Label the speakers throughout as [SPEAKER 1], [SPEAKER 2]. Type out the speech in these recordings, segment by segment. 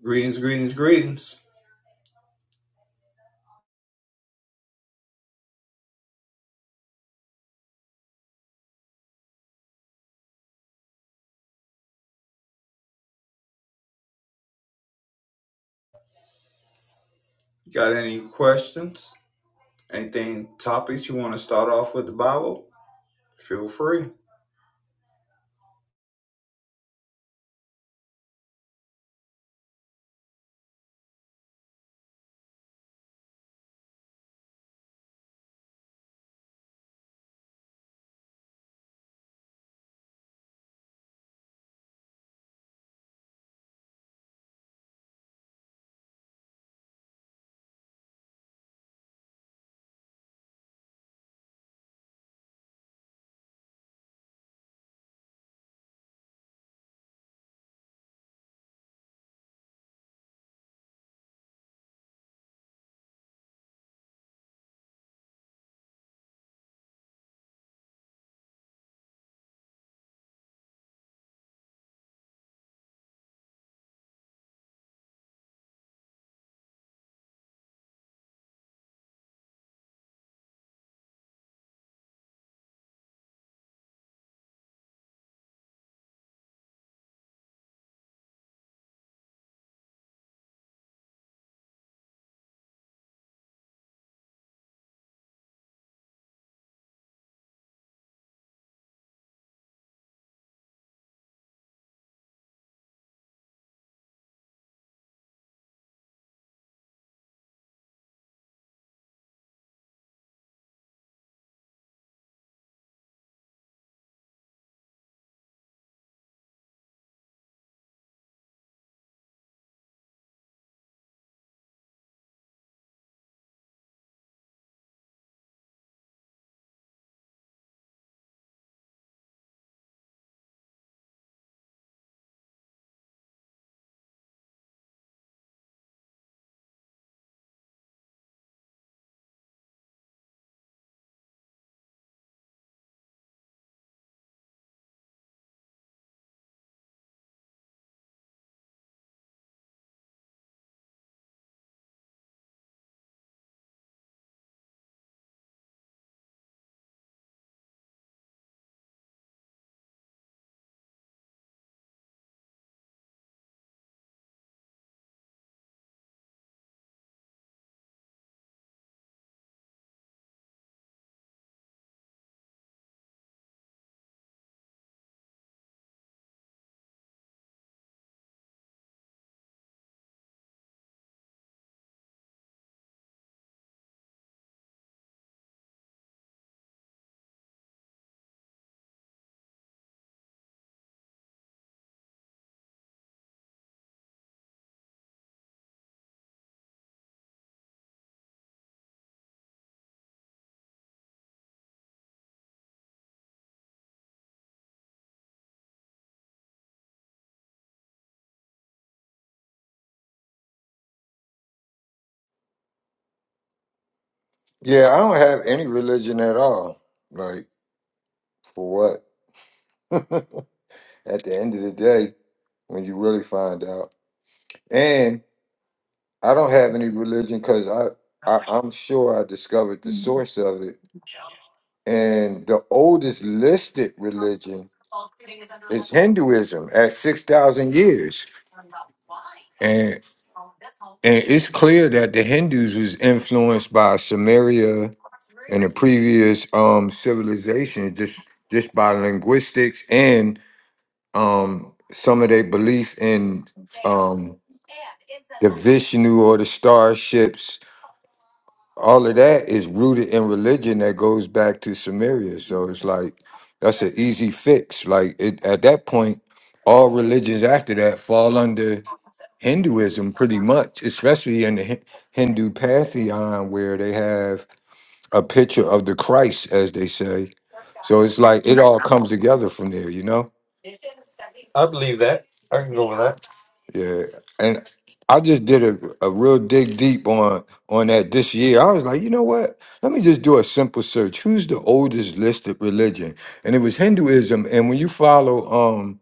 [SPEAKER 1] Greetings, greetings, greetings. Got any questions? Anything, topics you want to start off with the Bible? Feel free.
[SPEAKER 2] Yeah, I don't have any religion at all. Like, for what? at the end of the day, when you really find out. And I don't have any religion because I, I, I'm sure I discovered the source of it. And the oldest listed religion is Hinduism at 6,000 years. And, and it's clear that the Hindus was influenced by Samaria and the previous um civilization just just by linguistics and. um some of their belief in um the Vishnu or the starships, all of that is rooted in religion that goes back to Sumeria. So it's like that's an easy fix. Like it, at that point, all religions after that fall under Hinduism pretty much, especially in the Hi- Hindu pantheon where they have a picture of the Christ, as they say. So it's like it all comes together from there, you know?
[SPEAKER 1] I believe that. I can go with that.
[SPEAKER 2] Yeah, and I just did a, a real dig deep on on that this year. I was like, you know what? Let me just do a simple search. Who's the oldest listed religion? And it was Hinduism. And when you follow um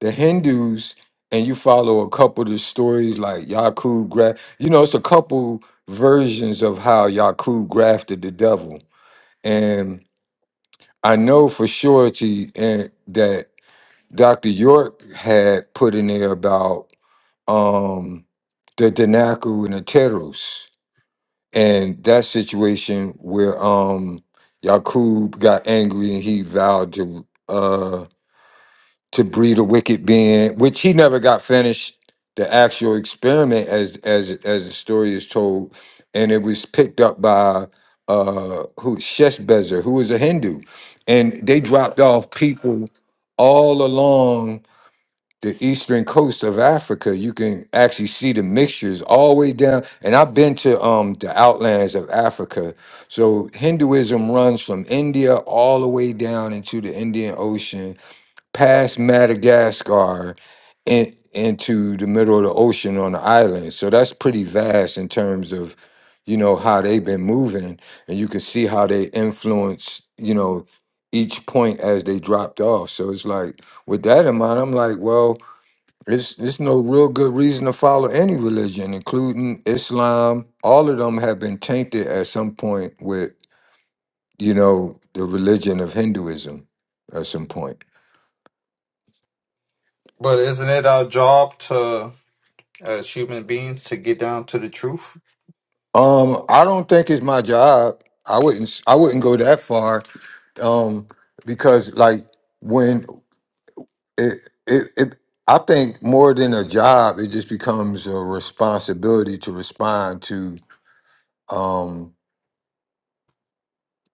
[SPEAKER 2] the Hindus and you follow a couple of the stories like Yakub, Gra- you know, it's a couple versions of how Yakub grafted the devil. And I know for surety and that Dr. York had put in there about. um, the Danaku and the Teros. And that situation where um Yakub got angry and he vowed to uh to breed a wicked being, which he never got finished the actual experiment as as as the story is told, and it was picked up by uh who Sheshbezer, who was a Hindu. And they dropped off people all along the eastern coast of Africa, you can actually see the mixtures all the way down. And I've been to um the outlands of Africa. So Hinduism runs from India all the way down into the Indian Ocean, past Madagascar, in, into the middle of the ocean on the island. So that's pretty vast in terms of, you know, how they've been moving. And you can see how they influence, you know, each point as they dropped off. So it's like with that in mind, I'm like, well it's it's no real good reason to follow any religion, including Islam. All of them have been tainted at some point with, you know, the religion of Hinduism at some point.
[SPEAKER 1] But isn't it our job to, as human beings, to get down to the truth?
[SPEAKER 2] Um, I don't think it's my job. I wouldn't s- I wouldn't go that far. Um, because like when it it, it I think more than a job, it just becomes a responsibility to respond to Um,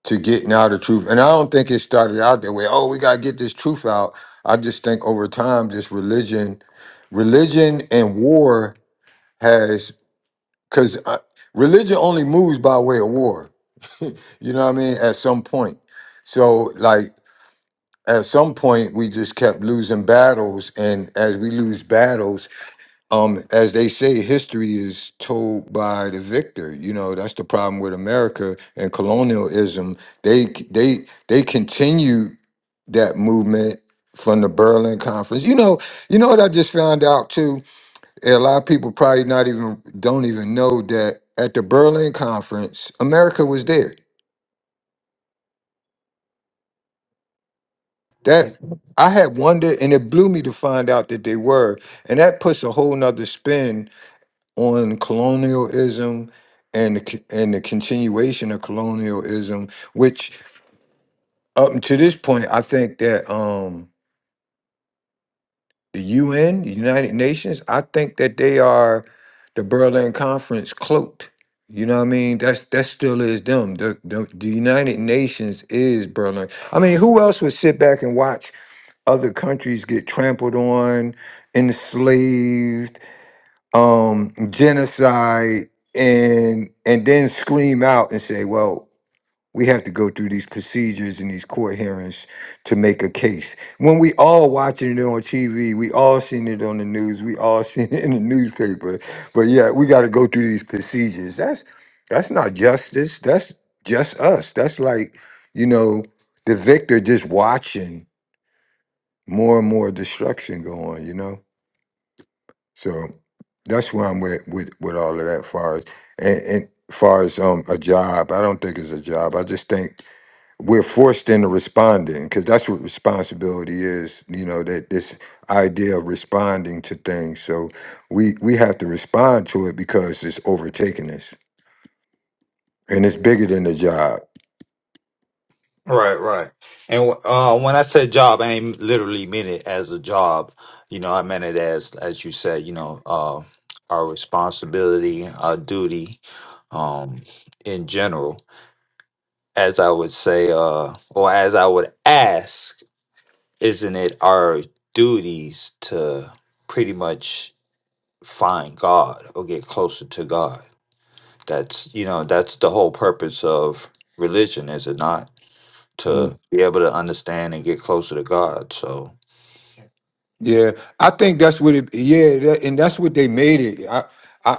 [SPEAKER 2] to getting out the truth. And I don't think it started out that way. Oh, we gotta get this truth out. I just think over time, this religion, religion and war has because religion only moves by way of war. you know what I mean? At some point, so like at some point, we just kept losing battles, and as we lose battles, um as they say history is told by the victor you know that's the problem with america and colonialism they c- they they continue that movement from the berlin conference you know you know what i just found out too a lot of people probably not even don't even know that at the berlin conference america was there that i had wondered and it blew me to find out that they were and that puts a whole nother spin on colonialism and the, c- and the continuation of colonialism, which up to this point, I think that um, the UN, the United Nations, I think that they are the Berlin Conference cloaked. You know what I mean? That's that still is them. The, the the United Nations is Berlin. I mean, who else would sit back and watch other countries get trampled on, enslaved, um, genocide, and and then scream out and say, "Well, we have to go through these procedures and these court hearings to make a case." When we all watching it on TV, we all seen it on the news, we all seen it in the newspaper, but yeah, we got to go through these procedures. That's that's not justice. That's just us. That's like you know the victor just watching more and more destruction go on. You know. So that's where I'm with with, with all of that far as and, and far as um a job. I don't think it's a job. I just think we're forced into responding because that's what responsibility is. You know that this idea of responding to things. So we we have to respond to it because it's overtaking us and it's bigger than the job.
[SPEAKER 1] Right, right. And uh, when I said job, I ain't literally meant it as a job. You know, I meant it as, as you said, you know, uh, our responsibility, our duty, um, in general. as I would say, uh, or as I would ask, isn't it our duties to pretty much find God or get closer to God? That's you know that's the whole purpose of religion, is it not? To
[SPEAKER 2] Mm.
[SPEAKER 1] be able to understand and get closer to God. So
[SPEAKER 2] Yeah, I think that's what it. Yeah, that, and that's what they made it. I, I,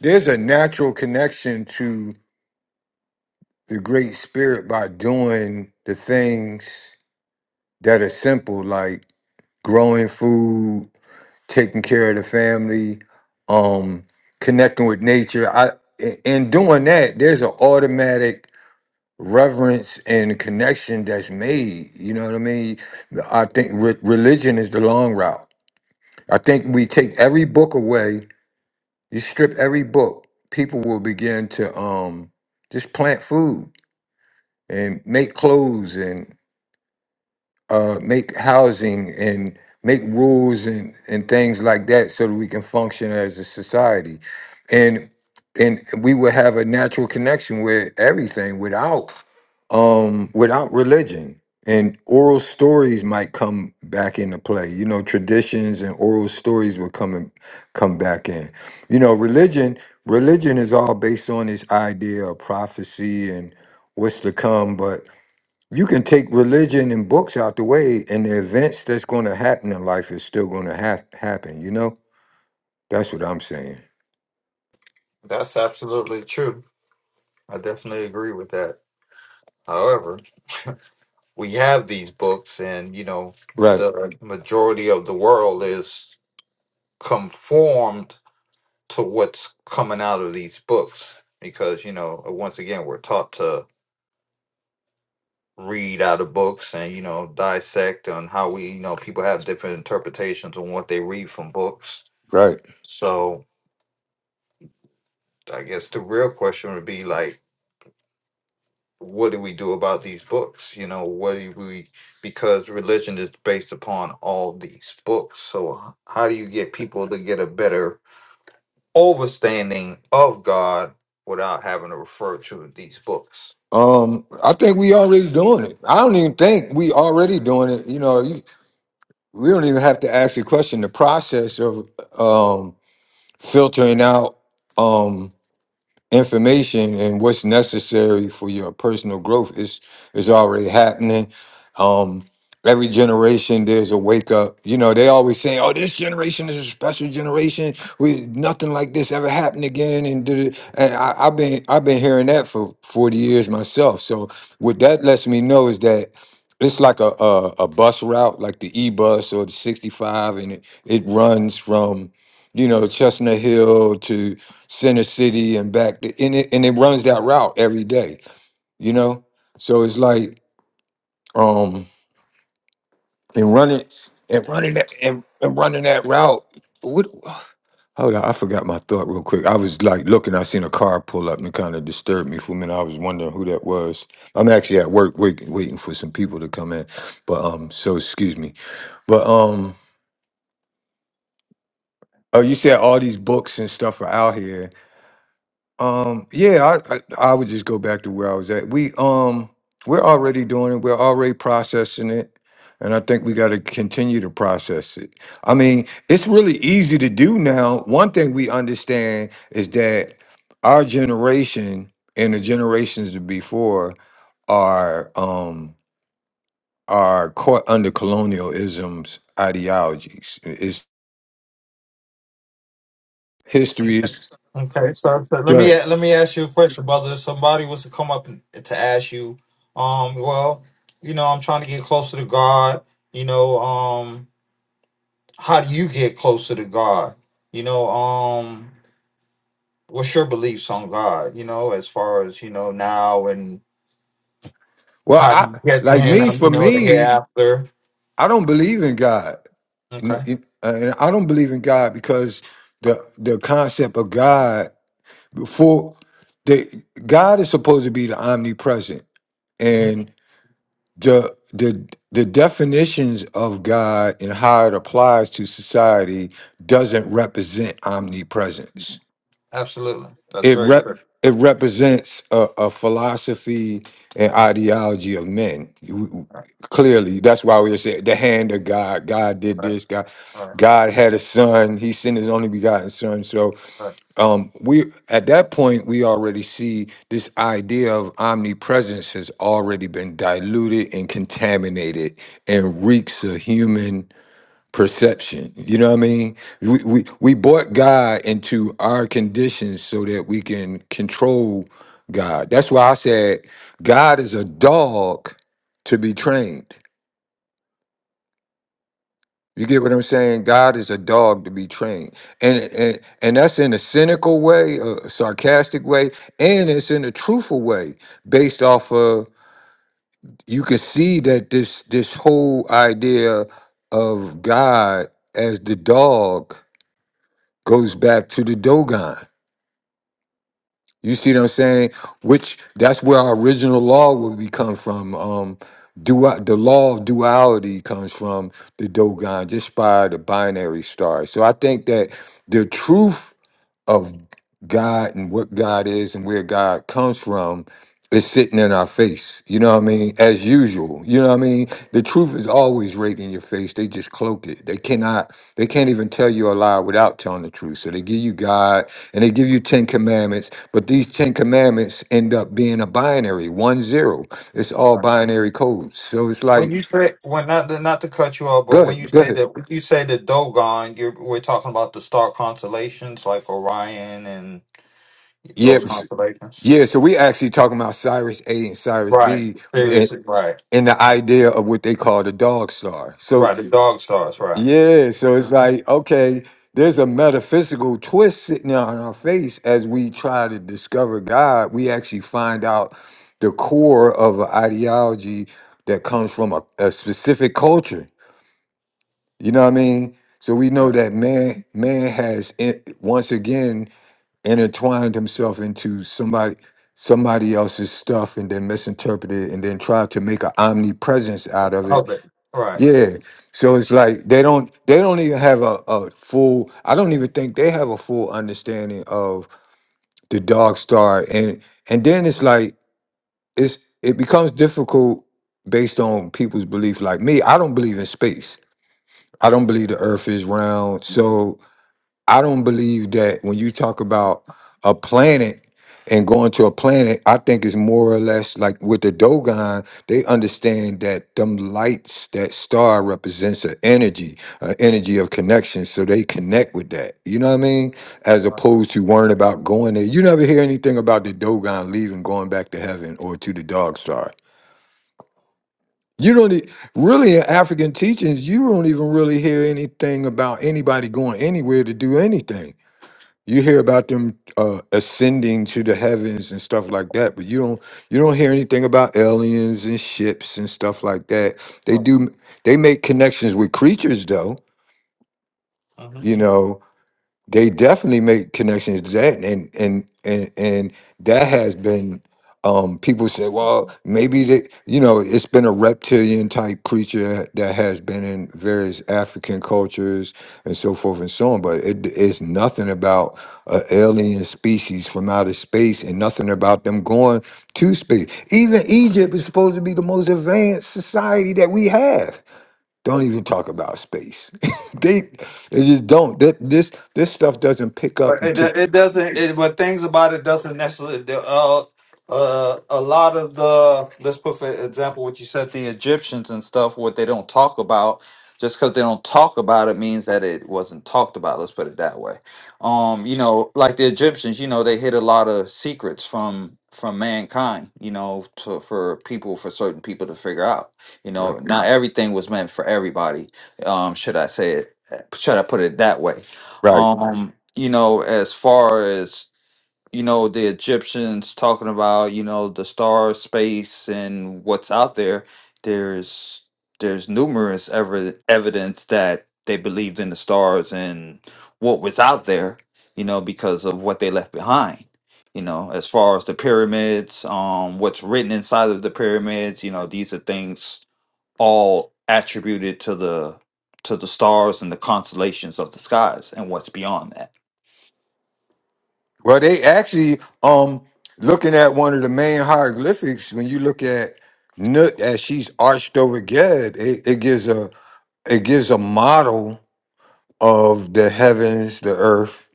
[SPEAKER 2] There's a natural connection to. the Great Spirit by doing the things that are simple, like growing food, taking care of the family, um, connecting with nature. I i- in doing that, there's an automatic reverence and connection that's made. You know what I mean? I think re- religion is the long route. I think we take every book away. You strip every book, people will begin to um, just plant food and make clothes and. uh, make housing and make rules and, and things like that so that we can function as a society. And and we would have a natural connection with everything without um without religion. And oral stories might come back into play. You know, traditions and oral stories will come in, come back in. You know, religion religion is all based on this idea of prophecy and what's to come, but you can take religion and books out the way and the events that's going to happen in life is still going to ha- happen you know that's what i'm saying
[SPEAKER 1] that's absolutely true. I definitely agree with that. However, we have these books, and you know,
[SPEAKER 2] right
[SPEAKER 1] the majority of the world is conformed to what's coming out of these books because you know once again we're taught to read out of books and you know dissect on how we you know people have different interpretations on what they read from books
[SPEAKER 2] right
[SPEAKER 1] so i guess the real question would be like what do we do about these books you know what do we because religion is based upon all these books so h- how do you get people to get a better understanding of god without having to refer to these books
[SPEAKER 2] um i think we already doing it i don't even think we already doing it you know you, we don't even have to ask the question the process of um filtering out um. information and what's necessary for your personal growth is is already happening. Um, every generation there's a wake up. You know, they always saying, "Oh, this generation is a special generation. We nothing like this ever happened again." And, da- da- and I, I've been I've been hearing that for forty years myself. So what that lets me know is that. It's like a, a, a bus route, like the E bus or the 65, and it, it runs from, you know, Chestnut Hill Center City and back, to, and it and it runs that route every day, you know. So it's like um and running and running that and, and running that route. What? Hold on, I forgot my thought real quick. I was like looking, I seen a car pull up and it kind of disturbed me for a minute. I was wondering who that was. I'm actually at work waiting, waiting for some people to come in, but um, so excuse me. But um, oh, you said all these books and stuff are out here Um, yeah, I, I I would just go back to where I was at. We um we're already doing it. We're already processing it, and I think we got to continue to process it. I mean, it's really easy to do now. One thing we understand is that our generation and the generations before are um are caught under colonialism's ideologies. It's history is
[SPEAKER 1] Okay, so, so let me
[SPEAKER 2] good.
[SPEAKER 1] let me ask you a question, brother. If somebody was to come up and- to ask you, um, well, you know, I'm trying to get closer to God. You know, um, how do you get closer to God? You know, um, what's your beliefs on God? You know, as far as you know now and
[SPEAKER 2] Well,
[SPEAKER 1] how do
[SPEAKER 2] I
[SPEAKER 1] you get to
[SPEAKER 2] like
[SPEAKER 1] Him?
[SPEAKER 2] me
[SPEAKER 1] um,
[SPEAKER 2] for
[SPEAKER 1] You know, the
[SPEAKER 2] me,
[SPEAKER 1] hereafter.
[SPEAKER 2] I don't believe in God.
[SPEAKER 1] Okay,
[SPEAKER 2] N- it- uh, I don't believe in God because the the concept of God before the God is supposed to be the omnipresent
[SPEAKER 1] hmm
[SPEAKER 2] and the the the definitions of God and how it applies to society doesn't represent omnipresence
[SPEAKER 1] absolutely. That's
[SPEAKER 2] it
[SPEAKER 1] very
[SPEAKER 2] rep
[SPEAKER 1] good.
[SPEAKER 2] it represents a, a philosophy and ideology of men. W-
[SPEAKER 1] Right,
[SPEAKER 2] Clearly, that's why we say the hand of God. God did
[SPEAKER 1] right,
[SPEAKER 2] this. God,
[SPEAKER 1] right.
[SPEAKER 2] God had a son. He sent His only begotten Son. So,
[SPEAKER 1] right.
[SPEAKER 2] um, we at that point we already see this idea of omnipresence has already been diluted and contaminated, and reeks of human perception. You know what I mean? We, we we brought God into our conditions so that we can control God. That's why I said God is a dog to be trained. You get what I'm saying? God is a dog to be trained, and and, and that's in a cynical way, a sarcastic way, and it's in a truthful way, based off of you can see that this this whole idea of God as the dog goes back to the Dogon. You see what I'm saying? Which that's where our original law will be come from. Um, dua- the law of duality comes from the Dogon, just by the binary star. So I think that the truth of God and what God is and where God comes from is sitting in our face. You know what I mean? As usual. You know what I mean? The truth is always right in your face. They just cloak it. They cannot, they can't even tell you a lie without telling the truth. So they give you God and they give you 10 commandments, but these 10 commandments end up being a binary, one zero. It's
[SPEAKER 1] right.
[SPEAKER 2] all binary codes. So it's
[SPEAKER 1] When you
[SPEAKER 2] like,
[SPEAKER 1] say when not not to cut you off, but
[SPEAKER 2] go
[SPEAKER 1] when you
[SPEAKER 2] ahead, go
[SPEAKER 1] say
[SPEAKER 2] ahead.
[SPEAKER 1] that when you say the Dogon, you're we're talking about the star constellations like Orion and
[SPEAKER 2] Yeah,
[SPEAKER 1] those
[SPEAKER 2] s-
[SPEAKER 1] constellations.
[SPEAKER 2] yeah, so we actually talking about Cyrus A and Cyrus
[SPEAKER 1] Right.
[SPEAKER 2] B,
[SPEAKER 1] Sirius, right.
[SPEAKER 2] and the idea of what they call the dog star. So
[SPEAKER 1] Right. The dog stars, right.
[SPEAKER 2] yeah, so it's
[SPEAKER 1] Mhm.
[SPEAKER 2] like okay, there's a metaphysical twist sitting on our face as we try to discover God. We actually find out the core of an ideology that comes from a, a specific culture. You know what I mean? So we know
[SPEAKER 1] Right.
[SPEAKER 2] that man man has in, once again intertwined himself into somebody somebody else's stuff and then misinterpreted it and then tried to make an omnipresence out of
[SPEAKER 1] All
[SPEAKER 2] it
[SPEAKER 1] Right.
[SPEAKER 2] yeah. So it's like they don't they don't even have a, a full I don't even think they have a full understanding of the dog star and and then it's like it's it becomes difficult based on people's belief like me I don't believe in space. I don't believe the earth is round. So I don't believe that when you talk about a planet and going to a planet, I think it's more or less like with the Dogon, they understand that them lights, that star represents an energy, an energy of connection. So they connect with that. You know what I mean? As opposed to worrying about going there. You never hear anything about the Dogon leaving, going back to heaven or to the dog star. You don't e- really in African teachings, you don't even really hear anything about anybody going anywhere to do anything you hear about them uh, ascending to the heavens and stuff like that, but you don't you don't hear anything about aliens and ships and stuff like that. They
[SPEAKER 1] Uh,
[SPEAKER 2] do they make connections with creatures though,
[SPEAKER 1] Right.
[SPEAKER 2] you know, they definitely make connections to that and and and and that has been um people say well maybe they you know it's been a reptilian type creature that has been in various african cultures and so forth and so on but it, it's nothing about a alien species from outer space and nothing about them going to space even egypt is supposed to be the most advanced society that we have don't even talk about space. they they just don't. That this this stuff doesn't pick up
[SPEAKER 1] But it,
[SPEAKER 2] until
[SPEAKER 1] it doesn't. It, but things about it doesn't necessarily. the, Uh, uh, a lot of the let's put for example what you said the Egyptians and stuff. What they don't talk about, just because they don't talk about it means that it wasn't talked about. Let's put it that way. Um, you know, like the Egyptians, you know, they hid a lot of secrets from from mankind. You know, to, for people for certain people to figure out. You know,
[SPEAKER 2] right.
[SPEAKER 1] not everything was meant for everybody. Um, should I say it? Should I put it that way?
[SPEAKER 2] right.
[SPEAKER 1] Um you know, as far as you know, the Egyptians talking about you know the star space and what's out there. There's there's numerous ever evidence that they believed in the stars and what was out there. You know, because of what they left behind. You know, as far as the pyramids, um, what's written inside of the pyramids. You know, these are things all attributed to the to the stars and the constellations of the skies and what's beyond that
[SPEAKER 2] Well, they actually um looking at one of the main hieroglyphics when you look at Nut as she's arched over Geb, it, it gives a it gives a model of the heavens, the earth,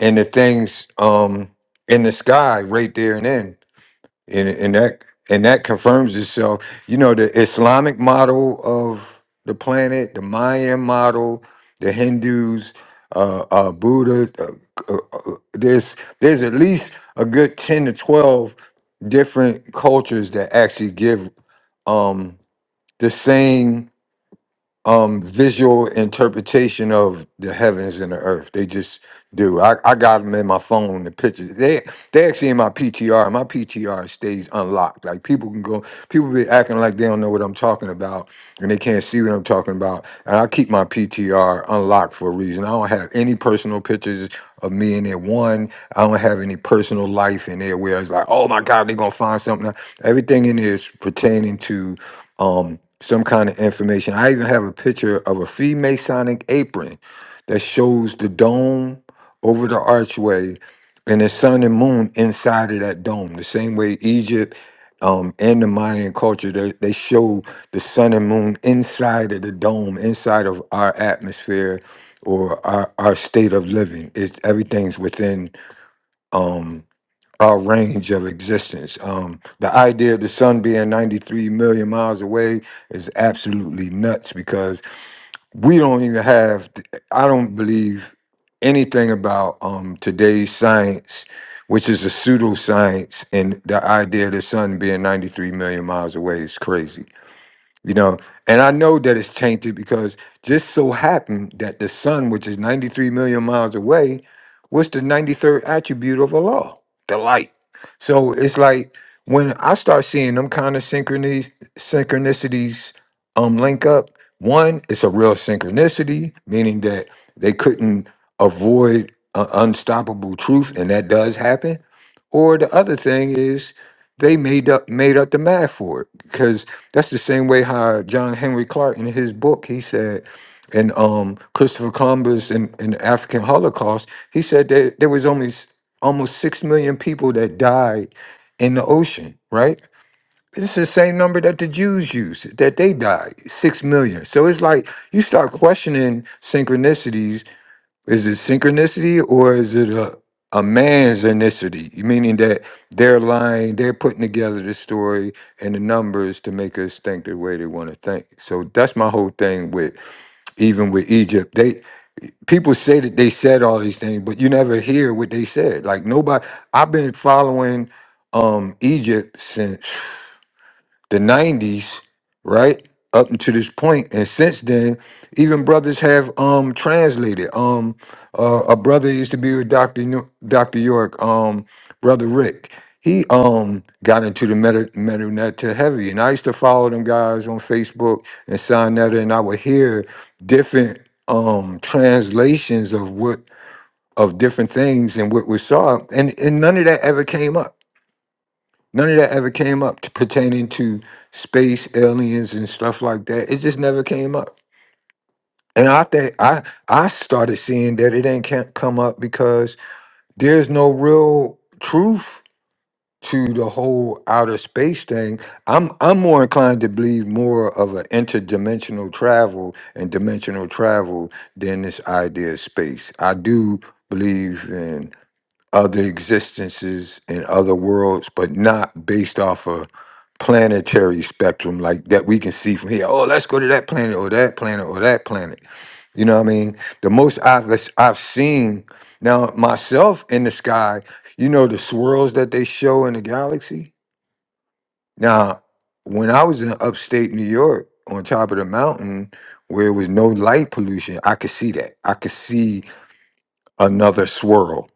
[SPEAKER 2] and the things um in the sky right there and then. and and that and that confirms itself. You know, the Islamic model of the planet, the Mayan model, the Hindus, uh, uh, Buddha. Uh, uh, uh, there's there's at least a good ten to twelve different cultures that actually give um the same um visual interpretation of the heavens and the earth. They just do. I, I got them in my phone, the pictures. They they actually in my PTR. My PTR stays unlocked. Like people can go, people be acting like they don't know what I'm talking about and they can't see what I'm talking about. And I keep my PTR unlocked for a reason. I don't have any personal pictures of me in there. One, I don't have any personal life in there where it's like, oh my God, they're gonna find something. Everything in there is pertaining to um, some kind of information. I even have a picture of a Freemasonic apron that shows the dome over the archway and the sun and moon inside of that dome. The same way Egypt um, and the Mayan culture, they, they show the sun and moon inside of the dome, inside of our atmosphere or our, our state of living. It's, everything's within. Um, our range of existence. Um, the idea of the sun being 93 million miles away is absolutely nuts because we don't even have, I don't believe anything about um, today's science, which is a pseudoscience, and the idea of the sun being 93 million miles away is crazy you know and i know that it's tainted because just so happened that the sun which is 93 million miles away was the 93rd attribute of allah the light so it's like when i start seeing them kind of synchronies synchronicities um link up one it's a real synchronicity meaning that they couldn't avoid uh, unstoppable truth and that does happen or the other thing is they made up made up the math for it because that's the same way how John Henry Clark in his book he said and um Christopher Columbus and, and the African Holocaust he said that there was only s- almost six million people that died in the ocean right it's the same number that the Jews used that they died six million so it's like you start questioning synchronicities is it synchronicity or is it a, a man's ethnicity? Meaning that they're lying, they're putting together the story and the numbers to make us think the way they want to think. So that's my whole thing with even with Egypt. They people say that they said all these things, but you never hear what they said. Like nobody I've been following um Egypt since the 90s, right? Up until this point, and since then, even brothers have um translated. Um, uh, a brother used to be with Doctor New- Doctor York. Um, brother Rick, he um got into the meta metal net to heavy, and I used to follow them guys on Facebook and sign that, and I would hear different um translations of what of different things and what we saw, and and none of that ever came up None of that ever came up to pertaining to space, aliens, and stuff like that. It just never came up. And I think I I started seeing that it ain't can't come up because there's no real truth to the whole outer space thing. I'm I'm more inclined to believe more of an interdimensional travel and dimensional travel than this idea of space. I do believe in other existences in other worlds, but not based off of planetary spectrum like that we can see from here. Oh, let's go to that planet or that planet or that planet. You know what I mean? The most I've I've seen now myself in the sky, you know the swirls that they show in the galaxy. Now, when I was in upstate New York on top of the mountain where it was no light pollution, I could see that. I could see another swirl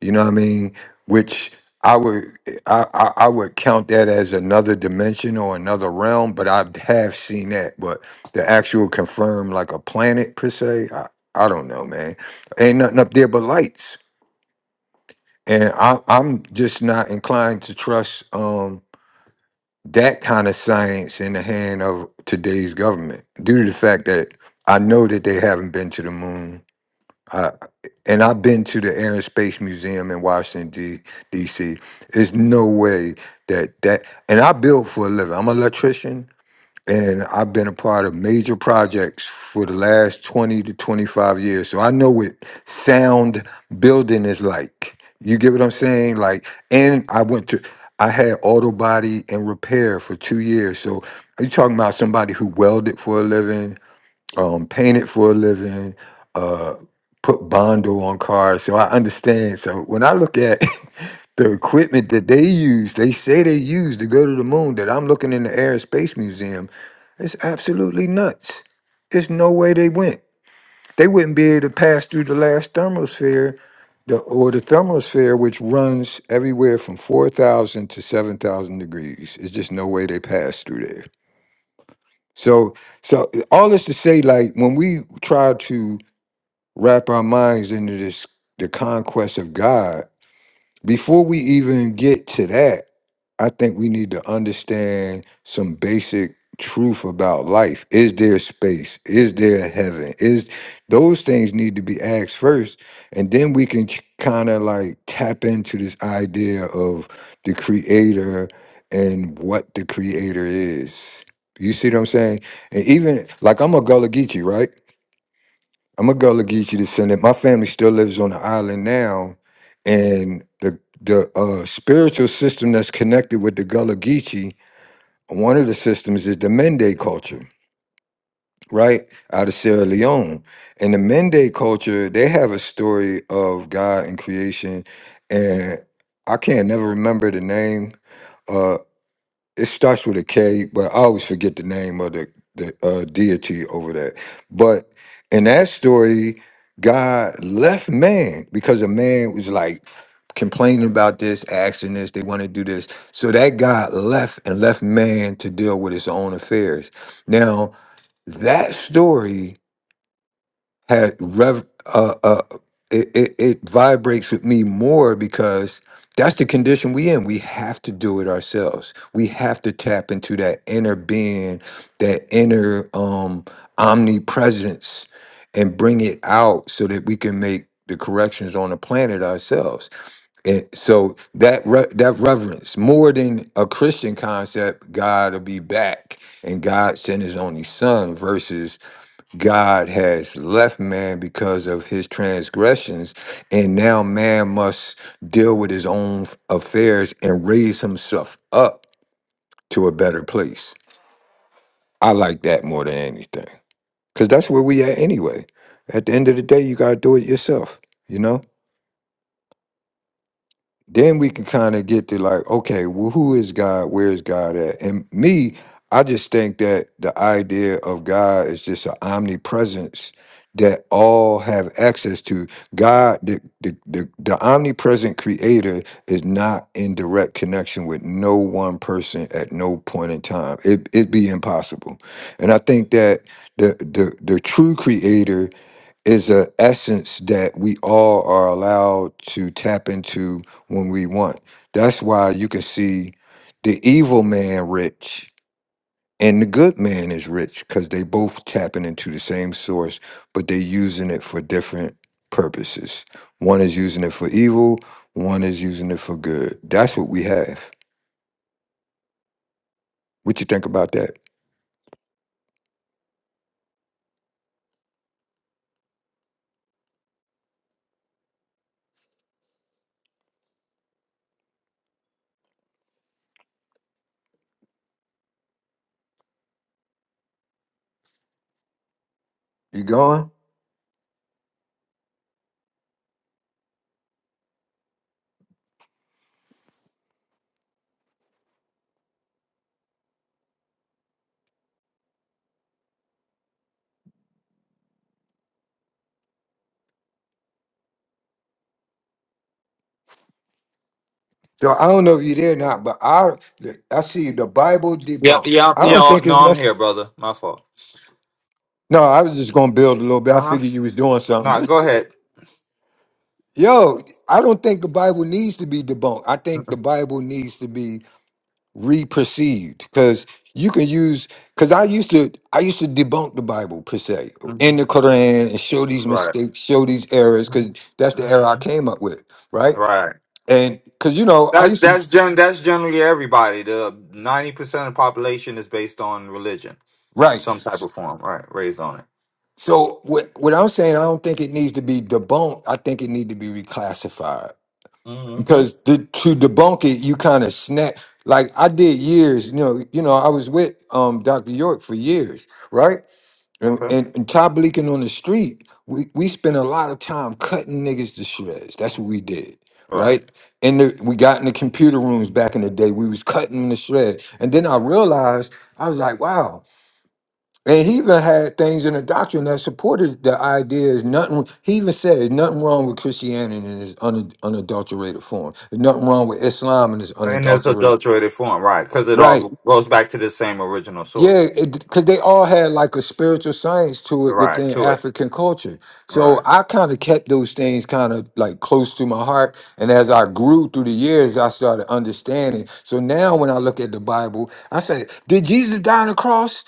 [SPEAKER 2] You know what I mean? Which I would I, I, I would count that as another dimension or another realm, but I have seen that. But the actual confirm like a planet per se, I, I don't know, man. Ain't nothing up there but lights. And I, I'm just not inclined to trust um that kind of science in the hand of today's government due to the fact that I know that they haven't been to the moon and I've been to the Air and Space Museum in Washington D- D.C. There's no way that that and I build for a living. I'm an electrician, and I've been a part of major projects for the last 20 to 25 years. So I know what sound building is like. You get what I'm saying? Like, and I went to. I had auto body and repair for two years. So, you talking about somebody who welded for a living? um, painted for a living, uh, put Bondo on cars. So I understand. So when I look at the equipment that they use, they say they use to go to the moon, that I'm looking in the Air and Space Museum, it's absolutely nuts. There's no way they went. They wouldn't be able to pass through the last thermosphere the, or the thermosphere, which runs everywhere from 4,000 to 7,000 degrees. It's just no way they pass through there. So, so all this to say, like when we try to wrap our minds into this the conquest of God. Before we even get to that, I think we need to understand some basic truth about life. Is there space? Is there a heaven? Is those things need to be asked first, and then we can kind of like tap into this idea of the creator and what the creator is. You see what I'm saying? And even like I'm a Gullah Geechee, right? I'm a Gullah Geechee descendant. My family still lives on the island now, and the the uh, spiritual system that's connected with the Gullah Geechee, one of the systems is the Mende culture, right out of Sierra Leone. And the Mende culture, they have a story of God and creation, and I can't never remember the name. Uh, it starts with a K, but I always forget the name of the the uh, deity over there. But in that story, God left man because a man was like complaining about this, asking this, they want to do this. So that God left and left man to deal with his own affairs. Now that story had rev uh uh it, it, it vibrates with me more because that's the condition we in. We have to do it ourselves. We have to tap into that inner being, that inner um omnipresence and bring it out so that we can make the corrections on the planet ourselves. And so that re- that reverence, more than a Christian concept, God will be back and God sent his only son versus God has left man because of his transgressions, and now man must deal with his own affairs and raise himself up to a better place. I like that more than anything because that's where we at anyway. At the end of the day, you gotta do it yourself. You know. then we can kind of get to like, okay, well, who is God? Where is God at? And me, I just think that the idea of God is just an omnipresence that all have access to. God, the, the, the, the omnipresent creator is not in direct connection with no one person at no point in time. It, it'd be impossible. And I think that the, the, the true creator is a essence that we all are allowed to tap into when we want. That's why you can see the evil man rich and the good man is rich because they both tapping into the same source, but they using it for different purposes. One is using it for evil, one is using it for good. That's what we have. What you think about that? You going? So I don't know if you are there or not, but I I see the Bible
[SPEAKER 1] Yeah,
[SPEAKER 2] debunked.
[SPEAKER 1] yeah,
[SPEAKER 2] I don't
[SPEAKER 1] yeah.
[SPEAKER 2] think
[SPEAKER 1] No,
[SPEAKER 2] it's necessary.
[SPEAKER 1] I'm here, brother. My fault.
[SPEAKER 2] No, I was just gonna build a little bit. I
[SPEAKER 1] Uh huh.
[SPEAKER 2] figured you was doing
[SPEAKER 1] No,
[SPEAKER 2] something.
[SPEAKER 1] go ahead.
[SPEAKER 2] Yo, I don't think the Bible needs to be debunked. I think the Bible needs to be reperceived because you can use because I used to I used to debunk the Bible per se
[SPEAKER 1] Mm-hmm.
[SPEAKER 2] in the Quran and show these
[SPEAKER 1] Right.
[SPEAKER 2] mistakes, show these errors because that's the
[SPEAKER 1] hmm
[SPEAKER 2] error I came up with, right?
[SPEAKER 1] Right.
[SPEAKER 2] And because you know I
[SPEAKER 1] That's
[SPEAKER 2] used to
[SPEAKER 1] that's gen that's generally everybody. The ninety percent of the population is based on religion,
[SPEAKER 2] right.
[SPEAKER 1] some type
[SPEAKER 2] S-
[SPEAKER 1] of form. Right, raised on it.
[SPEAKER 2] So what what I'm saying, I don't think it needs to be debunked. I think it needs to be reclassified
[SPEAKER 1] Mm-hmm.
[SPEAKER 2] because the, to debunk it, you kind of snap. Like I did years, you know, you know, I was with um Dr. York for years, right? And
[SPEAKER 1] Okay.
[SPEAKER 2] and, and top leaking on the street, we we spent a lot of time cutting niggas to shreds. That's what we did,
[SPEAKER 1] Right.
[SPEAKER 2] right? And the, we got in the computer rooms back in the day. We was cutting them to shreds, and then I realized I was like, wow. And he even had things in the doctrine that supported the idea is nothing. He even said there's nothing wrong with Christianity in its un, unadulterated form. There's nothing wrong with Islam in its
[SPEAKER 1] And that's
[SPEAKER 2] unadulterated.
[SPEAKER 1] adulterated form, right? Because it
[SPEAKER 2] Right.
[SPEAKER 1] all goes back to the same original
[SPEAKER 2] Yeah,
[SPEAKER 1] source,
[SPEAKER 2] because they all had like a spiritual science to it
[SPEAKER 1] right?
[SPEAKER 2] within
[SPEAKER 1] To it,
[SPEAKER 2] African culture. So
[SPEAKER 1] right,
[SPEAKER 2] I kind of kept those things kind of like close to my heart. And as I grew through the years, I started understanding. So now when I look at the Bible, I say, Did Jesus die on the cross?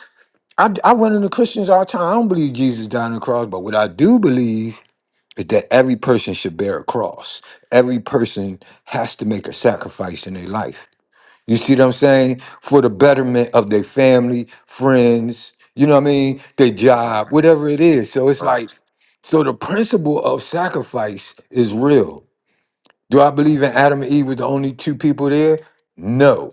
[SPEAKER 2] I, I run into Christians all the time. I don't believe Jesus died on the cross, but what I do believe is that every person should bear a cross. Every person has to make a sacrifice in their life. You see what I'm saying? For the betterment of their family, friends, you know what I mean? Their
[SPEAKER 1] right,
[SPEAKER 2] job, whatever it is. So it's
[SPEAKER 1] right.
[SPEAKER 2] like, so the principle of sacrifice is real. Do I believe in Adam and Eve was the only two people there? No.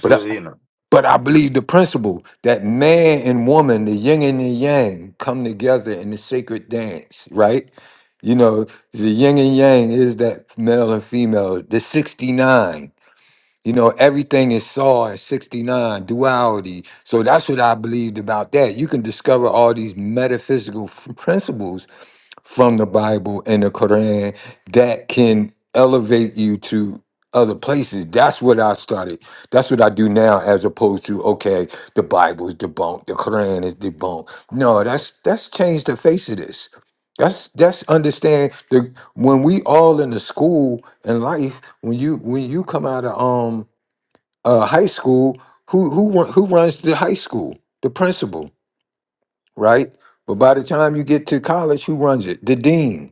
[SPEAKER 2] but. I,
[SPEAKER 1] you know.
[SPEAKER 2] but I believe the principle that man and woman, the yin and the yang, come together in the sacred dance, right? You know, the yin and yang is that male and female, the 69. You know, everything is saw at 69, duality. So that's what I believed about that. You can discover all these metaphysical f- principles from the Bible and the Quran that can elevate you to other places. That's what I started. That's what I do now, as opposed to okay, the Bible is debunked, the Quran is debunked. No, that's that's changed the face of this. That's that's understand the when we all in the school and life. When you when you come out of um uh, high school, who who run- who runs the high school? The principal, right? But by the time you get to college, who runs it? The dean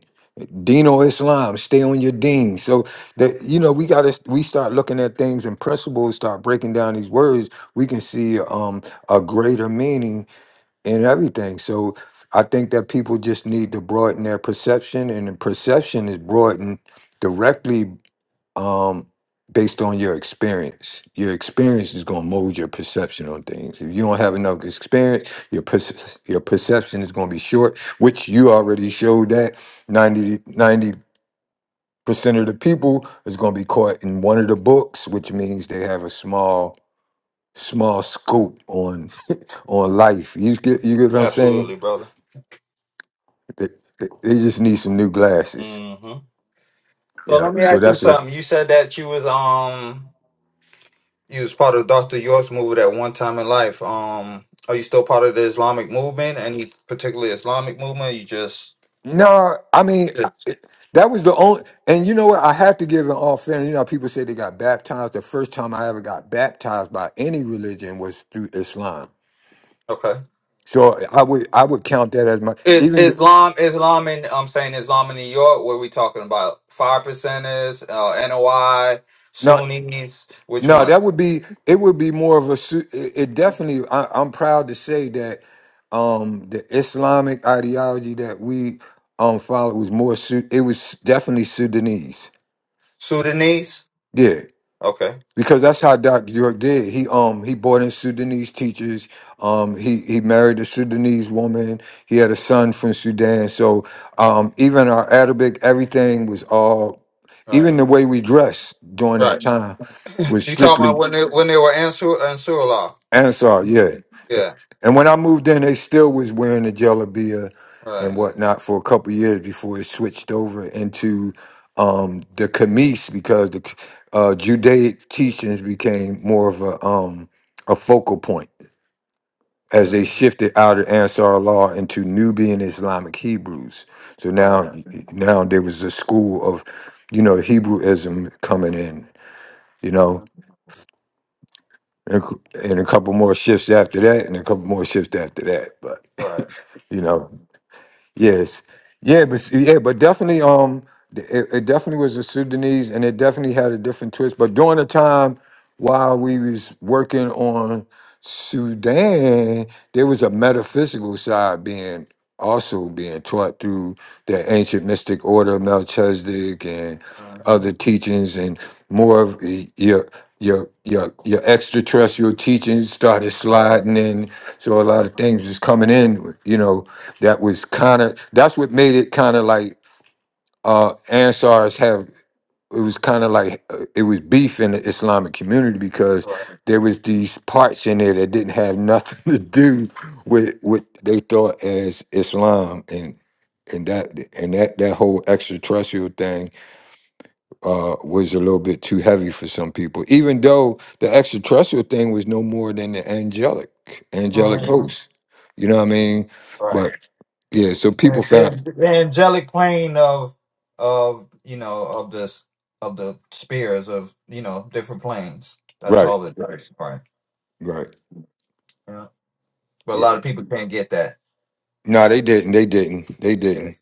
[SPEAKER 2] Dino Islam, stay on your dean. So that you know, we gotta we start looking at things and principles, start breaking down these words, we can see um a greater meaning in everything. So I think that people just need to broaden their perception, and the perception is broadened directly um based on your experience. Your experience is gonna mold your perception on things. If you don't have enough experience, your perce- your perception is gonna be short, which you already showed that 90 percent of the people is going to be caught in one of the books, which means they have a small small scope on on life. You get you get what I'm saying?
[SPEAKER 1] Absolutely, brother.
[SPEAKER 2] They, they they just need some new glasses.
[SPEAKER 1] Mm-hmm. So
[SPEAKER 2] Yeah.
[SPEAKER 1] let me
[SPEAKER 2] So
[SPEAKER 1] ask you
[SPEAKER 2] that's what.
[SPEAKER 1] something. You said that you was um you was part of Dr. York's movement at one time in life. Um, are you still part of the Islamic movement? Any particular Islamic movement? You just
[SPEAKER 2] No, I mean
[SPEAKER 1] yes.
[SPEAKER 2] I- that was the only. And you know what? I have to give an all fairness. You know, people say they got baptized. The first time I ever got baptized by any religion was through Islam.
[SPEAKER 1] Okay.
[SPEAKER 2] So I would I would count that as my
[SPEAKER 1] Is
[SPEAKER 2] even.
[SPEAKER 1] Islam Islam in I'm saying Islam in New York? What are we talking about? Five percenters, uh, NOI,
[SPEAKER 2] No,
[SPEAKER 1] Sunnis. Which
[SPEAKER 2] No, that
[SPEAKER 1] one?
[SPEAKER 2] would be it. Would be more of a su- it it definitely. I, I'm proud to say that um the Islamic ideology that we um followed was more. Su- it was definitely Sudanese.
[SPEAKER 1] Sudanese.
[SPEAKER 2] Yeah,
[SPEAKER 1] Okay.
[SPEAKER 2] because that's how Dr. York did. He um he brought in Sudanese teachers. Um he he married a Sudanese woman. He had a son from Sudan. So um even our Arabic, everything was all.
[SPEAKER 1] Right.
[SPEAKER 2] Even the way we dressed during that
[SPEAKER 1] Right.
[SPEAKER 2] time was
[SPEAKER 1] You talking
[SPEAKER 2] strictly
[SPEAKER 1] about when they when they were Ansur Ansurullah?
[SPEAKER 2] Ansar, yeah.
[SPEAKER 1] Yeah.
[SPEAKER 2] And when I moved in, they still was wearing the Jelabia and
[SPEAKER 1] Right.
[SPEAKER 2] whatnot for a couple years before it switched over into um, the kameez because the uh, Judaic teachings became more of a um, a focal point as they shifted out of Ansar law into Nubian Islamic Hebrews. So now, now there was a school of, you know, Hebrewism coming in. You know, and a cou- and a couple more shifts after that, and a couple more shifts after that. But
[SPEAKER 1] Right.
[SPEAKER 2] you know,
[SPEAKER 1] Right.
[SPEAKER 2] Yes, yeah, but see- yeah, but definitely, um, th- it, it definitely was a Sudanese, and it definitely had a different twist. But during the time while we was working on Sudan, there was a metaphysical side being also being taught through the ancient mystic order of Melchizedek and other
[SPEAKER 1] Uh-huh.
[SPEAKER 2] teachings, and more of y- your your your your extraterrestrial teachings started sliding in. So a lot of things was coming in, you know that was kind of that's what made it kind of like uh ansars have it was kind of like uh, it was beef in the islamic community because there was these parts in there that didn't have nothing to do with what they thought as islam and and that and that that whole extraterrestrial thing uh was a little bit too heavy for some people even though the extraterrestrial thing was no more than the angelic angelic
[SPEAKER 1] Mhm.
[SPEAKER 2] host you know what i mean
[SPEAKER 1] Right.
[SPEAKER 2] but yeah so people
[SPEAKER 1] And
[SPEAKER 2] found
[SPEAKER 1] then the angelic plane of of you know of this of the spheres of you know different planes. That's
[SPEAKER 2] right
[SPEAKER 1] all it is. Right. is. Right.
[SPEAKER 2] Right.
[SPEAKER 1] Yeah. But a
[SPEAKER 2] Yeah.
[SPEAKER 1] lot of people can't get that.
[SPEAKER 2] No, they didn't. They didn't. They
[SPEAKER 1] Yeah.
[SPEAKER 2] didn't.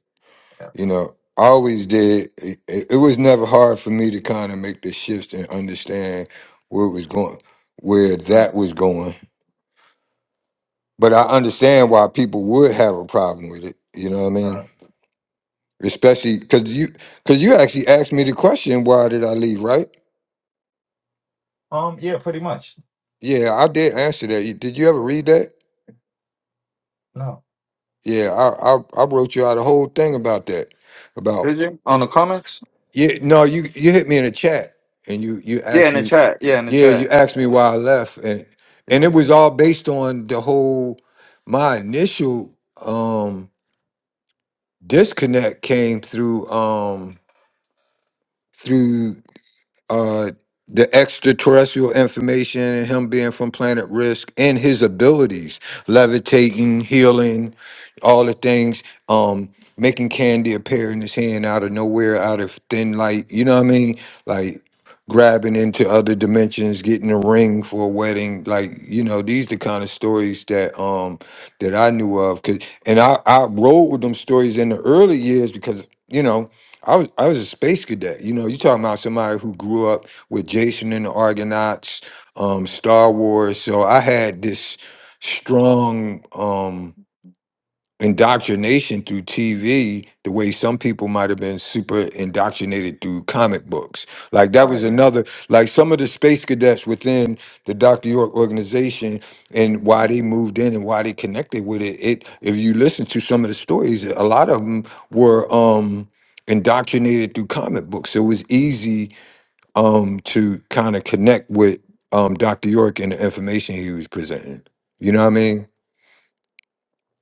[SPEAKER 1] yeah.
[SPEAKER 2] You know, I always did. It, it it was never hard for me to kind of make the shifts and understand where it was going, where
[SPEAKER 1] Mm,
[SPEAKER 2] that was going. But I understand why people would have a problem with it. You know what I mean?
[SPEAKER 1] mm.
[SPEAKER 2] Especially because you, because you actually asked me the question, "Why did I leave?" Right? Yeah, I did answer that. You- Did you ever read that?
[SPEAKER 1] No.
[SPEAKER 2] Yeah, I, I, I wrote you out a whole thing about that, about.
[SPEAKER 1] Did you on the comments?
[SPEAKER 2] Yeah, no, you you hit me in the chat and you you
[SPEAKER 1] Yeah,
[SPEAKER 2] asked
[SPEAKER 1] in the
[SPEAKER 2] me.
[SPEAKER 1] chat. Yeah, in the
[SPEAKER 2] Yeah, you
[SPEAKER 1] chat.
[SPEAKER 2] asked me why I left, and and it
[SPEAKER 1] Yeah.
[SPEAKER 2] was all based on the whole. My initial um disconnect came through um through uh the extraterrestrial information and him being from planet risk and his abilities levitating healing all the things um making candy appear in his hand out of nowhere out of thin light you know what i mean like grabbing into other dimensions getting a ring for a wedding like you know these the kind of stories that um that i knew of. Cause and i i rode with them stories in the early years because you know I was I was a space cadet. You know, you're talking about somebody who grew up with Jason and the Argonauts, um, Star Wars. So I had this strong. um, indoctrination through TV the way some people might have been super indoctrinated through comic books. Like that was
[SPEAKER 1] Right.
[SPEAKER 2] another like some of the space cadets within the Dr. York organization and why they moved in and why they connected with it. It if you listen to some of the stories, a lot of them were um indoctrinated through comic books. So it was easy um to kind of connect with um Dr. York and the information he was presenting. You know what I mean?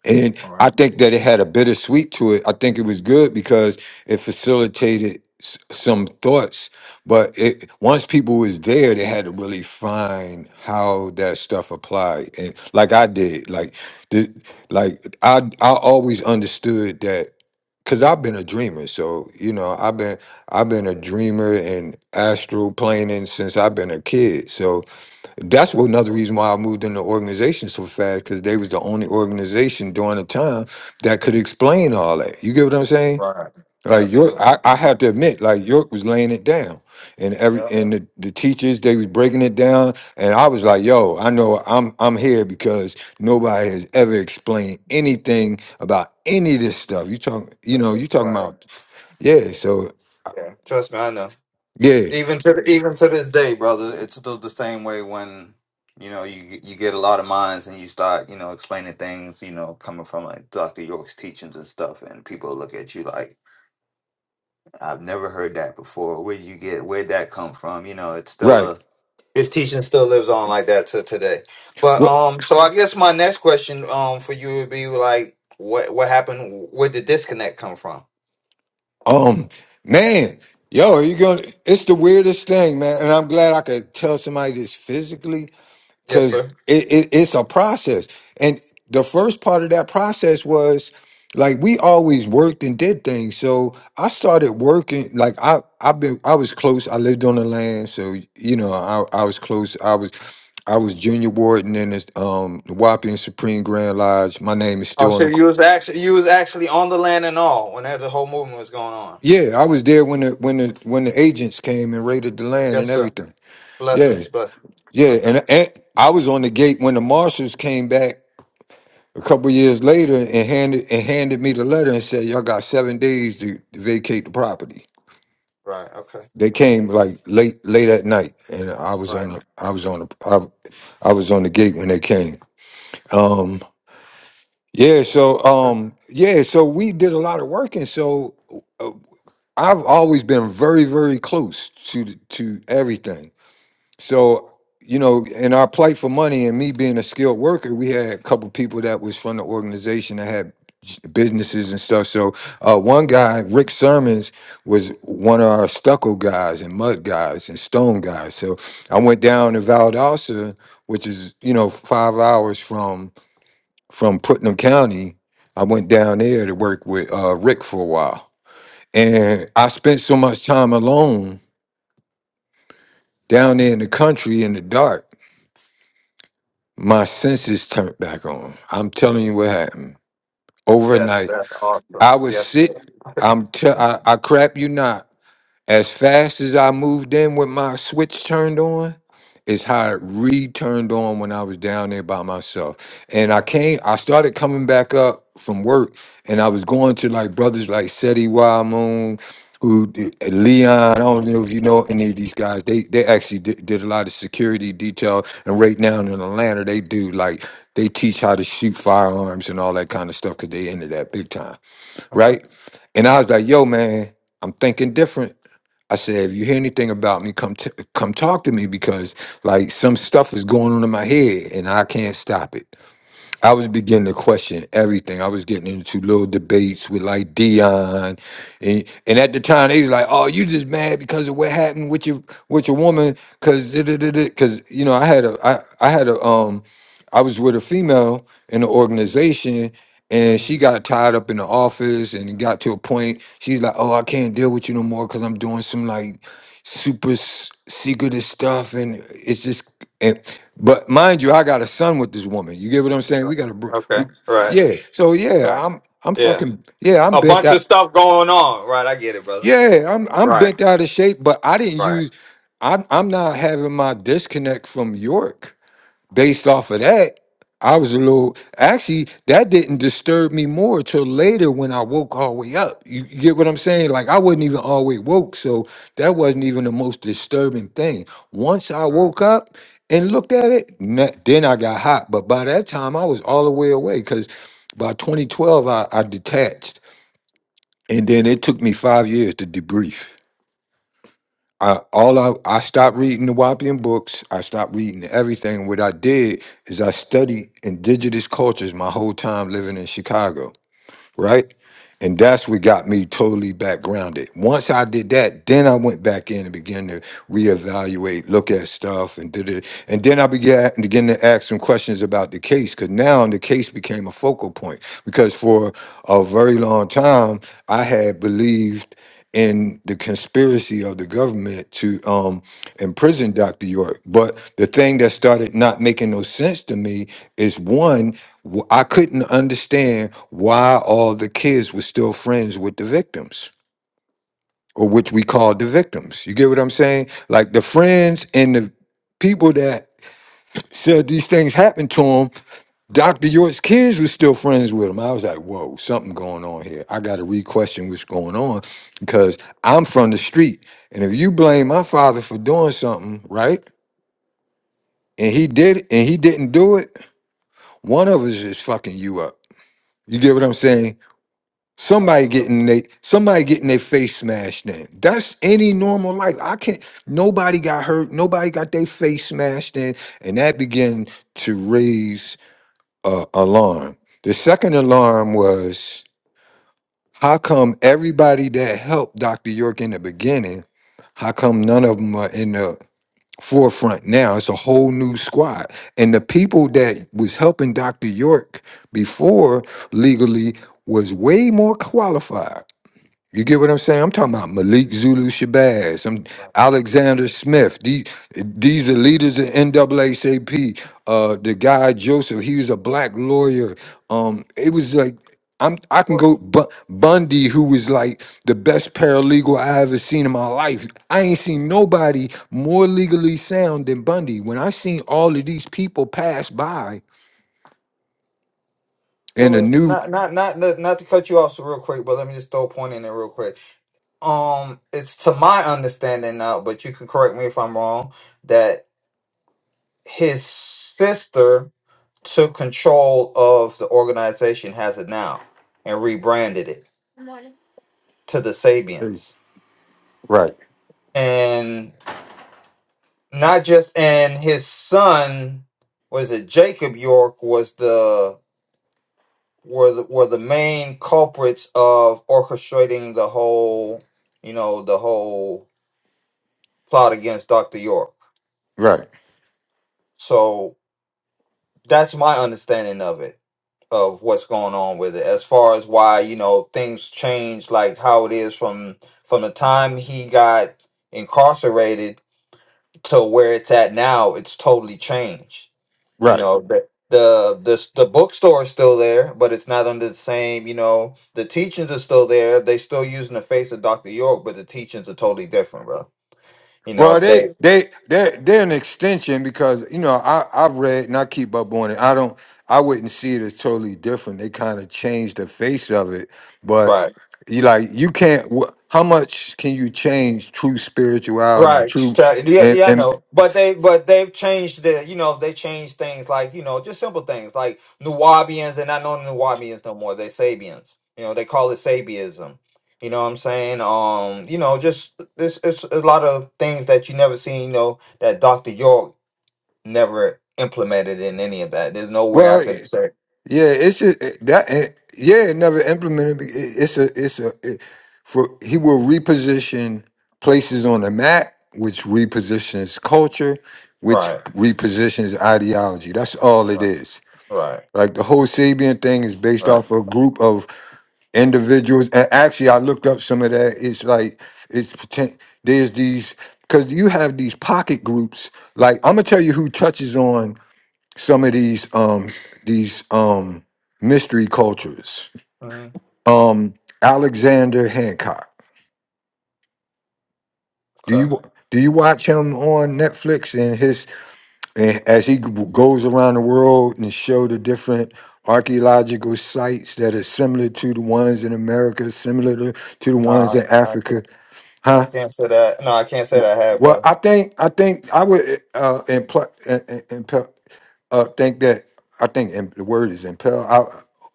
[SPEAKER 2] And I think that it had a bittersweet to it. I think it was good because it facilitated s- some thoughts. But it once people was there, they had to really find how that stuff applied. And like I did, like the like I I always understood that because I've been a dreamer. So you know, I've been I've been a dreamer and astral planing since I've been a kid. So that's what another reason why I moved into organization so fast because they was the only organization during the time that could explain all that. You get what I'm saying?
[SPEAKER 1] Right.
[SPEAKER 2] Like York,
[SPEAKER 1] Absolutely.
[SPEAKER 2] I, I have to admit, like York was laying it down, and every
[SPEAKER 1] Yeah.
[SPEAKER 2] and the, the teachers they was breaking it down, and I was like, "Yo, I know I'm I'm here because nobody has ever explained anything about any of this stuff." You talking, you know, you talking
[SPEAKER 1] Right.
[SPEAKER 2] about, yeah. So
[SPEAKER 1] Yeah. Trust me, I know.
[SPEAKER 2] yeah,
[SPEAKER 1] Even to even to this day, brother, it's still the same way when you know you you get a lot of minds and you start you know explaining things you know coming from like Dr. York's teachings and stuff, and people look at you like I've never heard that before. Where would you get where'd that come from? You know, it's still a
[SPEAKER 2] right.
[SPEAKER 1] his teaching still lives on like that to today. But
[SPEAKER 2] Well,
[SPEAKER 1] um, so I guess my next question um for you would be like, what what happened? Where did disconnect come from?
[SPEAKER 2] Um, man, yo, you gonna? It's the weirdest thing, man. And I'm glad I could tell somebody this physically
[SPEAKER 1] Yes,
[SPEAKER 2] because
[SPEAKER 1] sir.
[SPEAKER 2] it, it it's a process. And the first part of that process was like we always worked and did things. So I started working. Like I I've been I was close. I lived on the land, so you know I I was close. I was. I was junior warden in this um, Wapping Supreme Grand Lodge. My name is
[SPEAKER 1] Oh,
[SPEAKER 2] still on
[SPEAKER 1] so
[SPEAKER 2] the
[SPEAKER 1] you was actually you was actually on the land and all when that the whole movement was going on.
[SPEAKER 2] Yeah, I was there when the when the when the agents came and raided the land
[SPEAKER 1] Yes,
[SPEAKER 2] and
[SPEAKER 1] sir.
[SPEAKER 2] everything. Yeah,
[SPEAKER 1] Blessings, blessings.
[SPEAKER 2] yeah,
[SPEAKER 1] Okay,
[SPEAKER 2] and, and I was on the gate when the marshals came back a couple years later and handed and handed me the letter and said, "Y'all got seven days to, to vacate the property."
[SPEAKER 1] right. Okay.
[SPEAKER 2] They came like late late at night, and I was
[SPEAKER 1] Right.
[SPEAKER 2] on the I was on the I, I was on the gate when they came. Um, yeah, so um, yeah, so we did a lot of work, and so uh, I've always been very very close to the, to everything So, you know, in our plight for money and me being a skilled worker, we had a couple people that was from the organization that had s- businesses and stuff. So, uh, one guy, Rick Sermons, was one of our stucco guys and mud guys and stone guys. So, I went down to Valdosta, which is you know five hours from from Putnam County. I went down there to work with uh, Rick for a while, and I spent so much time alone down there in the country in the dark my senses turned back on. I'm telling you what happened
[SPEAKER 1] That's
[SPEAKER 2] overnight.
[SPEAKER 1] that's awesome.
[SPEAKER 2] I was
[SPEAKER 1] Yes, sir.
[SPEAKER 2] sick. I'm tell I, I crap you not. As fast as I moved in with my switch turned on, is how it re-turned on when I was down there by myself. And I came, I started coming back up from work, and I was going to like brothers like Seti Wild Moon, who did- Leon. I don't know if you know any of these guys. They they actually did, did a lot of security detail, and right now in Atlanta, they do like they teach how to shoot firearms and all that kind of stuff because they into that big time,
[SPEAKER 1] Okay.
[SPEAKER 2] right? And I was like, yo, man, I'm thinking different. I said, if you hear anything about me, come t- come talk to me because like some stuff is going on in my head and I can't stop it. I was beginning to question everything. I was getting into little debates with like Dion, and and at the time they was like, oh, you just mad because of what happened with your with your woman, cause because you know I had a I I had a um I was with a female in the organization and
[SPEAKER 1] Mhm.
[SPEAKER 2] she got tied up in the office and it got to a point she's like, Oh, I can't deal with you no more because I'm doing some like super s- secretive stuff, and it's just. And, but mind you, I got a son with this woman. You get what I'm saying?
[SPEAKER 1] Uh,
[SPEAKER 2] We got a, br-
[SPEAKER 1] Okay.
[SPEAKER 2] we,
[SPEAKER 1] Right.
[SPEAKER 2] yeah. So
[SPEAKER 1] Right.
[SPEAKER 2] yeah, I'm I'm
[SPEAKER 1] Yeah.
[SPEAKER 2] fucking yeah. I'm
[SPEAKER 1] A
[SPEAKER 2] bent
[SPEAKER 1] bunch of
[SPEAKER 2] out.
[SPEAKER 1] stuff going on. Right. I get it, brother.
[SPEAKER 2] Yeah, I'm I'm
[SPEAKER 1] Right.
[SPEAKER 2] bent out of shape. But I didn't
[SPEAKER 1] Right.
[SPEAKER 2] use. I'm I'm not having my disconnect from York based off of that, I was a little actually that didn't disturb me more till later when I woke all the way up. You, you get what I'm saying? Like I wasn't even all the way woke, so that wasn't even the most disturbing thing. Once I
[SPEAKER 1] Right.
[SPEAKER 2] woke up and looked at it, na- then I got hot. But by that time, I was all the way away because by 2012, I, I detached, and then it took me five years to debrief. I all I I stopped reading the Wapian books. I stopped reading everything. What I did is I studied indigenous cultures my whole time living in Chicago right? And that's what got me totally back grounded. Once I did that, then I went back in and began to reevaluate, look at stuff, and did it. And then I began began to ask some questions about the case, because now the case became a focal point. Because for a very long time, I had believed in the conspiracy of the government to um, imprisoned Dr. York. But the thing that started not making no sense to me is one, w- I couldn't understand why all the kids were still friends with the victims, or which we called the victims. You get what I'm saying? Like the friends and the people that said these things happened to him, Dr. York's kids were still friends with him. I was like, whoa, something going on here. I got to re-question what's going on because I'm from the street. And if you blame my father for doing something, right? and he did and he didn't do it, one of us is fucking you up. You get what I'm saying? Somebody
[SPEAKER 1] Absolutely.
[SPEAKER 2] getting they somebody getting their face smashed in. That's any normal life. I can't nobody got hurt, nobody got their face smashed in, and that began to raise uh, alarm. The second alarm was how come everybody that helped Dr. York in the beginning, how come none of them are in the forefront now. It's a whole new squad. And the people that was helping Dr. York before legally was way more qualified you get what I'm saying? I'm talking about Malik Zulu Shabazz, I'm
[SPEAKER 1] Right.
[SPEAKER 2] Alexander Smith. These, these are leaders of NAACP. Uh, the guy Joseph, he was a black lawyer. Um, it was like I'm I can
[SPEAKER 1] Well,
[SPEAKER 2] go Bu- Bundy, who was like the best paralegal I ever seen in my life. I ain't seen
[SPEAKER 1] uh,
[SPEAKER 2] nobody more legally sound than Bundy. When I seen all of these people pass by and
[SPEAKER 1] well,
[SPEAKER 2] a
[SPEAKER 1] it's
[SPEAKER 2] new
[SPEAKER 1] not not not not not to cut you off so real quick, but let me just throw a point in there real quick. um it's to my understanding now but you can correct me if i'm wrong that his sister took control of the organization has it now and rebranded it to the sabians and not just and his son was it jacob york was the were the, were the main culprits of orchestrating the whole you know the whole plot against dr york
[SPEAKER 2] right,
[SPEAKER 1] so That's my understanding of it, of what's going on with it. As far as why, you know, things change like how it is from from the time he got incarcerated to where it's at now, it's totally changed. You
[SPEAKER 2] right
[SPEAKER 1] know, the the the, the bookstore is still there, but it's not under the same, you know, the teachings are still there. They still using the face of Dr. York, but the teachings are totally different, bro. You know,
[SPEAKER 2] Well, they
[SPEAKER 1] they
[SPEAKER 2] they they they're an extension because you know I I've read and I keep up on it. I don't I wouldn't see it as totally different. They kind of changed the face of it, but
[SPEAKER 1] right.
[SPEAKER 2] you like you can't. wh- How much can you change true spirituality and
[SPEAKER 1] Right.
[SPEAKER 2] true
[SPEAKER 1] Try- Yeah,
[SPEAKER 2] and
[SPEAKER 1] yeah, I know.
[SPEAKER 2] and
[SPEAKER 1] But they but they've changed the you know, they changed things like, you know, just simple things like Nuwabians, they're not known as Nuwabians no more, they're Sabians. You know, they call it Sabiism. You know what I'm saying? Um, you know, just it's it's a lot of things that you never seen, you know, that Dr. York never implemented in any of that. There's no way I
[SPEAKER 2] well?
[SPEAKER 1] could say
[SPEAKER 2] Yeah, it's just it- that. it- Yeah, it never implemented. be- it- It's a, it's a. It, for he will reposition places on the map, which repositions culture, which
[SPEAKER 1] right,
[SPEAKER 2] repositions ideology. That's all it
[SPEAKER 1] right,
[SPEAKER 2] is.
[SPEAKER 1] right,
[SPEAKER 2] Like the whole Sabian thing is based
[SPEAKER 1] right.
[SPEAKER 2] off a group of individuals. And actually, I looked up some of that. It's like it's pretend, there's these because you have these pocket groups. Like I'm gonna tell you who touches on some of these um these um mystery cultures.
[SPEAKER 1] hmm
[SPEAKER 2] Um Alexander Hancock. Do
[SPEAKER 1] Okay.
[SPEAKER 2] you do you watch him on Netflix and his and as he g- goes around the world and show the different archaeological sites that are similar to the ones in America, similar to, to the
[SPEAKER 1] No,
[SPEAKER 2] ones in
[SPEAKER 1] I, I
[SPEAKER 2] Africa,
[SPEAKER 1] can't I
[SPEAKER 2] huh?
[SPEAKER 1] can't say that. No, I can't say
[SPEAKER 2] W-
[SPEAKER 1] that I have,
[SPEAKER 2] Well,
[SPEAKER 1] brother.
[SPEAKER 2] I think I think I would uh, impl- uh think that I think im- the word is impel.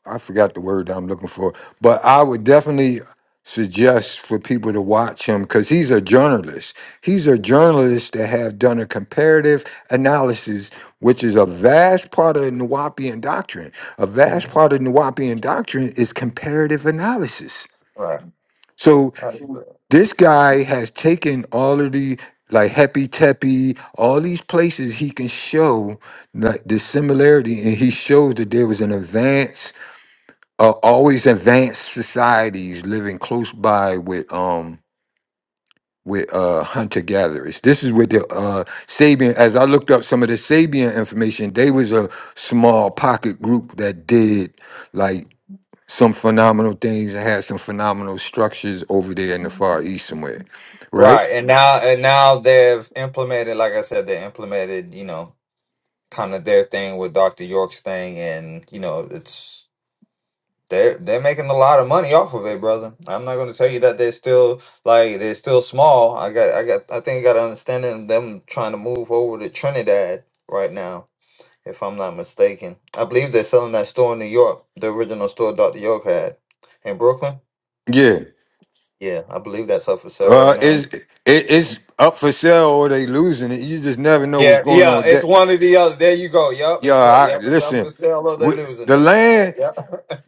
[SPEAKER 2] I I forgot the word that I'm looking for, but I would definitely suggest for people to watch him because he's a journalist. He's a journalist that have done a comparative analysis, which is a vast part of Nawapian doctrine. A vast
[SPEAKER 1] hmm
[SPEAKER 2] part of Nawapian doctrine is comparative analysis. So
[SPEAKER 1] Right.
[SPEAKER 2] this guy has taken all of the like Happy Teppy, all these places he can show like the similarity, and he shows that there was an advanced, uh, always advanced societies living close by with um with uh hunter gatherers. This is with the uh Sabian. As I looked up some of the Sabian information, they was a small pocket group that did like some phenomenal things and had some phenomenal structures over there in the Far East somewhere, right?
[SPEAKER 1] Right, and now and now they've implemented, like I said, they implemented, you know, kind of their thing with Dr. York's thing, and you know, it's they're they're making a lot of money off of it, brother. I'm not going to tell you that they're still like they're still small. I got I got I think I got an understanding of them trying to move over to Trinidad right now, if I'm not mistaken. I believe they're selling that store in New York, the original store Dr. York had in Brooklyn.
[SPEAKER 2] Yeah,
[SPEAKER 1] Yeah, I believe that's up for sale
[SPEAKER 2] uh,
[SPEAKER 1] right now.
[SPEAKER 2] it's it, it's up for sale or they losing it. You just never know what's
[SPEAKER 1] Yeah,
[SPEAKER 2] going on
[SPEAKER 1] yeah,
[SPEAKER 2] with
[SPEAKER 1] it's
[SPEAKER 2] that.
[SPEAKER 1] one or the other. There you go. Yep,
[SPEAKER 2] Yeah,
[SPEAKER 1] it's what.
[SPEAKER 2] I,
[SPEAKER 1] Yep, it's up for
[SPEAKER 2] listen,
[SPEAKER 1] sale or they're
[SPEAKER 2] with
[SPEAKER 1] losing
[SPEAKER 2] the
[SPEAKER 1] it.
[SPEAKER 2] land.
[SPEAKER 1] Yep,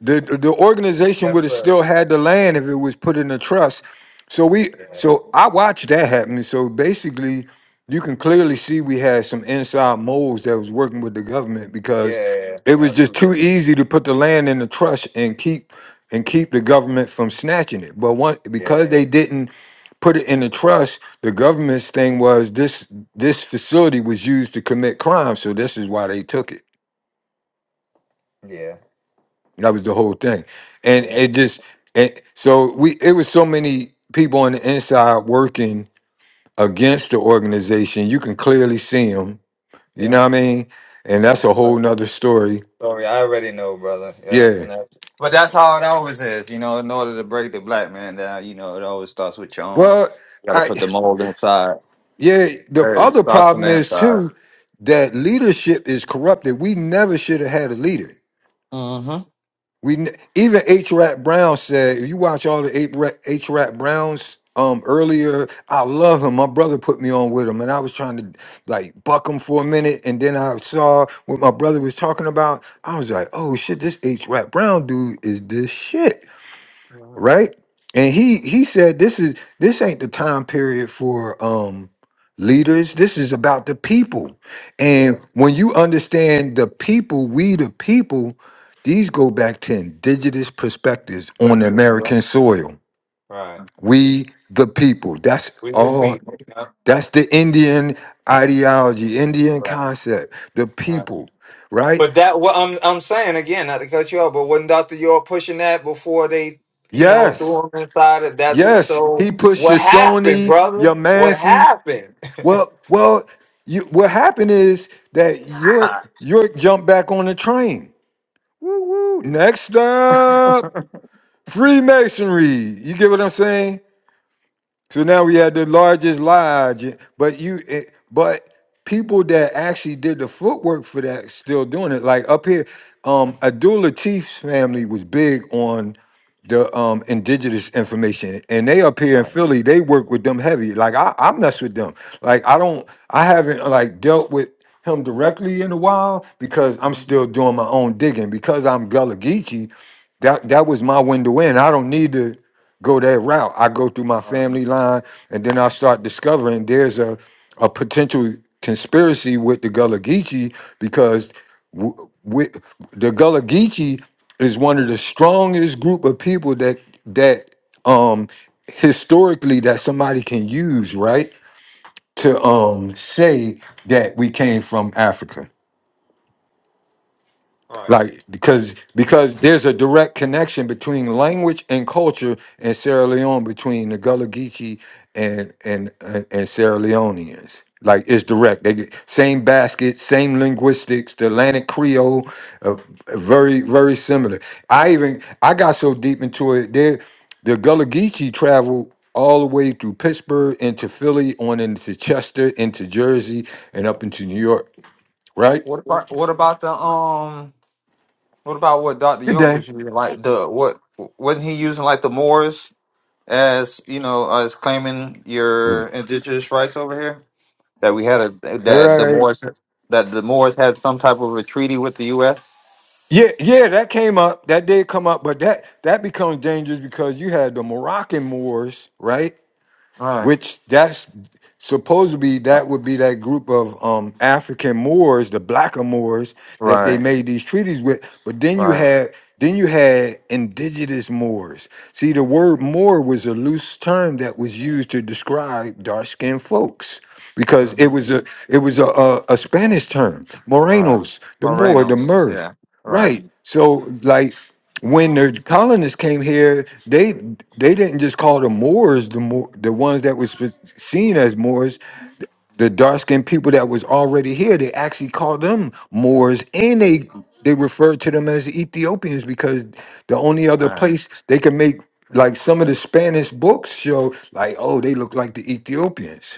[SPEAKER 2] the the organization would
[SPEAKER 1] yes,
[SPEAKER 2] have
[SPEAKER 1] sir.
[SPEAKER 2] still had the land if it was put in a trust. So we
[SPEAKER 1] Yeah,
[SPEAKER 2] so I watched that happen. So basically, you can clearly see we had some inside moles that was working with the government because
[SPEAKER 1] yeah,
[SPEAKER 2] it was just too
[SPEAKER 1] absolutely.
[SPEAKER 2] easy to put the land in the trust and keep and keep the government from snatching it. But one because
[SPEAKER 1] Yeah,
[SPEAKER 2] they didn't put it in the trust, the government's thing was this this facility was used to commit crime, so this is why they took it.
[SPEAKER 1] yeah,
[SPEAKER 2] That was the whole thing. And
[SPEAKER 1] yeah,
[SPEAKER 2] it just and so we it was so many people on the inside working against the organization. You can clearly see them. You know
[SPEAKER 1] yeah.
[SPEAKER 2] what I mean? And that's
[SPEAKER 1] That's
[SPEAKER 2] a whole
[SPEAKER 1] crazy.
[SPEAKER 2] nother story.
[SPEAKER 1] Sorry, I already know, brother. Yeah,
[SPEAKER 2] Yeah.
[SPEAKER 1] and that, but that's how it always is. You know, in order to break the black man down, you know, it always starts with your own.
[SPEAKER 2] Well,
[SPEAKER 1] You got to put
[SPEAKER 2] I
[SPEAKER 1] the mold inside.
[SPEAKER 2] yeah, the
[SPEAKER 1] First, It
[SPEAKER 2] other
[SPEAKER 1] starts from
[SPEAKER 2] problem
[SPEAKER 1] the
[SPEAKER 2] is
[SPEAKER 1] inside.
[SPEAKER 2] too that leadership is corrupted. We never should have had a leader.
[SPEAKER 1] Mm-hmm.
[SPEAKER 2] We n- even H. Rat Brown said, if you watch all the H. Rat, H. Rat Browns um earlier, I love him. My brother put me on with him, and I was trying to like buck him for a minute, and then I saw what my brother was talking about. I was like, oh shit, this H. Rat Brown dude is this shit right? And he he said this is this ain't the time period for um leaders. This is about the people.
[SPEAKER 1] Yeah.
[SPEAKER 2] And when you understand the people, we the people, these go back to indigenous perspectives on
[SPEAKER 1] Purpose, Yeah.
[SPEAKER 2] American soil.
[SPEAKER 1] Right.
[SPEAKER 2] We the people. That's
[SPEAKER 1] We
[SPEAKER 2] all
[SPEAKER 1] repeat. Yeah.
[SPEAKER 2] that's the Indian ideology, Indian
[SPEAKER 1] Right.
[SPEAKER 2] concept, the
[SPEAKER 1] Right.
[SPEAKER 2] people, right?
[SPEAKER 1] But that what I'm I'm saying again, not to cut you off, but wasn't Dr. York pushing that before they, you know, threw
[SPEAKER 2] Yes.
[SPEAKER 1] him inside of that's what
[SPEAKER 2] Yes,
[SPEAKER 1] so
[SPEAKER 2] he put
[SPEAKER 1] what happened,
[SPEAKER 2] Shoshone,
[SPEAKER 1] brother? What
[SPEAKER 2] Yamasi,
[SPEAKER 1] happened?
[SPEAKER 2] Well, well, you, what happened is that York York jumped back on the train. Woo woo. Next up, Freemasonry. You get what I'm saying? So now we have the largest lodge, but you, it, but people that actually did the footwork for that still doing it. Like up here, um, Abdul Latif's family was big on the um indigenous information, and they up here in
[SPEAKER 1] Right.
[SPEAKER 2] Philly, they work with them heavy. Like I, I mess with them. Like I don't, I haven't like dealt with him directly in a while because I'm
[SPEAKER 1] hmm
[SPEAKER 2] still doing my own digging because I'm Gullah Geechee. That that was my window in. I don't need to go that route. I go through my
[SPEAKER 1] Right.
[SPEAKER 2] family line, and then I start discovering there's a a potential conspiracy with the Gullah Geechee because w- with the Gullah Geechee is one of the strongest group of people that that um historically that somebody can use right to um say that we came from Africa
[SPEAKER 1] Right.
[SPEAKER 2] like because because there's a direct connection between language and culture in Sierra Leone between the Gullah Geechee and and and, and Sierra Leoneans. Like it's direct. They get same basket, same linguistics. The Atlantic Creole, uh, very very similar. I even I got so deep into it. There, the Gullah Geechee traveled all the way through Pittsburgh into Philly, on into Chester, into Jersey, and up into New York. Right?
[SPEAKER 1] What about what about the um what about what Dr.
[SPEAKER 2] Good
[SPEAKER 1] York
[SPEAKER 2] day.
[SPEAKER 1] was using? Like the what wasn't he using like the Moors as you know, as claiming
[SPEAKER 2] Mhm.
[SPEAKER 1] your indigenous rights over here? That we had a
[SPEAKER 2] All
[SPEAKER 1] that the
[SPEAKER 2] right.
[SPEAKER 1] Moors that the Moors had some type of a treaty with the US?
[SPEAKER 2] Yeah, yeah, that came up. That did come up, but that that becomes dangerous because you had the Moroccan Moors, right? Which that's supposed to be that would be that group of um African Moors, the blacker Moors that they
[SPEAKER 1] Right.
[SPEAKER 2] made these treaties with. But then you
[SPEAKER 1] Right.
[SPEAKER 2] had then you had indigenous Moors. See, the word Moor was a loose term that was used to describe dark-skinned folks because it
[SPEAKER 1] Mhm.
[SPEAKER 2] was a it was a, a, a Spanish term,
[SPEAKER 1] Right.
[SPEAKER 2] Morenos, the Moor, the
[SPEAKER 1] Morenos.
[SPEAKER 2] Mers.
[SPEAKER 1] Yeah. Right.
[SPEAKER 2] Right. So like when the colonists came here, they they didn't just call the Moors the Mo- the ones that was seen as Moors, the dark skinned people that was already here. They actually called them Moors, and they they referred to them as Ethiopians because the only other
[SPEAKER 1] Right.
[SPEAKER 2] place they could make like some of the Spanish books show like oh they look like the Ethiopians.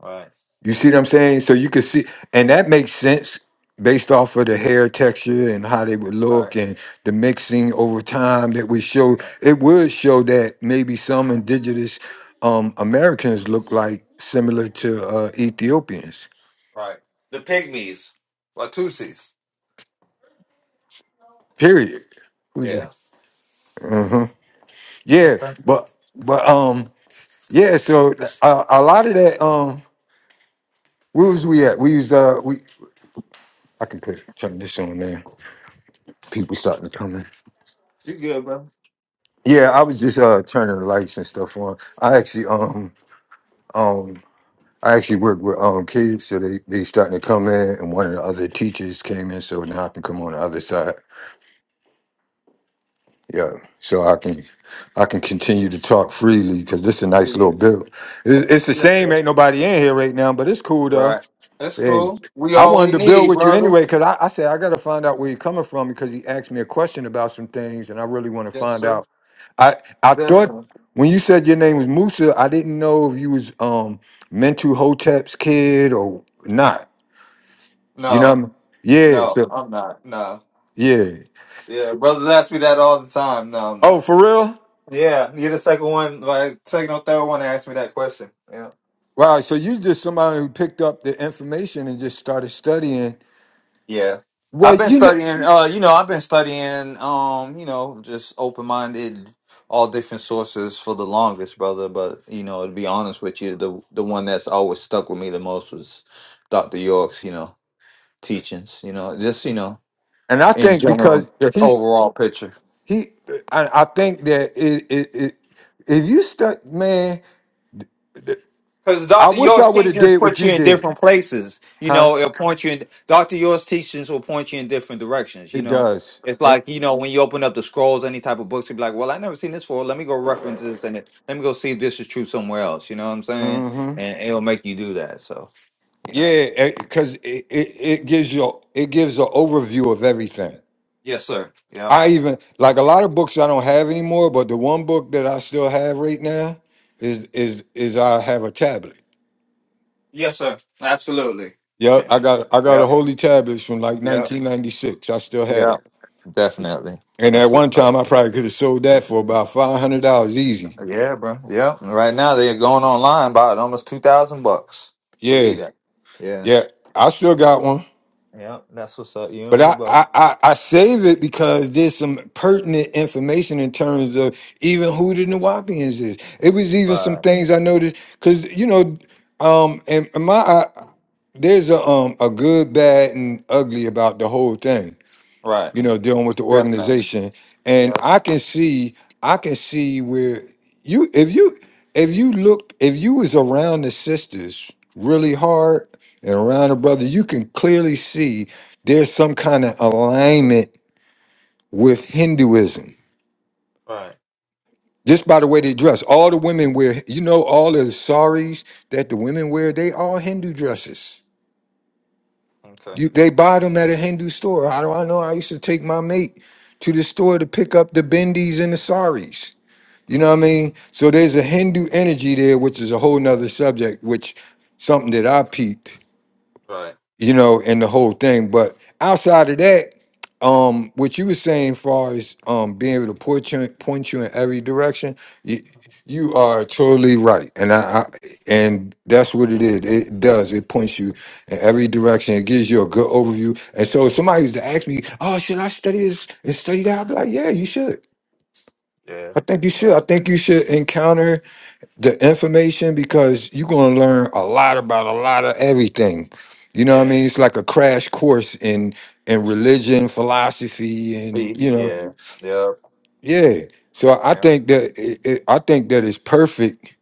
[SPEAKER 1] Right.
[SPEAKER 2] You see what I'm saying? So you can see, and that makes sense based off of the hair texture and how they would look
[SPEAKER 1] Right.
[SPEAKER 2] and the mixing over time that would show.
[SPEAKER 1] Right.
[SPEAKER 2] It would show that maybe some indigenous um, Americans look like similar to uh, Ethiopians.
[SPEAKER 1] Right. The pygmies. Latusis.
[SPEAKER 2] Period. Who's
[SPEAKER 1] Yeah.
[SPEAKER 2] it? Uh-huh. Yeah,
[SPEAKER 1] Okay.
[SPEAKER 2] but but um yeah. So uh, a lot of that um where was we at? We was uh we I can put turn this on now. People starting to come in.
[SPEAKER 1] You get
[SPEAKER 2] Yeah, I was just uh turning the lights and stuff on. I actually um um I actually work with um kids, so they they starting to come in, and one of the other teachers came in, so now I can come on the other side. Yeah, so I can I can continue to talk freely because this is a nice little
[SPEAKER 1] it.
[SPEAKER 2] build. It's, it's a
[SPEAKER 1] yeah. Yes,
[SPEAKER 2] shame
[SPEAKER 1] sir.
[SPEAKER 2] ain't nobody in here right now, but it's cool though.
[SPEAKER 1] Right. That's
[SPEAKER 2] Hey,
[SPEAKER 1] cool. We
[SPEAKER 2] I
[SPEAKER 1] all
[SPEAKER 2] wanted
[SPEAKER 1] we
[SPEAKER 2] to build
[SPEAKER 1] need,
[SPEAKER 2] with you
[SPEAKER 1] brother.
[SPEAKER 2] anyway because I, I said I got to find out where you're coming from because he asked me a question about some things, and I really want to
[SPEAKER 1] Yes,
[SPEAKER 2] find
[SPEAKER 1] sir.
[SPEAKER 2] out I I thought
[SPEAKER 1] Definitely.
[SPEAKER 2] when you said your name was Musa, I didn't know if you was um Mentu Hotep's kid or not. You know what
[SPEAKER 1] No.
[SPEAKER 2] I mean? Yeah,
[SPEAKER 1] No,
[SPEAKER 2] so
[SPEAKER 1] I'm not. No.
[SPEAKER 2] yeah.
[SPEAKER 1] Yeah, brothers ask me that all the time. No, I'm
[SPEAKER 2] Oh,
[SPEAKER 1] not.
[SPEAKER 2] for real?
[SPEAKER 1] Yeah, you're the second one, like second or third one to ask me that question. Yeah.
[SPEAKER 2] Wow, so you just somebody who picked up the information and just started studying.
[SPEAKER 1] Yeah.
[SPEAKER 2] Well,
[SPEAKER 1] I've been
[SPEAKER 2] you know
[SPEAKER 1] studying uh you know, I've been studying um, you know, just open-minded all different sources for the longest, brother, but you know, to be honest with you, the the one that's always stuck with me the most was Dr. York's, you know, teachings, you know, just, you know,
[SPEAKER 2] and I
[SPEAKER 1] in
[SPEAKER 2] think
[SPEAKER 1] general,
[SPEAKER 2] because
[SPEAKER 1] just
[SPEAKER 2] he
[SPEAKER 1] overall picture.
[SPEAKER 2] he I, I think that it it, it if you stuck man,
[SPEAKER 1] Because
[SPEAKER 2] I
[SPEAKER 1] Dr.
[SPEAKER 2] wish I
[SPEAKER 1] York's
[SPEAKER 2] would have
[SPEAKER 1] teachings
[SPEAKER 2] did what
[SPEAKER 1] put
[SPEAKER 2] you
[SPEAKER 1] you in
[SPEAKER 2] did,
[SPEAKER 1] different places. You
[SPEAKER 2] huh?
[SPEAKER 1] know, it'll point you in Dr. York's teachings will point you in different directions, you
[SPEAKER 2] It
[SPEAKER 1] know.
[SPEAKER 2] does.
[SPEAKER 1] It's
[SPEAKER 2] And
[SPEAKER 1] like, you know, when you open up the scrolls, any type of books, you'll be like, Well, I never seen this before. Let me go reference this and it, let me go see if this is true somewhere else. You know what I'm saying?
[SPEAKER 2] mm-hmm.
[SPEAKER 1] And it'll make you do that. So you know.
[SPEAKER 2] Yeah, because it, it, it gives you it gives an overview of everything.
[SPEAKER 1] Yes, sir. Yep.
[SPEAKER 2] I even like a lot of books I don't have anymore, but the one book that I still have right now is is is I have a tablet.
[SPEAKER 1] Yes, sir. Absolutely.
[SPEAKER 2] Yep, I got I got a
[SPEAKER 1] Yep.
[SPEAKER 2] holy tablet from like
[SPEAKER 1] Yep.
[SPEAKER 2] 1996. I still had
[SPEAKER 1] Yep.
[SPEAKER 2] it,
[SPEAKER 1] Definitely.
[SPEAKER 2] and at
[SPEAKER 1] That's
[SPEAKER 2] one
[SPEAKER 1] what's up.
[SPEAKER 2] time I probably could have sold that for about five hundred dollars easy.
[SPEAKER 1] Yeah, bro. Yep. Right now they're going online by almost two thousand bucks.
[SPEAKER 2] Yeah,
[SPEAKER 1] Believe that. Yeah.
[SPEAKER 2] yeah, I still got one.
[SPEAKER 1] Yep, that's what's up. You and
[SPEAKER 2] But
[SPEAKER 1] me
[SPEAKER 2] I,
[SPEAKER 1] both.
[SPEAKER 2] I, I I save it because there's some pertinent information in terms of even who the Nawapians is. It was even some
[SPEAKER 1] Right.
[SPEAKER 2] things I noticed because you know, um, and and my I, there's a um a good, bad, and ugly about the whole thing
[SPEAKER 1] Right.
[SPEAKER 2] you know, dealing with the
[SPEAKER 1] Definitely.
[SPEAKER 2] organization.
[SPEAKER 1] Yeah.
[SPEAKER 2] And I can see, I can see where you, if you, if you look, if you was around the sisters really hard and around the brother, you can clearly see there's some kind of alignment with Hinduism.
[SPEAKER 1] Right.
[SPEAKER 2] Just by the way they dress, all the women wear, you know, all the saris that the women wear, they all Hindu dresses.
[SPEAKER 1] Okay.
[SPEAKER 2] You, they buy them at a Hindu store. How do I know? I used to take my mate to the store to pick up the bindis and the saris. You know what I
[SPEAKER 1] hmm
[SPEAKER 2] mean? So there's a Hindu energy there, which is a whole nother subject, which something that I peeped,
[SPEAKER 1] Right.
[SPEAKER 2] you know, in the whole thing. But outside of that, um, what you were saying, far as um being able to point you, point you in every direction, you, you are totally right, and I, I and that's what it is. It does. It points you in every direction. It gives you a good overview. And so, if somebody used to ask me, "Oh, should I study this and study that?" I'd be like, "Yeah, you should."
[SPEAKER 1] Yeah.
[SPEAKER 2] I think you should. I
[SPEAKER 1] Yeah.
[SPEAKER 2] think you should encounter the information because you're going to learn a lot about a lot of everything. You know what I
[SPEAKER 1] Yeah.
[SPEAKER 2] mean? It's like a crash course in in religion, philosophy, and
[SPEAKER 1] See?
[SPEAKER 2] you know,
[SPEAKER 1] Yeah. Yep.
[SPEAKER 2] yeah. So I
[SPEAKER 1] Yeah.
[SPEAKER 2] think that it, it, I think that it's perfect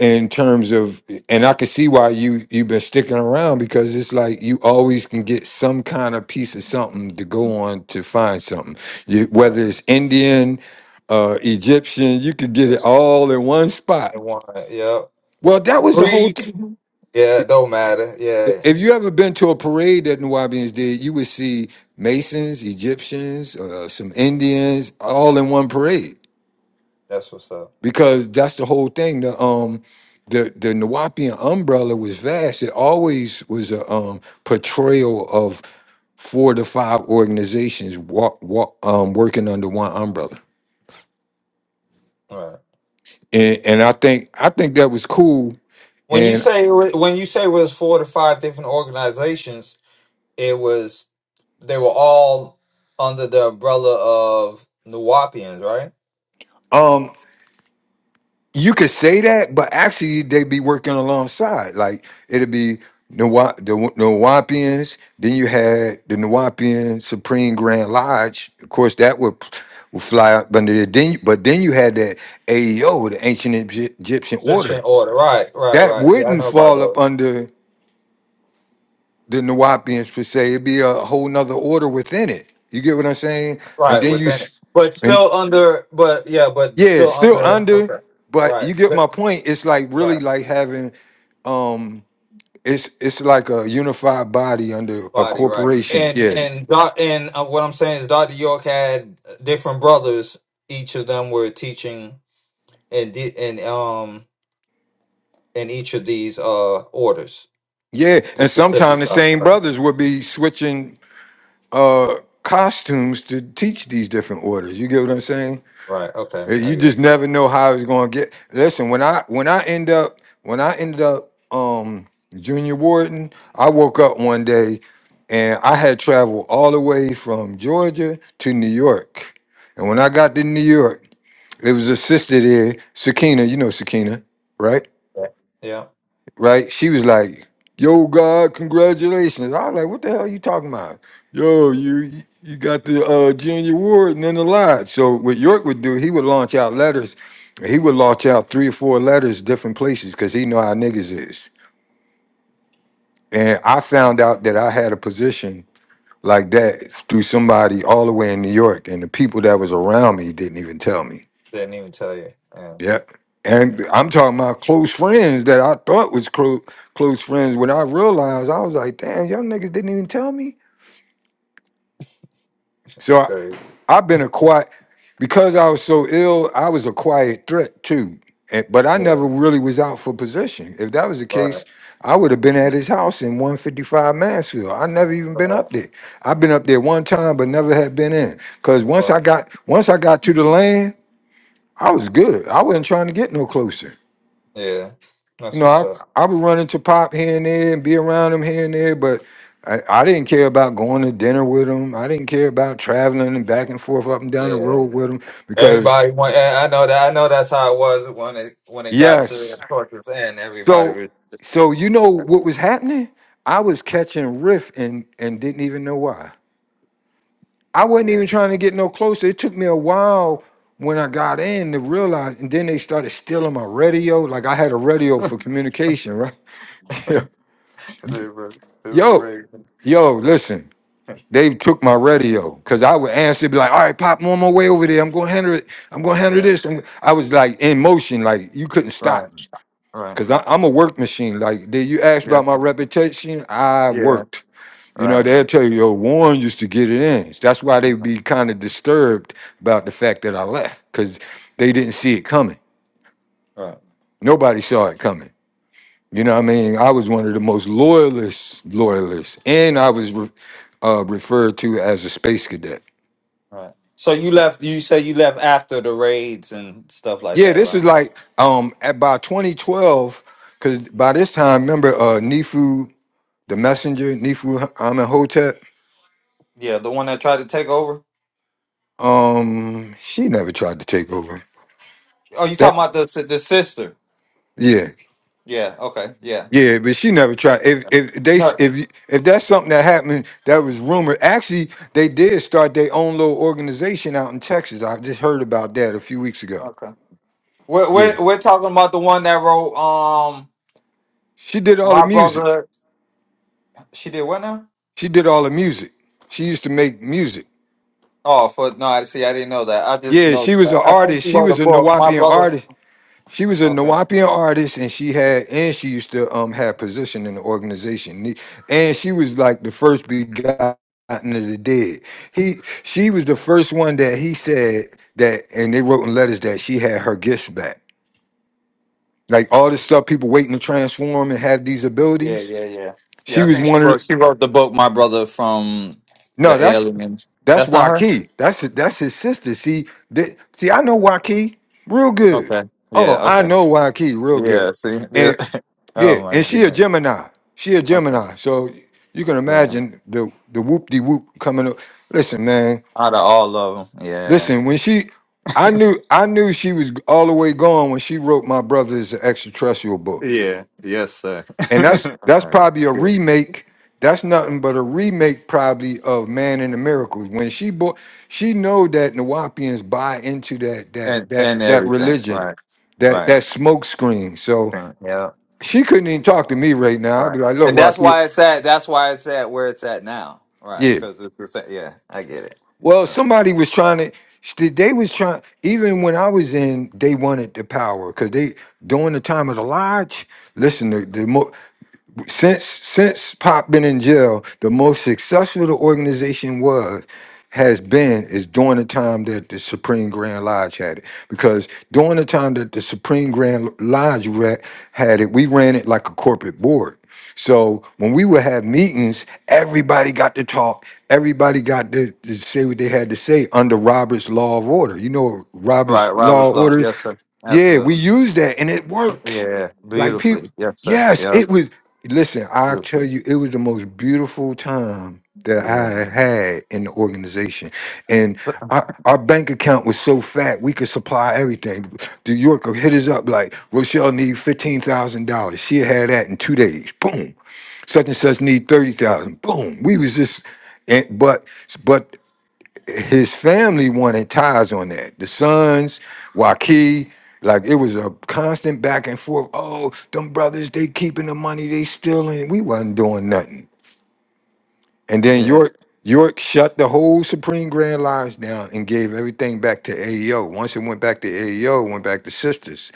[SPEAKER 2] in terms of, and I can see why you you've been sticking around because it's like you always can get some kind of piece of something to go on to find something. You,
[SPEAKER 1] Right.
[SPEAKER 2] whether it's Indian, uh, Egyptian, you could get it
[SPEAKER 1] Yes. Yeah.
[SPEAKER 2] all in one spot.
[SPEAKER 1] And one. Yep.
[SPEAKER 2] Well, that was the whole thing.
[SPEAKER 1] Greek. Yeah.
[SPEAKER 2] I-
[SPEAKER 1] It don't matter. Yeah.
[SPEAKER 2] If you ever been to a parade that New Orleans did, you would see Masons, Egyptians, uh, some Indians, all in one parade
[SPEAKER 1] That's what's up.
[SPEAKER 2] because that's the whole thing. The um, the the Nuwapian umbrella was vast. It always was a um portrayal of four to five organizations walk, walk, um, working under one umbrella,
[SPEAKER 1] Right.
[SPEAKER 2] and and I think I think that was cool.
[SPEAKER 1] When you
[SPEAKER 2] And
[SPEAKER 1] say when you say it was four to five different organizations, it was they were all under the umbrella of Nuwapians, right?
[SPEAKER 2] um, you could say that, but actually they'd be working alongside. Like it'd be the Wa- the Nawapians, then you had the Nawapian Supreme Grand Lodge. Of course, that would, would fly up under there. Then, you- but then you had that AEO, the Ancient Egy- Egyptian
[SPEAKER 1] Christian
[SPEAKER 2] Order,
[SPEAKER 1] order. Right. Right.
[SPEAKER 2] that
[SPEAKER 1] Right. Yeah, I
[SPEAKER 2] wouldn't
[SPEAKER 1] know about
[SPEAKER 2] fall
[SPEAKER 1] those.
[SPEAKER 2] up under the Nawapians per se. It'd be a whole nother order within it. You get what I'm saying? And
[SPEAKER 1] Right,
[SPEAKER 2] then you,
[SPEAKER 1] within it.
[SPEAKER 2] s-
[SPEAKER 1] But still under, but yeah, but
[SPEAKER 2] Yeah,
[SPEAKER 1] still
[SPEAKER 2] it's still
[SPEAKER 1] under.
[SPEAKER 2] under,
[SPEAKER 1] Okay.
[SPEAKER 2] but
[SPEAKER 1] Right.
[SPEAKER 2] you get
[SPEAKER 1] Th-
[SPEAKER 2] my point. It's like really
[SPEAKER 1] Right.
[SPEAKER 2] like having um it's it's like a unified body under a
[SPEAKER 1] Body, right.
[SPEAKER 2] corporation.
[SPEAKER 1] And
[SPEAKER 2] Yeah.
[SPEAKER 1] and doc and uh, what I'm saying is Dr. York had uh, different brothers. Each of them were teaching and di- and um in each of these uh orders.
[SPEAKER 2] Yeah.
[SPEAKER 1] The
[SPEAKER 2] And sometimes
[SPEAKER 1] specific
[SPEAKER 2] the
[SPEAKER 1] stuff.
[SPEAKER 2] same
[SPEAKER 1] Right.
[SPEAKER 2] brothers will be switching uh costumes to teach these different orders. You get what I'm saying?
[SPEAKER 1] Right. Okay.
[SPEAKER 2] Uh,
[SPEAKER 1] I
[SPEAKER 2] You just
[SPEAKER 1] get
[SPEAKER 2] never know how it's gonna get. Listen, when I when I end up when I ended up um junior warden, I woke up one day and I had traveled all the way from Georgia to New York. And when I got to New York, it was a sister there, Sakina, you know Sakina, right?
[SPEAKER 1] it. Yeah.
[SPEAKER 2] right? She was like, "Yo, God, congratulations!" I was like, "What the hell are you talking about?" Yo, you you got the uh, junior award and then the lot. So what York would do, he would launch out letters. He would launch out three or four letters different places because he know how niggas is. And I
[SPEAKER 1] I
[SPEAKER 2] found out that I had a position like that through somebody all the way in New York, and the people that was around me didn't even tell me.
[SPEAKER 1] didn't even tell you. Yeah.
[SPEAKER 2] Yeah. And I'm talking about close friends that I thought was close close friends. When I realized, I was like, damn, y'all niggas didn't even tell me.
[SPEAKER 1] It's
[SPEAKER 2] So I,
[SPEAKER 1] crazy.
[SPEAKER 2] I've been a quiet, because I was so ill, I was a quiet threat too. And, but I
[SPEAKER 1] Yeah.
[SPEAKER 2] never really was out for position. If that was the
[SPEAKER 1] Right.
[SPEAKER 2] case, I would have been at his house in 155 Mansfield. I never even been
[SPEAKER 1] Right.
[SPEAKER 2] up there. I've been up there one time, but never had been in. Cause once
[SPEAKER 1] Right.
[SPEAKER 2] I got once I got to the land, I was good. I wasn't trying to get no closer.
[SPEAKER 1] Yeah.
[SPEAKER 2] You
[SPEAKER 1] That's
[SPEAKER 2] know,
[SPEAKER 1] what's up.
[SPEAKER 2] I I would run into Pop here and there and be around him here and there, but I, I didn't care about going to dinner with him. I didn't care about traveling and back and forth up and down the
[SPEAKER 1] Yeah.
[SPEAKER 2] road with him because
[SPEAKER 1] Everybody went. I I know that. I know that's how it was when it when it got to the
[SPEAKER 2] yes.
[SPEAKER 1] torture's end.
[SPEAKER 2] So
[SPEAKER 1] Everybody
[SPEAKER 2] so you know what was happening? I was catching riff and and didn't even know why. I
[SPEAKER 1] was
[SPEAKER 2] wasn't even trying to get no closer. It took me a while when I got in to realize, and then they started stealing my radio. Like I had a radio for communication, right?
[SPEAKER 1] yeah. they were they were
[SPEAKER 2] yo,
[SPEAKER 1] rigged.
[SPEAKER 2] yo, listen. They took my radio because I would answer, be like, "All right, pop, I'm on my way over there. I'm gonna handle it. I'm gonna handle
[SPEAKER 1] Yeah.
[SPEAKER 2] this." And I was like in motion, like you couldn't stop
[SPEAKER 1] Right.
[SPEAKER 2] me
[SPEAKER 1] Right.
[SPEAKER 2] because I'm a work machine. Like, did you ask about
[SPEAKER 1] Yes.
[SPEAKER 2] my
[SPEAKER 1] sir.
[SPEAKER 2] reputation? I
[SPEAKER 1] Yeah.
[SPEAKER 2] worked. You know,
[SPEAKER 1] Right.
[SPEAKER 2] they'll tell you, "Oh, Warren used to get it in." That's why they'd
[SPEAKER 1] Right.
[SPEAKER 2] be kind of disturbed about the fact that I left because they didn't see it coming.
[SPEAKER 1] Right.
[SPEAKER 2] Nobody saw it coming. You know what I mean? I was one of the most loyalist loyalists, and I was re- uh, referred to as a space cadet.
[SPEAKER 1] right. So you left. You say you left after the raids and stuff like
[SPEAKER 2] Yeah,
[SPEAKER 1] that,
[SPEAKER 2] this
[SPEAKER 1] right?
[SPEAKER 2] is like um at by 2012, because by this time, remember uh Nifu the messenger, Nifu Amenhotep,
[SPEAKER 1] Yeah. The one that tried to take over.
[SPEAKER 2] um, she never tried to take over.
[SPEAKER 1] Oh, you talking
[SPEAKER 2] That
[SPEAKER 1] about the si- the sister?
[SPEAKER 2] yeah,
[SPEAKER 1] Yeah. Okay. Yeah.
[SPEAKER 2] yeah, but she never tried. If
[SPEAKER 1] Okay.
[SPEAKER 2] if they
[SPEAKER 1] No.
[SPEAKER 2] if you- if that's something that happened that was rumored, actually they did start their own little organization out in Texas. I just heard about that a few weeks ago.
[SPEAKER 1] Okay. We're
[SPEAKER 2] Yeah.
[SPEAKER 1] we're we're talking about the one that wrote um
[SPEAKER 2] She did all the
[SPEAKER 1] my
[SPEAKER 2] music.
[SPEAKER 1] brother. She did what now?
[SPEAKER 2] She did all the music. She used to make music.
[SPEAKER 1] Oh, for no, I see. I didn't know that. I just
[SPEAKER 2] Yeah,
[SPEAKER 1] know.
[SPEAKER 2] she was an
[SPEAKER 1] I think
[SPEAKER 2] artist.
[SPEAKER 1] she
[SPEAKER 2] She
[SPEAKER 1] wrote a
[SPEAKER 2] was a
[SPEAKER 1] book. My
[SPEAKER 2] Nawapian
[SPEAKER 1] brother.
[SPEAKER 2] artist. She was a
[SPEAKER 1] Okay.
[SPEAKER 2] Nawapian artist, and she had and she used to um have position in the organization, Ne- and she was like the first begotten of the dead. He she was the first one that he said that, and they wrote in letters that she had her gifts back. Like all this stuff, people waiting to transform and have these
[SPEAKER 1] Yeah,
[SPEAKER 2] abilities.
[SPEAKER 1] yeah, yeah.
[SPEAKER 2] She
[SPEAKER 1] Yeah, I
[SPEAKER 2] was
[SPEAKER 1] think she
[SPEAKER 2] one of
[SPEAKER 1] wrote.
[SPEAKER 2] the,
[SPEAKER 1] She wrote the book. My brother from
[SPEAKER 2] no.
[SPEAKER 1] the
[SPEAKER 2] That's
[SPEAKER 1] aliens.
[SPEAKER 2] That's
[SPEAKER 1] That's not her.
[SPEAKER 2] Waukee. That's his, that's his sister. See, th- see, I know Waukee real good.
[SPEAKER 1] Okay.
[SPEAKER 2] Oh,
[SPEAKER 1] Yeah.
[SPEAKER 2] I
[SPEAKER 1] Okay.
[SPEAKER 2] know Waukee real good.
[SPEAKER 1] Yeah. See. Yeah.
[SPEAKER 2] And yeah,
[SPEAKER 1] Oh my
[SPEAKER 2] and she a
[SPEAKER 1] goodness.
[SPEAKER 2] Gemini. She a
[SPEAKER 1] Okay.
[SPEAKER 2] Gemini. So you can
[SPEAKER 1] Yeah.
[SPEAKER 2] imagine the the whoop de whoop coming up. Listen, man.
[SPEAKER 1] Out of all of them. Yeah.
[SPEAKER 2] Listen, when she, I knew I knew she was all the way gone when she wrote my brother is an extraterrestrial book
[SPEAKER 1] Yeah. Yes, sir.
[SPEAKER 2] and that's
[SPEAKER 1] All
[SPEAKER 2] that's
[SPEAKER 1] right.
[SPEAKER 2] probably a
[SPEAKER 1] Good.
[SPEAKER 2] remake. That's nothing but a remake, probably of Man in the Miracles. When she bought, she know that Nawapians buy into that that
[SPEAKER 1] And and
[SPEAKER 2] that that
[SPEAKER 1] everything.
[SPEAKER 2] religion,
[SPEAKER 1] Right.
[SPEAKER 2] that
[SPEAKER 1] Right.
[SPEAKER 2] that smoke screen. So
[SPEAKER 1] Yeah.
[SPEAKER 2] she couldn't even talk to me right now. I'd be
[SPEAKER 1] Right.
[SPEAKER 2] like, look,
[SPEAKER 1] And that's
[SPEAKER 2] Waki,
[SPEAKER 1] why it's at. That's why it's at where it's at now. Right.
[SPEAKER 2] yeah.
[SPEAKER 1] Because it's the same. Yeah, I get it.
[SPEAKER 2] Well,
[SPEAKER 1] Oh.
[SPEAKER 2] somebody was trying to. sh- They was trying. Even when I was in, they wanted the power because they during the time of the lodge. Listen, the, the mo- since since Pop been in jail, the most successful the organization was has been is during the time that the Supreme Grand Lodge had it. Because during the time that the Supreme Grand Lodge ra- had it, we ran it like a corporate board. So when we would have meetings, everybody got to talk. Everybody got to, to say what they had to say under Robert's Law of Order. You know what
[SPEAKER 1] Right,
[SPEAKER 2] Robert's
[SPEAKER 1] Robert
[SPEAKER 2] Law of
[SPEAKER 1] Floyd.
[SPEAKER 2] Order
[SPEAKER 1] Yes, sir.
[SPEAKER 2] yeah, we
[SPEAKER 1] Absolutely.
[SPEAKER 2] used that and it worked.
[SPEAKER 1] Yeah.
[SPEAKER 2] Like people,
[SPEAKER 1] Beautifully. Yes, sir.
[SPEAKER 2] yes,
[SPEAKER 1] Yeah.
[SPEAKER 2] it was. Listen, I'll tell
[SPEAKER 1] Beautifully.
[SPEAKER 2] you, it was the most beautiful time that
[SPEAKER 1] Yeah.
[SPEAKER 2] I had in the organization. And
[SPEAKER 1] So-
[SPEAKER 2] our, our bank account was so fat, we could supply everything. New Yorker hit us up like, Rochelle need $15,000. She had that in two days. Boom. Such and such need 30,000. Boom. We was just, and, but, but his family wanted ties on that. The sons, Waki, like it was a constant back and forth. Oh, them brothers, they keeping the money, they stealing. We wasn't doing nothing. And then
[SPEAKER 1] Yeah.
[SPEAKER 2] York, York shut the whole Supreme Grand Lodge down and gave everything back to AEO. Once it went back to AEO, it went back to Sisters.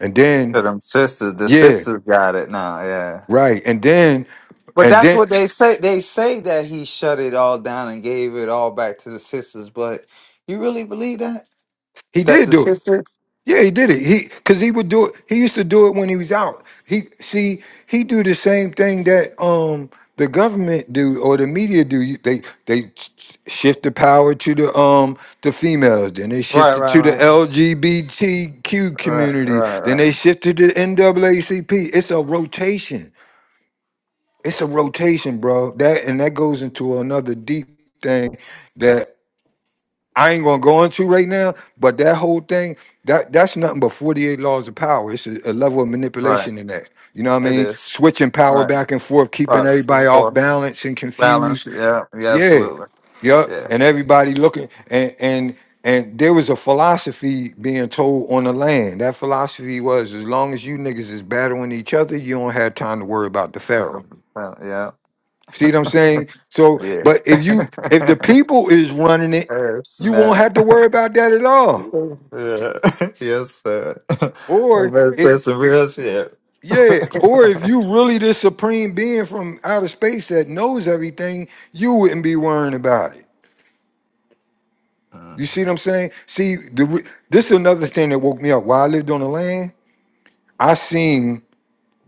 [SPEAKER 2] And then,
[SPEAKER 1] To them sisters. The
[SPEAKER 2] yeah,
[SPEAKER 1] sisters got it now. Yeah.
[SPEAKER 2] right. And then,
[SPEAKER 1] But
[SPEAKER 2] and
[SPEAKER 1] that's
[SPEAKER 2] then
[SPEAKER 1] what they say. They say that he shut it all down and gave it all back to the sisters. But you really believe that?
[SPEAKER 2] he
[SPEAKER 1] That
[SPEAKER 2] did
[SPEAKER 1] the
[SPEAKER 2] do it.
[SPEAKER 1] sisters?
[SPEAKER 2] Yeah, he did it. He because he would do it. He used to do it when he was out. He see he do the same thing that um the government do or the media do. You- They they shift the power to the um the females. Then they shift
[SPEAKER 1] Right.
[SPEAKER 2] it
[SPEAKER 1] Right.
[SPEAKER 2] to the
[SPEAKER 1] Right.
[SPEAKER 2] LGBTQ
[SPEAKER 1] Right.
[SPEAKER 2] community.
[SPEAKER 1] Right.
[SPEAKER 2] Then
[SPEAKER 1] Right.
[SPEAKER 2] they shifted to the NAACP. It's a rotation. It's a rotation, bro. That and that goes into another deep thing that. I ain't gonna go into right now, but that whole thing, that that's nothing but 48 laws of power. It's a, a level of
[SPEAKER 1] Right.
[SPEAKER 2] manipulation in that. You know what I
[SPEAKER 1] It
[SPEAKER 2] mean?
[SPEAKER 1] is.
[SPEAKER 2] Switching power
[SPEAKER 1] Right.
[SPEAKER 2] back and forth, keeping
[SPEAKER 1] Right.
[SPEAKER 2] everybody off
[SPEAKER 1] Four.
[SPEAKER 2] balance and confused.
[SPEAKER 1] Balance. Yeah. Yeah.
[SPEAKER 2] Yeah.
[SPEAKER 1] Absolutely.
[SPEAKER 2] Yep.
[SPEAKER 1] Yeah.
[SPEAKER 2] And everybody looking and and and there was a philosophy being told on the land. That philosophy was as long as you niggas is battling each other, you don't have time to worry about the pharaoh.
[SPEAKER 1] Bal- Yeah.
[SPEAKER 2] See what I'm saying? So,
[SPEAKER 1] Yeah.
[SPEAKER 2] but if you if the people is running it,
[SPEAKER 1] Oh,
[SPEAKER 2] you won't
[SPEAKER 1] Snap.
[SPEAKER 2] have to worry about that at all.
[SPEAKER 1] Yeah. yes, sir. I'm
[SPEAKER 2] Or
[SPEAKER 1] about to say
[SPEAKER 2] it
[SPEAKER 1] some real shit.
[SPEAKER 2] yeah, or if you really the supreme being from outer space that knows everything, you wouldn't be worrying about it.
[SPEAKER 1] hmm
[SPEAKER 2] You see what I'm saying? See, the re- this is another thing that woke me up. While I lived on the land, I seen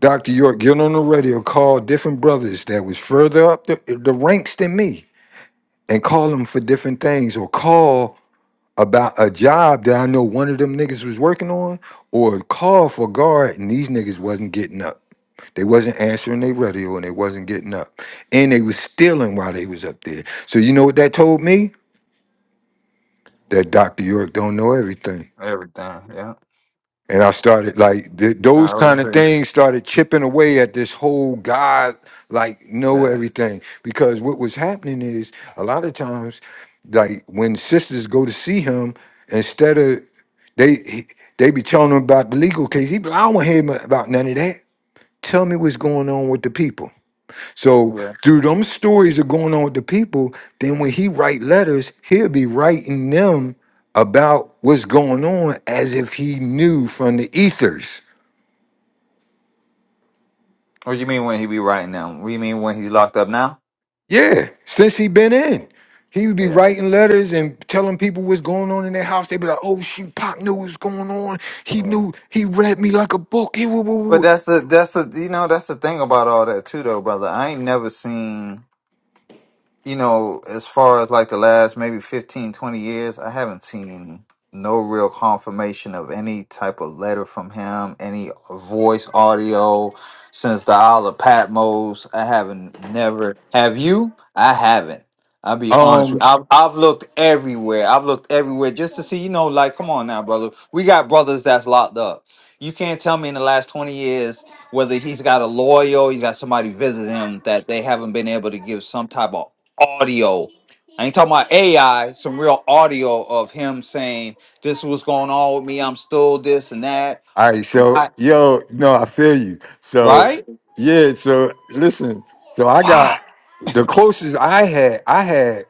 [SPEAKER 2] Dr. York get on the radio, call different brothers that was further up the, the ranks than me, and call them for different things, or call about a job that I know one of them niggas was working on or a call for guard and these niggas wasn't getting up. They wasn't answering their radio and they wasn't getting up. And they was stealing while they was up there. So you know what that told me? That Dr. York don't know everything.
[SPEAKER 1] Everything. Yeah.
[SPEAKER 2] and I started like th- those
[SPEAKER 1] I was
[SPEAKER 2] kind of
[SPEAKER 1] here.
[SPEAKER 2] things started chipping away at this whole God like know
[SPEAKER 1] Yeah.
[SPEAKER 2] everything because what was happening is a lot of times like when sisters go to see him instead of they he- they be telling him about the legal case he be like, I don't want to hear mu- about none of that tell me what's going on with the people so
[SPEAKER 1] Yeah.
[SPEAKER 2] through them stories are going on with the people, then when he write letters, he'll be writing them about what's going on as if he knew from the ethers.
[SPEAKER 1] What do you mean when he be writing now? What do you mean when he's locked up now?
[SPEAKER 2] Yeah, since he been in. He would be
[SPEAKER 1] Yeah.
[SPEAKER 2] writing letters and telling people what's going on in their house. They'd be like, oh shoot, Pop knew what's going on. He
[SPEAKER 1] yeah.
[SPEAKER 2] knew he read me like a book. He woo,
[SPEAKER 1] But
[SPEAKER 2] woo,
[SPEAKER 1] that's the that's the you know that's the thing about all that too though, brother. I ain't never seen. you know, as far as like the last maybe 15, 20 years, I haven't seen no real confirmation of any type of letter from him, any voice audio since the Isle of Patmos. I haven't never. Have you? I haven't. I'll be
[SPEAKER 2] woo.
[SPEAKER 1] honest with
[SPEAKER 2] Um,
[SPEAKER 1] you. I've, I've looked everywhere. I've looked everywhere just to see, you know, like, come on now, brother. We got brothers that's locked up. You can't tell me in the last 20 years whether he's got a lawyer, or he's got somebody visit him that they haven't been able to give some type of audio. I ain't talking about AI, some real audio of him saying, This was going on with me, I'm still this and that.
[SPEAKER 2] All right, so
[SPEAKER 1] Why?
[SPEAKER 2] yo, no, I feel you. So
[SPEAKER 1] Right?
[SPEAKER 2] yeah, so listen, so I got
[SPEAKER 1] Why?
[SPEAKER 2] the closest I had, I had,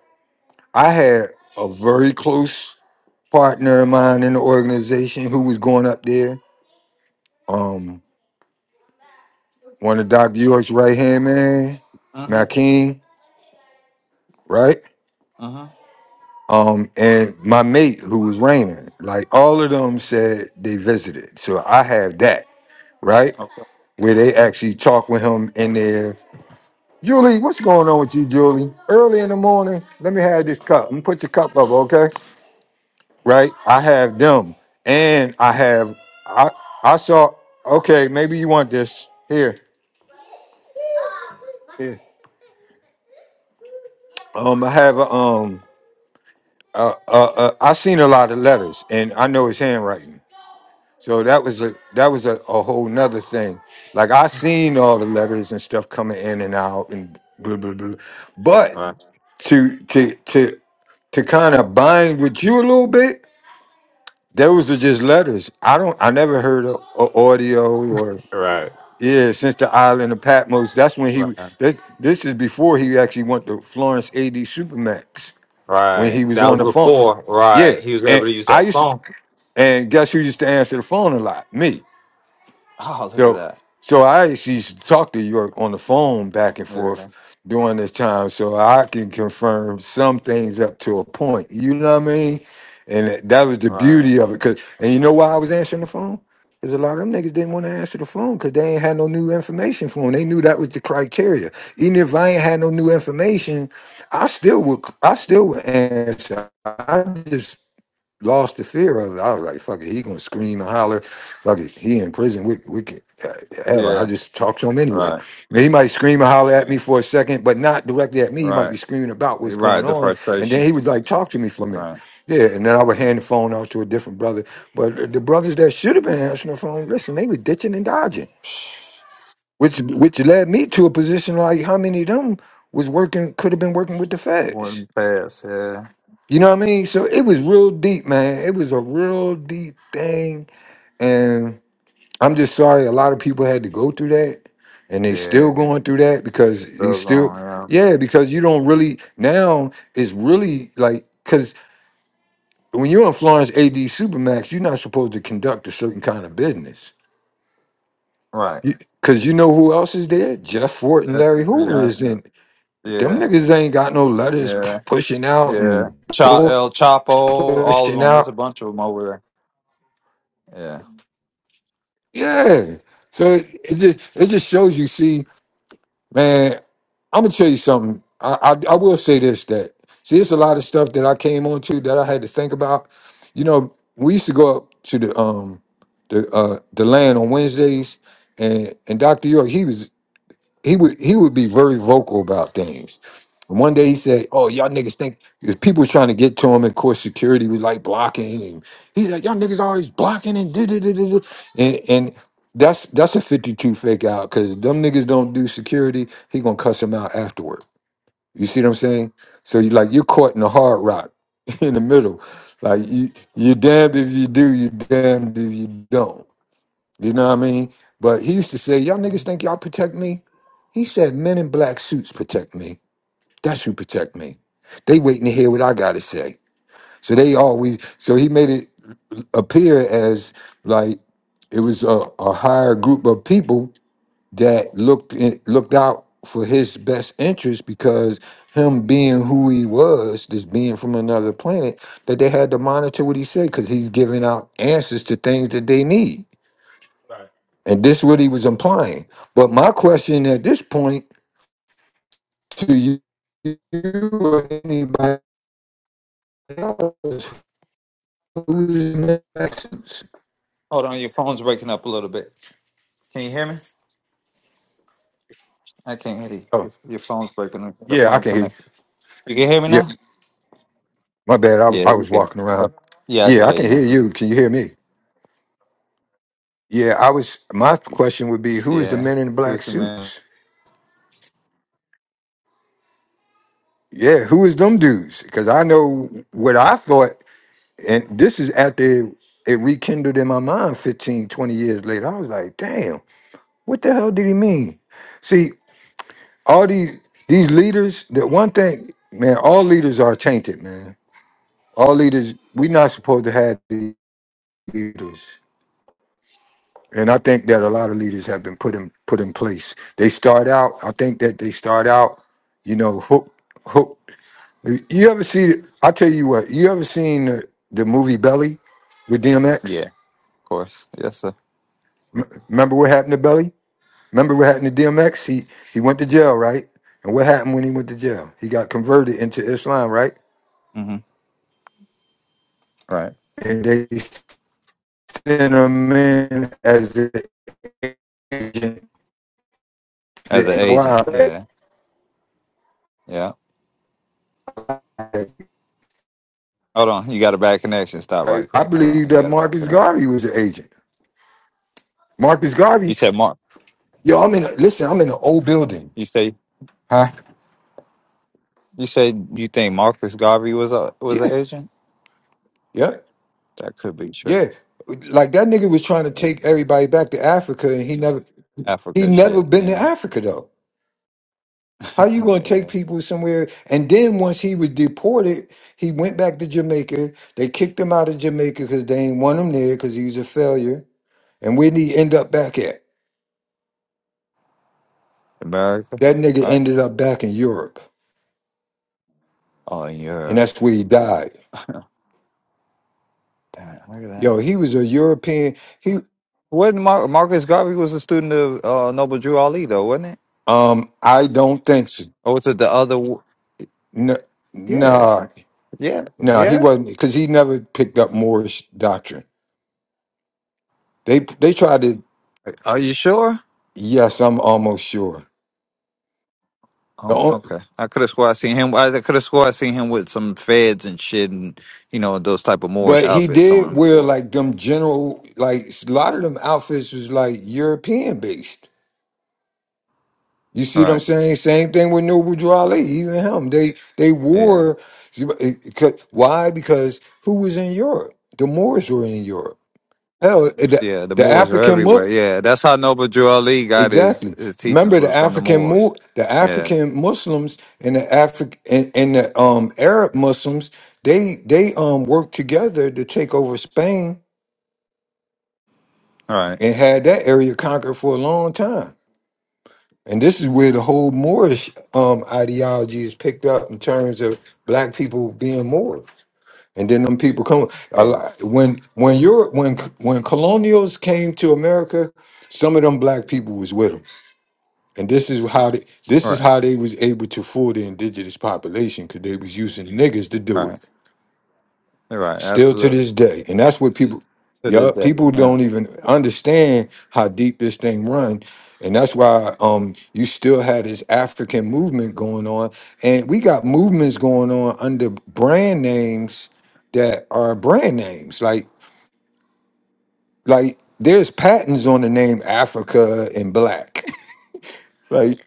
[SPEAKER 2] I had a very close partner of mine in the organization who was going up there. Um, one of Doc York's right hand man,
[SPEAKER 1] Uh-huh.
[SPEAKER 2] Makeem, right?
[SPEAKER 1] Uh-huh.
[SPEAKER 2] Um, and my mate who was Raymond, like all of them said they visited. So I have that right? Where they
[SPEAKER 1] uh-huh.
[SPEAKER 2] actually talk with him in there. Julie, what's going on with you, Julie? Early in the morning, let me have this cup. I'm gonna put your cup up, okay? Right? I have them. And I have I I saw okay, maybe you want this. Here. Here. Um, I have a um uh, uh, uh, I seen a lot of letters and I know his handwriting. So that was a that was a, a whole nother thing. Like I seen all the letters and stuff coming in and out and blah blah blah. But
[SPEAKER 1] Right,
[SPEAKER 2] to to to to kind of bind with you a little bit, Those are just letters. I don't. I never heard of, of audio or
[SPEAKER 1] right,
[SPEAKER 2] yeah. Since the island of Patmos, that's when he. w-
[SPEAKER 1] Right.
[SPEAKER 2] That, this is before he actually went to Florence AD Supermax when
[SPEAKER 1] right.
[SPEAKER 2] he was
[SPEAKER 1] That
[SPEAKER 2] on
[SPEAKER 1] was
[SPEAKER 2] the phone.
[SPEAKER 1] before,
[SPEAKER 2] Yeah,
[SPEAKER 1] right? He was
[SPEAKER 2] and
[SPEAKER 1] able to use
[SPEAKER 2] I
[SPEAKER 1] that
[SPEAKER 2] used to,
[SPEAKER 1] phone.
[SPEAKER 2] and guess who used to answer the phone a lot? Me.
[SPEAKER 1] Oh, look at
[SPEAKER 2] So,
[SPEAKER 1] that.
[SPEAKER 2] so I actually used to talk to York on the phone back and forth
[SPEAKER 1] Yeah.
[SPEAKER 2] during this time, so I can confirm some things up to a point. You know what I mean? And that that was the
[SPEAKER 1] Right.
[SPEAKER 2] beauty of it. Cause, and you know why I was answering the phone? Because a lot of them niggas didn't want to answer the phone because they ain't had no new information for them. They knew that was the criteria. Even if I ain't had no new information, I still would. I still would answer. I just lost the fear of it. I was like, fuck it, he gonna scream and holler. Fuck it, he in prison. We we can uh, hell, I
[SPEAKER 1] Yeah.
[SPEAKER 2] just talk to him anyway.
[SPEAKER 1] Right.
[SPEAKER 2] And he might scream and holler at me for a second, but not directly at me. He might
[SPEAKER 1] Right.
[SPEAKER 2] be screaming about what's
[SPEAKER 1] You're
[SPEAKER 2] going
[SPEAKER 1] Right. The
[SPEAKER 2] on, and then he
[SPEAKER 1] frustrations.
[SPEAKER 2] would like talk to me for a minute.
[SPEAKER 1] Right.
[SPEAKER 2] Yeah, and then I would hand the phone out to a different brother. But the brothers that should have been answering the phone, listen, they were ditching and dodging, which which led me to a position like how many of them was working could have been working with the feds
[SPEAKER 1] One pass. Yeah.
[SPEAKER 2] you know what I mean? So it was real deep, man. It was a real deep thing. And I'm just sorry a lot of people had to go through that. And they
[SPEAKER 1] Yeah.
[SPEAKER 2] still going through that because you
[SPEAKER 1] Still
[SPEAKER 2] still
[SPEAKER 1] going. Yeah.
[SPEAKER 2] yeah, because you don't really now it's really like because when you're on Florence AD Supermax, you're not supposed to conduct a certain kind of business.
[SPEAKER 1] Right.
[SPEAKER 2] Cause you know who else is there? Jeff Fort and
[SPEAKER 1] Uh,
[SPEAKER 2] Larry Hoover
[SPEAKER 1] Yeah.
[SPEAKER 2] is in. Them
[SPEAKER 1] Yeah.
[SPEAKER 2] niggas ain't got no letters
[SPEAKER 1] Yeah.
[SPEAKER 2] p- pushing out
[SPEAKER 1] Yeah.
[SPEAKER 2] and
[SPEAKER 1] Cha-
[SPEAKER 2] bull
[SPEAKER 1] El Chapo, all of
[SPEAKER 2] pushing
[SPEAKER 1] them. There's
[SPEAKER 2] out.
[SPEAKER 1] a bunch of them over there. Yeah.
[SPEAKER 2] Yeah. So it, it just it just shows you. See, man, I'm gonna tell you something. I, I I will say this that see, it's a lot of stuff that I came on to that I had to think about. You know, we used to go up to the um the uh the land on Wednesdays, and and Doctor York he was he would he would be very vocal about things. And one day he said, "Oh, y'all niggas think because people was trying to get to him, and of course security was like blocking." And he's like, "Y'all niggas always blocking and do do do do do," and and that's that's a fifty two fake out because them niggas don't do security. He gonna cuss him out afterward. You see what I'm saying? So you like you're caught in the hard rock in the middle. Like you, you're damned if you do, you're damned if you don't. You know what I mean? But he used to say, Y'all niggas
[SPEAKER 1] Mhm.
[SPEAKER 2] think y'all protect me? He said, Men in black suits protect me. That's who protect me. They waiting to hear what I gotta say. So they always so he made it appear as like it was a, a higher group of people that looked in, looked out for his best interest because him being who he was, this being from another planet, that they had to monitor what he said because he's giving out answers to things that they need.
[SPEAKER 1] Right.
[SPEAKER 2] And this what he was implying. But my question at this point to you, you or anybody else, who's next?
[SPEAKER 1] Hold on, your phone's breaking up a little bit. Can you hear me? I can't hear you.
[SPEAKER 2] Oh,
[SPEAKER 1] Your, your phone's breaking up. The
[SPEAKER 2] yeah, I
[SPEAKER 1] phone is
[SPEAKER 2] can hear you.
[SPEAKER 1] connected. You can hear me
[SPEAKER 2] Yeah,
[SPEAKER 1] now?
[SPEAKER 2] my bad. I,
[SPEAKER 1] Yeah,
[SPEAKER 2] I
[SPEAKER 1] you
[SPEAKER 2] was
[SPEAKER 1] can.
[SPEAKER 2] walking
[SPEAKER 1] Oh,
[SPEAKER 2] around.
[SPEAKER 1] yeah, I
[SPEAKER 2] Yeah,
[SPEAKER 1] can
[SPEAKER 2] I
[SPEAKER 1] hear
[SPEAKER 2] can
[SPEAKER 1] you
[SPEAKER 2] hear
[SPEAKER 1] now.
[SPEAKER 2] you. Can you hear me? Yeah, I was. My question would be, who is the
[SPEAKER 1] Yeah.
[SPEAKER 2] men in black
[SPEAKER 1] Who's the man?
[SPEAKER 2] suits? Yeah, who is them dudes? Because I know what I thought, and this is after it rekindled in my mind 15, 20 years later. I was like, damn. What the hell did he mean? See, all these these leaders, that one thing, man, all leaders are tainted, man. All leaders, we're not supposed to have the leaders. And I think that a lot of leaders have been put in put in place. They start out, I think that they start out, you know, hook hook. You ever see I tell you what, you ever seen the, the movie Belly with DMX?
[SPEAKER 1] Yeah, of course. Yes, sir.
[SPEAKER 2] remember what happened to Belly? Remember what happened to DMX? He he went to jail, right? And what happened when he went to jail? He got converted into Islam, right?
[SPEAKER 1] hmm Right.
[SPEAKER 2] And they sent him in as an agent to
[SPEAKER 1] As
[SPEAKER 2] the
[SPEAKER 1] an agent.
[SPEAKER 2] NOI. right?
[SPEAKER 1] Yeah. Yeah.
[SPEAKER 2] I,
[SPEAKER 1] Hold on, you got a bad connection. Stop right
[SPEAKER 2] right? I
[SPEAKER 1] quick. Hold on,
[SPEAKER 2] believe
[SPEAKER 1] you
[SPEAKER 2] that
[SPEAKER 1] got a bad
[SPEAKER 2] Marcus
[SPEAKER 1] connection.
[SPEAKER 2] Garvey was an agent. Marcus
[SPEAKER 1] You
[SPEAKER 2] Garvey,
[SPEAKER 1] said Mark.
[SPEAKER 2] yo, I'm in. A, listen, I'm in an old building,
[SPEAKER 1] You say
[SPEAKER 2] huh?
[SPEAKER 1] you said you think Marcus Garvey was a was
[SPEAKER 2] Yeah,
[SPEAKER 1] an agent.
[SPEAKER 2] yeah,
[SPEAKER 1] That could be true.
[SPEAKER 2] yeah. Like that nigga was trying to
[SPEAKER 1] Yeah.
[SPEAKER 2] take everybody back to Africa, and he never he
[SPEAKER 1] Africa
[SPEAKER 2] never
[SPEAKER 1] shit.
[SPEAKER 2] been to
[SPEAKER 1] Yeah.
[SPEAKER 2] Africa though. How you going to take
[SPEAKER 1] Yeah.
[SPEAKER 2] people somewhere? And then once he was deported, he went back to Jamaica. They kicked him out of Jamaica because they ain't want him there because he was a failure. And where did he end up back at?
[SPEAKER 1] America.
[SPEAKER 2] That nigga
[SPEAKER 1] Right.
[SPEAKER 2] ended up back in Europe,
[SPEAKER 1] Oh
[SPEAKER 2] and
[SPEAKER 1] yeah.
[SPEAKER 2] that's where he died.
[SPEAKER 1] Damn. Look at
[SPEAKER 2] Yo,
[SPEAKER 1] that.
[SPEAKER 2] he was a European. He,
[SPEAKER 1] Wasn't Mar- Marcus Garvey was a student of uh, Noble Drew Ali though, wasn't it?
[SPEAKER 2] um, I don't think so.
[SPEAKER 1] Or was it the other? w-
[SPEAKER 2] No,
[SPEAKER 1] Yeah.
[SPEAKER 2] nah,
[SPEAKER 1] Yeah.
[SPEAKER 2] nah, he
[SPEAKER 1] Yeah.
[SPEAKER 2] wasn't because he never picked up Moorish doctrine. They they tried to.
[SPEAKER 1] Are you sure?
[SPEAKER 2] Yes, I'm almost sure.
[SPEAKER 1] Oh, okay. I could have swore I seen him. I could have swore I seen him with some feds and shit, and you know those type of Moorish
[SPEAKER 2] But he
[SPEAKER 1] outfits
[SPEAKER 2] did
[SPEAKER 1] on
[SPEAKER 2] wear
[SPEAKER 1] before.
[SPEAKER 2] like them general, like a lot of them outfits was like European based. You see what I'm
[SPEAKER 1] Right.
[SPEAKER 2] saying? Same thing with Noble Drew Ali, even him. They they
[SPEAKER 1] Yeah.
[SPEAKER 2] wore why? Because who was in Europe? The Moors were in Europe. Hell, eh, the,
[SPEAKER 1] Yeah. The
[SPEAKER 2] the
[SPEAKER 1] Moors are
[SPEAKER 2] African
[SPEAKER 1] everywhere.
[SPEAKER 2] look
[SPEAKER 1] Yeah. That's how Noble Drew Ali got his
[SPEAKER 2] exactly.
[SPEAKER 1] his teachings
[SPEAKER 2] Remember the
[SPEAKER 1] was from the
[SPEAKER 2] African
[SPEAKER 1] Moors.
[SPEAKER 2] Mo- the
[SPEAKER 1] Yeah.
[SPEAKER 2] African Muslims and the Afri- and, and the um Arab Muslims. They they um worked together to take over Spain
[SPEAKER 1] All right.
[SPEAKER 2] and had that area conquered for a long time. And this is where the whole Moorish um, ideology is picked up in terms of black people being Moors. And then them people come a
[SPEAKER 1] Yeah.
[SPEAKER 2] lot- when when Europe when when colonials came to America, some of them black people was with them. And this is how they this
[SPEAKER 1] All
[SPEAKER 2] is
[SPEAKER 1] right.
[SPEAKER 2] how they was able to fool the indigenous population because they was using niggers to
[SPEAKER 1] All
[SPEAKER 2] do it.
[SPEAKER 1] right. All right.
[SPEAKER 2] still to
[SPEAKER 1] Absolutely.
[SPEAKER 2] this day and that's what people
[SPEAKER 1] To this
[SPEAKER 2] yeah
[SPEAKER 1] day.
[SPEAKER 2] people
[SPEAKER 1] Yeah.
[SPEAKER 2] don't even understand how deep this thing run and that's why um you still had this african movement going on and we got movements going on under brand names that are brand names like like there's patents on the name africa and black like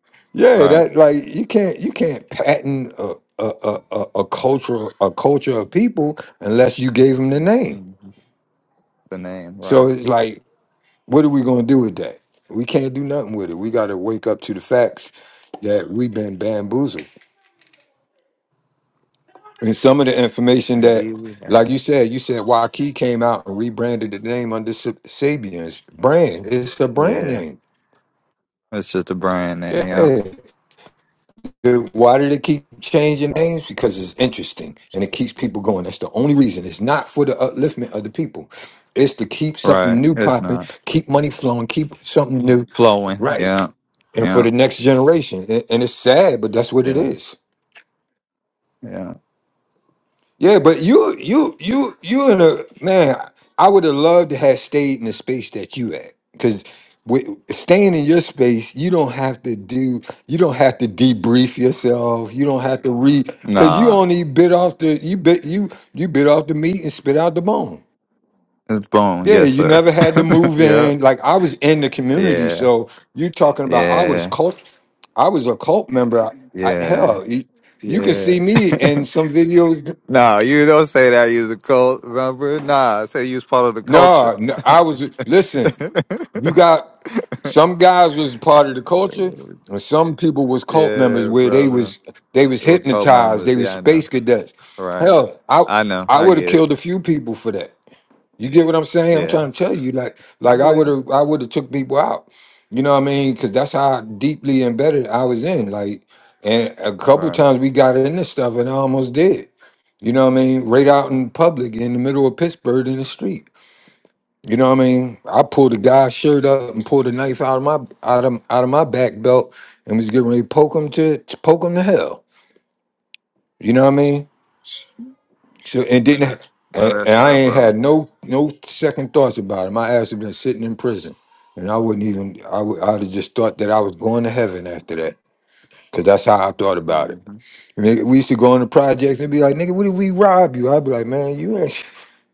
[SPEAKER 1] All
[SPEAKER 2] yeah
[SPEAKER 1] right.
[SPEAKER 2] that like you can't you can't patent a a, a, a a culture a culture of people unless you gave them the name
[SPEAKER 1] Mhm. The name.
[SPEAKER 2] so
[SPEAKER 1] Right.
[SPEAKER 2] it's like What are we going to do with that? We can't do nothing with it. We got to wake up to the facts that we've been bamboozled. And some of the information that,
[SPEAKER 1] Indeed, we
[SPEAKER 2] like
[SPEAKER 1] have.
[SPEAKER 2] you said, you said Waukee came out and rebranded the name under Sa- Sabian's brand. It's a brand
[SPEAKER 1] Yeah.
[SPEAKER 2] name.
[SPEAKER 1] It's just a brand name. Yeah.
[SPEAKER 2] Yeah. Why did it keep changing names? Because it's interesting and it keeps people going. That's the only reason. It's not for the upliftment of the people. It's to keep something
[SPEAKER 1] Right.
[SPEAKER 2] new
[SPEAKER 1] It's
[SPEAKER 2] popping,
[SPEAKER 1] not
[SPEAKER 2] keep money flowing, keep something new,
[SPEAKER 1] flowing.
[SPEAKER 2] right?
[SPEAKER 1] Yeah.
[SPEAKER 2] And for
[SPEAKER 1] Yeah.
[SPEAKER 2] the next generation. And and it's sad, but that's what it
[SPEAKER 1] Yeah.
[SPEAKER 2] is.
[SPEAKER 1] Yeah.
[SPEAKER 2] Yeah, but you, you, you, you in a man. I would have loved to have stayed in the space that you at, because with staying in your space, you don't have to do, you don't have to debrief yourself. You don't have to read, because you
[SPEAKER 1] Nah,
[SPEAKER 2] only bit off the, you bit, you, you bit off the meat and spit out the bone.
[SPEAKER 1] it's bone.
[SPEAKER 2] Yeah,
[SPEAKER 1] Yes,
[SPEAKER 2] you
[SPEAKER 1] sir.
[SPEAKER 2] never had to move
[SPEAKER 1] yeah,
[SPEAKER 2] in. Like I was in the community,
[SPEAKER 1] yeah,
[SPEAKER 2] so you talking about I was
[SPEAKER 1] yeah,
[SPEAKER 2] cult, I was a cult member. I, I,
[SPEAKER 1] yeah,
[SPEAKER 2] hell, you, you can
[SPEAKER 1] yeah.
[SPEAKER 2] see me in some videos
[SPEAKER 1] Nah, you don't say that. You's a cult, remember? Nah, I say you was part of the culture.
[SPEAKER 2] No, no, I was listen. You got some guys was part of the culture, and some people was cult
[SPEAKER 1] yeah,
[SPEAKER 2] members where they
[SPEAKER 1] brother.
[SPEAKER 2] was they was
[SPEAKER 1] They were cult
[SPEAKER 2] hypnotized.
[SPEAKER 1] members.
[SPEAKER 2] They was
[SPEAKER 1] Yeah, I know.
[SPEAKER 2] space cadets.
[SPEAKER 1] Right,
[SPEAKER 2] Hell, I
[SPEAKER 1] I know.
[SPEAKER 2] I
[SPEAKER 1] I
[SPEAKER 2] would have
[SPEAKER 1] get it.
[SPEAKER 2] killed a few people for that. You get what I'm saying? I'm
[SPEAKER 1] Yeah,
[SPEAKER 2] trying to tell you, like
[SPEAKER 1] I
[SPEAKER 2] like I would
[SPEAKER 1] believe.
[SPEAKER 2] have I would have took people out. You know what I mean? Because that's how deeply embedded I was in. Like, and a
[SPEAKER 1] Right.
[SPEAKER 2] couple times we got in this stuff, and I almost did. You know what I mean? Right out in public, in the middle of Pittsburgh, in the street. You know what I mean? I pulled a guy's shirt up and pulled a knife out of my out of out of my back belt and was getting ready to poke him to, to poke him to hell. You know what I mean? So and didn't
[SPEAKER 1] Oh,
[SPEAKER 2] and, and
[SPEAKER 1] that's
[SPEAKER 2] I
[SPEAKER 1] right,
[SPEAKER 2] ain't
[SPEAKER 1] brother.
[SPEAKER 2] had no no second thoughts about it. My ass had been sitting in prison, and I wouldn't even I would I'd have just thought that I was going to heaven after that because that's how I thought about it.
[SPEAKER 1] hmm
[SPEAKER 2] Nigga, we used to go on the projects and be like, "Nigga, what did we rob you?" I'd be like, "Man, you ain't."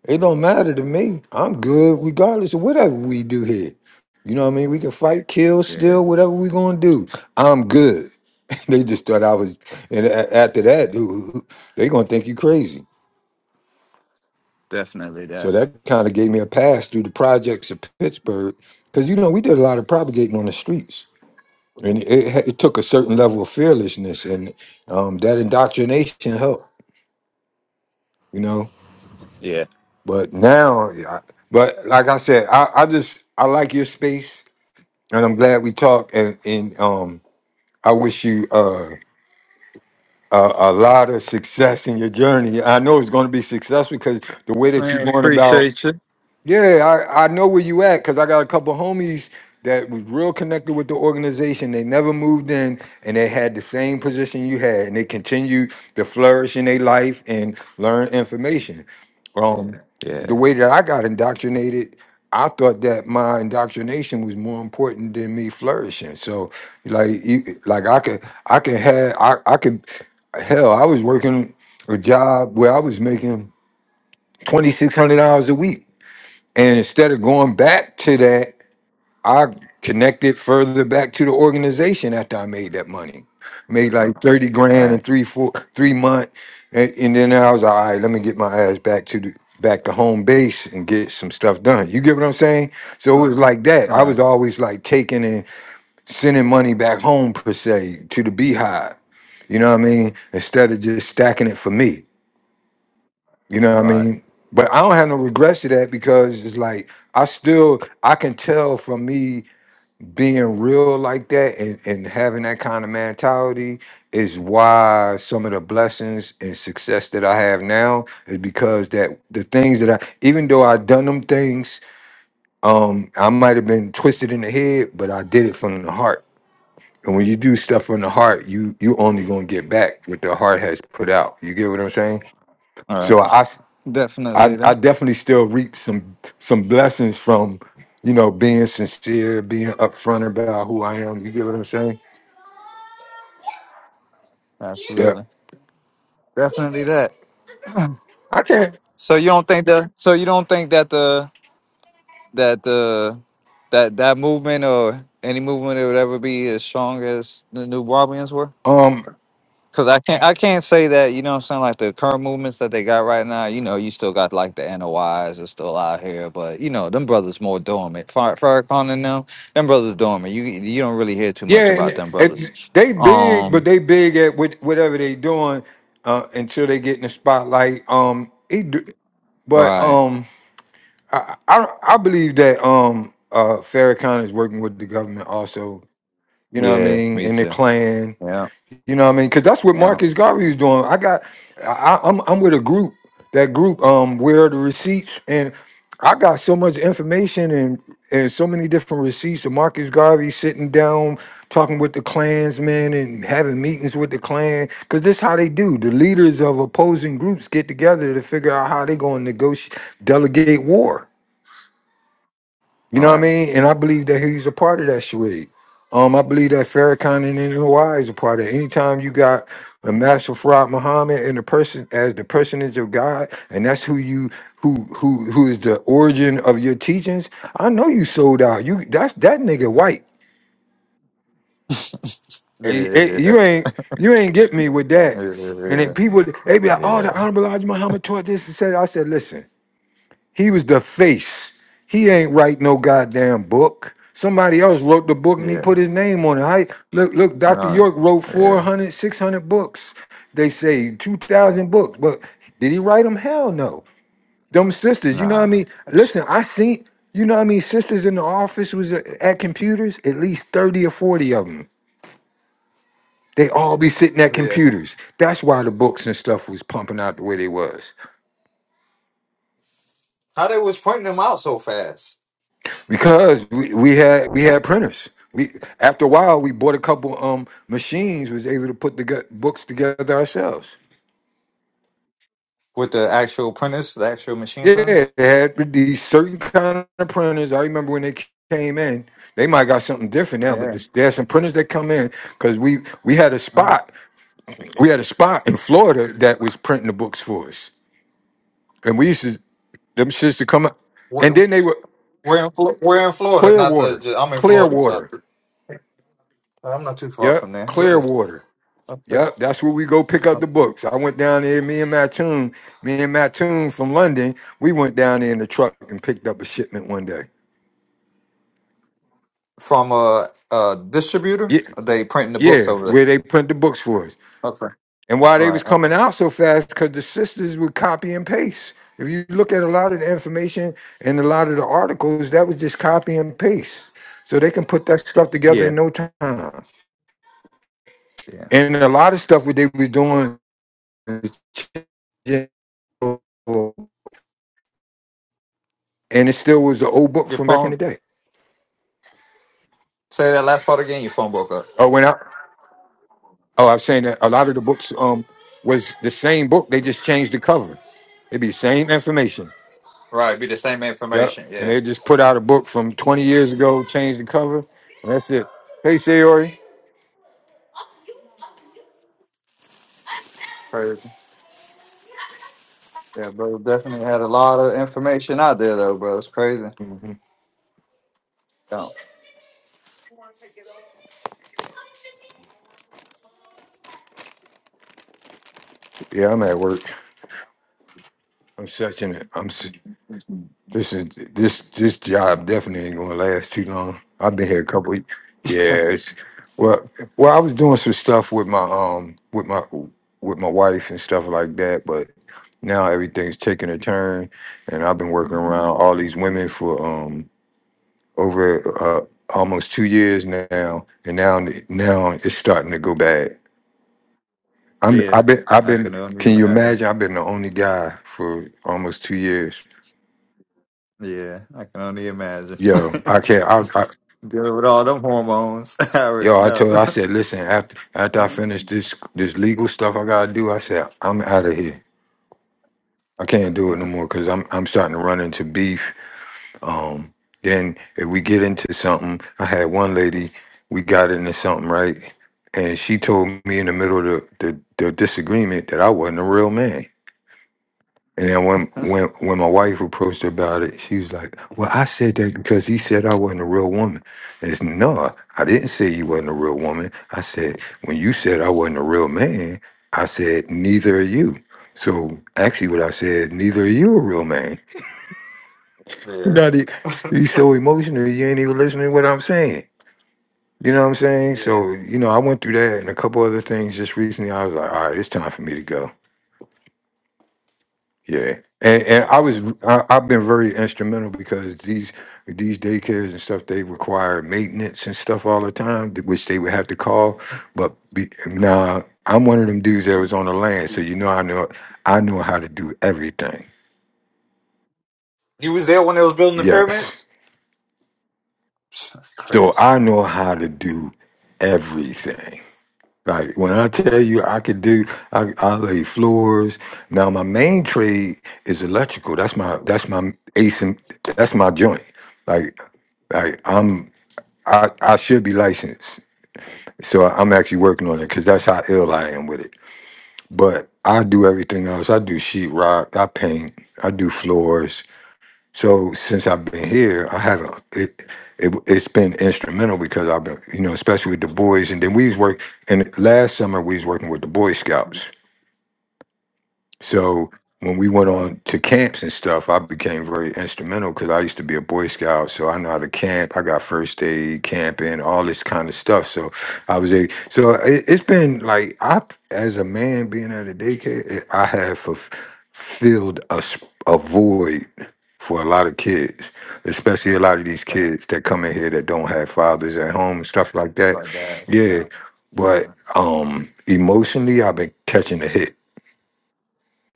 [SPEAKER 2] It don't matter to me. I'm good regardless of whatever we do here. You know what I mean? We can fight, kill,
[SPEAKER 1] Yeah,
[SPEAKER 2] steal, whatever we gonna do. I'm good. they just thought I was, and a- after that, dude, they gonna think you crazy.
[SPEAKER 1] definitely
[SPEAKER 2] So
[SPEAKER 1] that.
[SPEAKER 2] that kind of gave me a pass through the projects of Pittsburgh, because you know we did a lot of propagating on the streets, and it, ha- it took a certain level of fearlessness, and um, that indoctrination helped. You know,
[SPEAKER 1] Yeah.
[SPEAKER 2] but now, yeah, I, but like I said, I, I just I like your space and I'm glad we talked. And, and um, I wish you uh, a, a lot of success in your journey. I know it's going to be successful because the way that
[SPEAKER 1] Man,
[SPEAKER 2] you're going about
[SPEAKER 1] appreciate you.
[SPEAKER 2] yeah, I, I know where you at because I got a couple homies that was real connected with the organization. They never moved in and they had the same position you had and they continued to flourish in their life and learn information. Um, the
[SPEAKER 1] Yeah.
[SPEAKER 2] way that I got indoctrinated, I thought that my indoctrination was more important than me flourishing. So like you, like I could I could have I, I could hell, I was working a job where I was making twenty six hundred dollars a week and instead of going back to that, I connected further back to the organization after I made that money. Made like 30
[SPEAKER 1] All
[SPEAKER 2] grand in
[SPEAKER 1] right.
[SPEAKER 2] three, four, three months. And, and then I was like, all right, let me get my ass back to the back to home base and get some stuff done. You get what I'm saying? So it was like that.
[SPEAKER 1] All
[SPEAKER 2] I
[SPEAKER 1] right.
[SPEAKER 2] was always like taking and sending money back home per se to the beehive. You know what I mean? Instead of just stacking it for me. You know what I
[SPEAKER 1] All right.
[SPEAKER 2] mean? But I don't have no regrets to that because it's like I still I can tell from me being real like that and, and having that kind of mentality is why some of the blessings and success that I have now is because that the things that I even though I done them things, um, I might have been twisted in the head, but I did it from the heart. And when you do stuff from the heart, you you only gonna get back what the heart has put out. You get what I'm saying?
[SPEAKER 1] All right.
[SPEAKER 2] So I, I,
[SPEAKER 1] Definitely
[SPEAKER 2] I
[SPEAKER 1] that.
[SPEAKER 2] definitely still reap some some blessings from, you know, being sincere, being upfront about who I am. You get what I'm saying? Yeah.
[SPEAKER 1] Absolutely. Definitely that.
[SPEAKER 2] I can't.
[SPEAKER 1] So you don't think that so you don't think that the that the that that movement or any movement it would ever be as strong as the new Barbians were?
[SPEAKER 2] Um.
[SPEAKER 1] Cause I can't I can't say that, you know what I'm saying, like the current movements that they got right now, you know, you still got like the N O Is are still out here, but you know, them brothers more dormant. Far Farrakhan and them, them brothers dormant. You you don't really hear too much
[SPEAKER 2] Yeah,
[SPEAKER 1] about
[SPEAKER 2] and,
[SPEAKER 1] them brothers.
[SPEAKER 2] and they big, but
[SPEAKER 1] Um
[SPEAKER 2] they big at what, whatever they doing uh, until they get in the spotlight. Um. He do, but
[SPEAKER 1] right.
[SPEAKER 2] um. I, I I believe that um. Uh. Farrakhan is working with the government also. You know what I
[SPEAKER 1] Yeah,
[SPEAKER 2] mean?
[SPEAKER 1] me
[SPEAKER 2] And the
[SPEAKER 1] too.
[SPEAKER 2] Klan.
[SPEAKER 1] Yeah,
[SPEAKER 2] You know what I mean? Because that's what
[SPEAKER 1] yeah.
[SPEAKER 2] Marcus Garvey was doing. I got, I, I- am I'm with a group. That group, um, where the receipts? And I got so much information and and so many different receipts of Marcus Garvey sitting down, talking with the Klansmen and having meetings with the Klan. Because this how they do. The leaders of opposing groups get together to figure out how they're going to negotiate, delegate war. You know what I
[SPEAKER 1] Right.
[SPEAKER 2] mean? And I believe that he's a part of that charade. Um, I believe that Farrakhan and in Hawaii is a part of it. Anytime you got a master fraud Muhammad and the person as the personage of God, and that's who you who who who is the origin of your teachings. I know you sold out. You that's that nigga white.
[SPEAKER 1] Yeah,
[SPEAKER 2] Eh, eh,
[SPEAKER 1] yeah,
[SPEAKER 2] you ain't you ain't get me with that. And then people they be
[SPEAKER 1] yeah,
[SPEAKER 2] like, oh,
[SPEAKER 1] yeah.
[SPEAKER 2] the honorable Elijah Muhammad taught this and said. I said, listen. He was the face. He ain't write no goddamn book. Somebody else wrote the book and he
[SPEAKER 1] yeah,
[SPEAKER 2] put his name on it. I, look, look,
[SPEAKER 1] all
[SPEAKER 2] Dr.
[SPEAKER 1] right,
[SPEAKER 2] York wrote four
[SPEAKER 1] yeah,
[SPEAKER 2] hundred, 600 books. They say 2,000 books, but did he write them? Hell no. Them sisters, you know what I
[SPEAKER 1] nah.
[SPEAKER 2] mean? Listen, I seen, you know what I mean? Sisters in the office was at at computers, at least 30 or 40 of them. They all be sitting at
[SPEAKER 1] Yeah.
[SPEAKER 2] computers. That's why the books and stuff was pumping out the way they was.
[SPEAKER 1] How they was printing them out so fast?
[SPEAKER 2] Because we, we had we had printers. We after a while we bought a couple um machines was able to put the gu- books together ourselves.
[SPEAKER 1] With the actual printers, the actual machine printers?
[SPEAKER 2] Yeah, they had these certain kind of printers. I remember when they came in, they might got something different now, but
[SPEAKER 1] Yeah.
[SPEAKER 2] this, there's some printers that come in because we we had a
[SPEAKER 1] Mhm.
[SPEAKER 2] spot we had a spot in Florida that was printing the books for us, and we used to them shits to come out, and
[SPEAKER 1] We're,
[SPEAKER 2] then they were
[SPEAKER 1] we're, in, Flo- we're in Florida, not
[SPEAKER 2] Clearwater,
[SPEAKER 1] the, I'm in Florida, so
[SPEAKER 2] Clearwater,
[SPEAKER 1] I'm not too far
[SPEAKER 2] yeah,
[SPEAKER 1] from there, really.
[SPEAKER 2] Clearwater.
[SPEAKER 1] Okay.
[SPEAKER 2] Yep, that's where we go pick up the books. I went down there, me and Mattoon, me and Mattoon from London, we went down there in the truck and picked up a shipment one day.
[SPEAKER 1] From a, a distributor,
[SPEAKER 2] Yeah,
[SPEAKER 1] they printing the books
[SPEAKER 2] yeah,
[SPEAKER 1] over there.
[SPEAKER 2] where they print the books for us.
[SPEAKER 1] Okay.
[SPEAKER 2] And why they was
[SPEAKER 1] Right, okay.
[SPEAKER 2] coming out so fast, because the sisters would copy and paste. If you look at a lot of the information and a lot of the articles, that was just copy and paste. So they can put that stuff together
[SPEAKER 1] Yeah.
[SPEAKER 2] in no time.
[SPEAKER 1] Yeah.
[SPEAKER 2] And a lot of stuff what they was doing is changing, and it still was an old book
[SPEAKER 1] Your
[SPEAKER 2] from back in the
[SPEAKER 1] phone,
[SPEAKER 2] day.
[SPEAKER 1] say that last part again, your phone broke up.
[SPEAKER 2] Oh, when I oh, I was saying that a lot of the books um was the same book. They just changed the cover. It'd be the same information.
[SPEAKER 1] Right, be the same
[SPEAKER 2] Yep.
[SPEAKER 1] information.
[SPEAKER 2] And
[SPEAKER 1] yeah.
[SPEAKER 2] they just put out a book from 20 years ago, changed the cover, and that's it. Hey, Sayori.
[SPEAKER 1] Crazy. Yeah, bro. Definitely had a lot of information out there, though, bro. It's crazy. Yeah,
[SPEAKER 2] Yeah, I'm at work. I'm searching it. I'm s- This is this this job definitely ain't gonna last too long. I've been here a couple. Of, yeah, it's well, well. I was doing some stuff with my um with my with my wife and stuff like that, but now everything's taking a turn, and I've been working around all these women for um over uh, almost two years now, and now now it's starting to go bad. I'm
[SPEAKER 1] Yeah,
[SPEAKER 2] I've been I've
[SPEAKER 1] I
[SPEAKER 2] been.
[SPEAKER 1] can only
[SPEAKER 2] Can you
[SPEAKER 1] imagine.
[SPEAKER 2] imagine? I've been the only guy for almost two years.
[SPEAKER 1] Yeah, I can only imagine.
[SPEAKER 2] Yo, I can't. I, I
[SPEAKER 1] Dealing with all them hormones, I already
[SPEAKER 2] Yo, I
[SPEAKER 1] know.
[SPEAKER 2] told her, I said, listen, after after I
[SPEAKER 1] yeah.
[SPEAKER 2] finish this this legal stuff I gotta do, I said, I'm out of here. I can't do it no more because I'm I'm starting to run into beef. Um, then if we get into something, I had one lady, we got into something, right? And she told me in the middle of the, the, the disagreement that I wasn't a real man. And then when when when my wife approached her about it, she was like, "Well, I said that because he said I wasn't a real woman." And it's no, I didn't say you wasn't a real woman. I said when you said I wasn't a real man, I said neither are you. So actually, what I said, neither are you a real man. You
[SPEAKER 1] Yeah. Yeah.
[SPEAKER 2] got it. You so emotional, you ain't even listening to what I'm saying. You know what I'm saying?
[SPEAKER 1] Yeah.
[SPEAKER 2] So you know, I went through that and a couple other things just recently. I was like, "All right, it's time for me to go." Yeah, and and I
[SPEAKER 1] Yeah.
[SPEAKER 2] was I, I've been very instrumental because these these daycares and stuff they require maintenance and stuff all the time, th- which they would have to call. But be, now I'm one of them dudes that was on the land, so you know I know I know how to do everything.
[SPEAKER 1] You was there when they was building the
[SPEAKER 2] Yes,
[SPEAKER 1] pyramids? Psh,
[SPEAKER 2] so
[SPEAKER 1] Crazy.
[SPEAKER 2] I know how to do everything. Like when I tell
[SPEAKER 1] Yeah.
[SPEAKER 2] you I could do, I, I lay floors. Now my main trade is electrical. That's my that's my ace and that's my joint. Like I, I'm I I should be licensed, so I'm actually working on it because that's how ill I am with it. But I do everything else. I do sheetrock. I paint. I do floors. So since I've been here, I haven't. It, it it's been instrumental because I've been you know especially with the boys, and then we was work. And last summer we was working with the Boy Scouts. So when we went
[SPEAKER 1] Right.
[SPEAKER 2] on to camps and stuff, I became very instrumental because I used to be a Boy Scout, so I know how to camp. I got first aid, camping, all this kind of stuff. So I was a so it, it's been like I, as a man being at a daycare, it- I have fulfilled a, s- a void for a lot of kids, especially a lot of these
[SPEAKER 1] Right.
[SPEAKER 2] kids that come in here that don't have fathers at home and stuff like that.
[SPEAKER 1] Like that.
[SPEAKER 2] Yeah,
[SPEAKER 1] Wow.
[SPEAKER 2] but
[SPEAKER 1] Definitely.
[SPEAKER 2] um emotionally, I've been catching a hit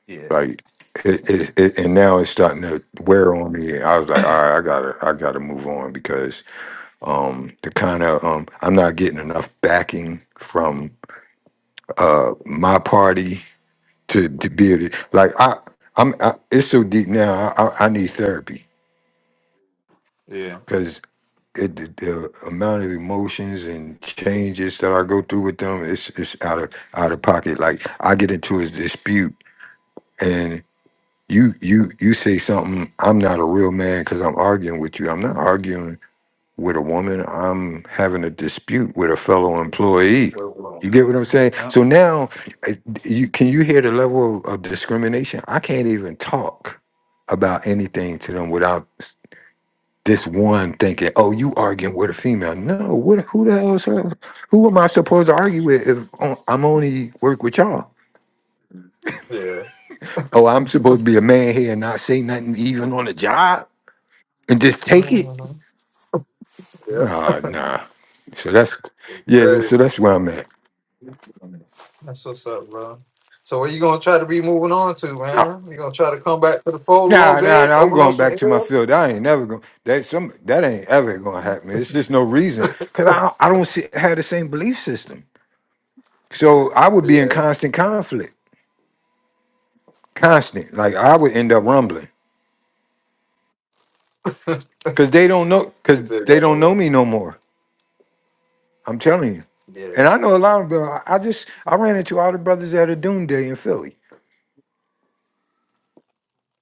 [SPEAKER 1] Yeah.
[SPEAKER 2] like it, it, it and now it's starting to wear on me. I was like, all right, I gotta I gotta move on because um the kind of um I'm not getting enough backing from uh my party to to be able to like I I'm I, it's so deep now. I I, I need therapy
[SPEAKER 1] Yeah.
[SPEAKER 2] because. It, the, the amount of emotions and changes that I go through with them, it's it's out of out of pocket. Like I get into a dispute you you you say something i'm not a real man because i'm arguing with you i'm not arguing with a woman i'm having a dispute with a fellow employee
[SPEAKER 1] Well,
[SPEAKER 2] you
[SPEAKER 1] well,
[SPEAKER 2] get what i'm saying
[SPEAKER 1] Yeah.
[SPEAKER 2] so now uh, you can you hear the level of, of discrimination i can't even talk about anything to them without s- this one thinking oh you arguing with a female no what who the hell is her? who am i supposed to argue with if o- i'm only work with y'all
[SPEAKER 1] Yeah.
[SPEAKER 2] oh i'm supposed to be a man here and not say nothing even on the job and just take it.
[SPEAKER 1] Mhm. Yeah.
[SPEAKER 2] Oh, nah. So that's
[SPEAKER 1] It's
[SPEAKER 2] yeah.
[SPEAKER 1] Crazy.
[SPEAKER 2] So that's where I'm at.
[SPEAKER 1] That's what's up, bro. So what you gonna try to be moving on to,
[SPEAKER 2] No,
[SPEAKER 1] man? You gonna try to come back to the fold a little
[SPEAKER 2] Nah, nah,
[SPEAKER 1] bit,
[SPEAKER 2] nah. I'm
[SPEAKER 1] open up
[SPEAKER 2] going
[SPEAKER 1] some
[SPEAKER 2] back
[SPEAKER 1] air?
[SPEAKER 2] to my field. I ain't never going. That some that ain't ever going to happen. It's just no reason because I I don't see, have the same belief system. So I would be in
[SPEAKER 1] Yeah.
[SPEAKER 2] constant conflict, constant. Like I would end up rumbling because they don't know because
[SPEAKER 1] You said
[SPEAKER 2] they
[SPEAKER 1] yeah,
[SPEAKER 2] don't know
[SPEAKER 1] bro.
[SPEAKER 2] me no more. I'm telling you.
[SPEAKER 1] Yeah.
[SPEAKER 2] And I know a lot of them. I I just I ran into all the brothers at a Dune Day in Philly.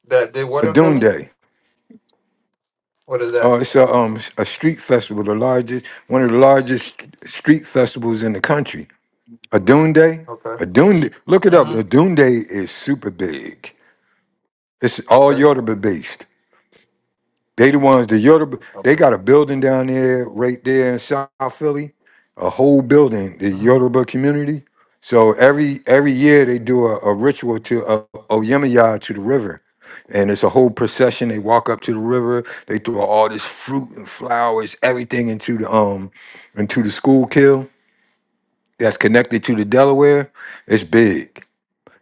[SPEAKER 1] That did
[SPEAKER 2] A
[SPEAKER 1] what in
[SPEAKER 2] Dune
[SPEAKER 1] Philly?
[SPEAKER 2] Day.
[SPEAKER 1] What is
[SPEAKER 2] Uh,
[SPEAKER 1] that?
[SPEAKER 2] it's a um a street festival, the largest one of the largest street festivals in the country. A Adunde, Day,
[SPEAKER 1] Okay.
[SPEAKER 2] a Adun- Look it up. A
[SPEAKER 1] Mm-hmm.
[SPEAKER 2] Dune Day is super big. It's all
[SPEAKER 1] Okay.
[SPEAKER 2] Yoruba based. They the ones that you're the, they
[SPEAKER 1] Okay.
[SPEAKER 2] got a building down there right there in South Philly, a whole building, the
[SPEAKER 1] hmm
[SPEAKER 2] Yoruba community. So every every year they do a, a ritual to uh, Oyemaya to the river, and it's a whole procession. They walk up to the river. They throw all this fruit and flowers, everything into the um into the Schuylkill that's connected to the Delaware. It's big.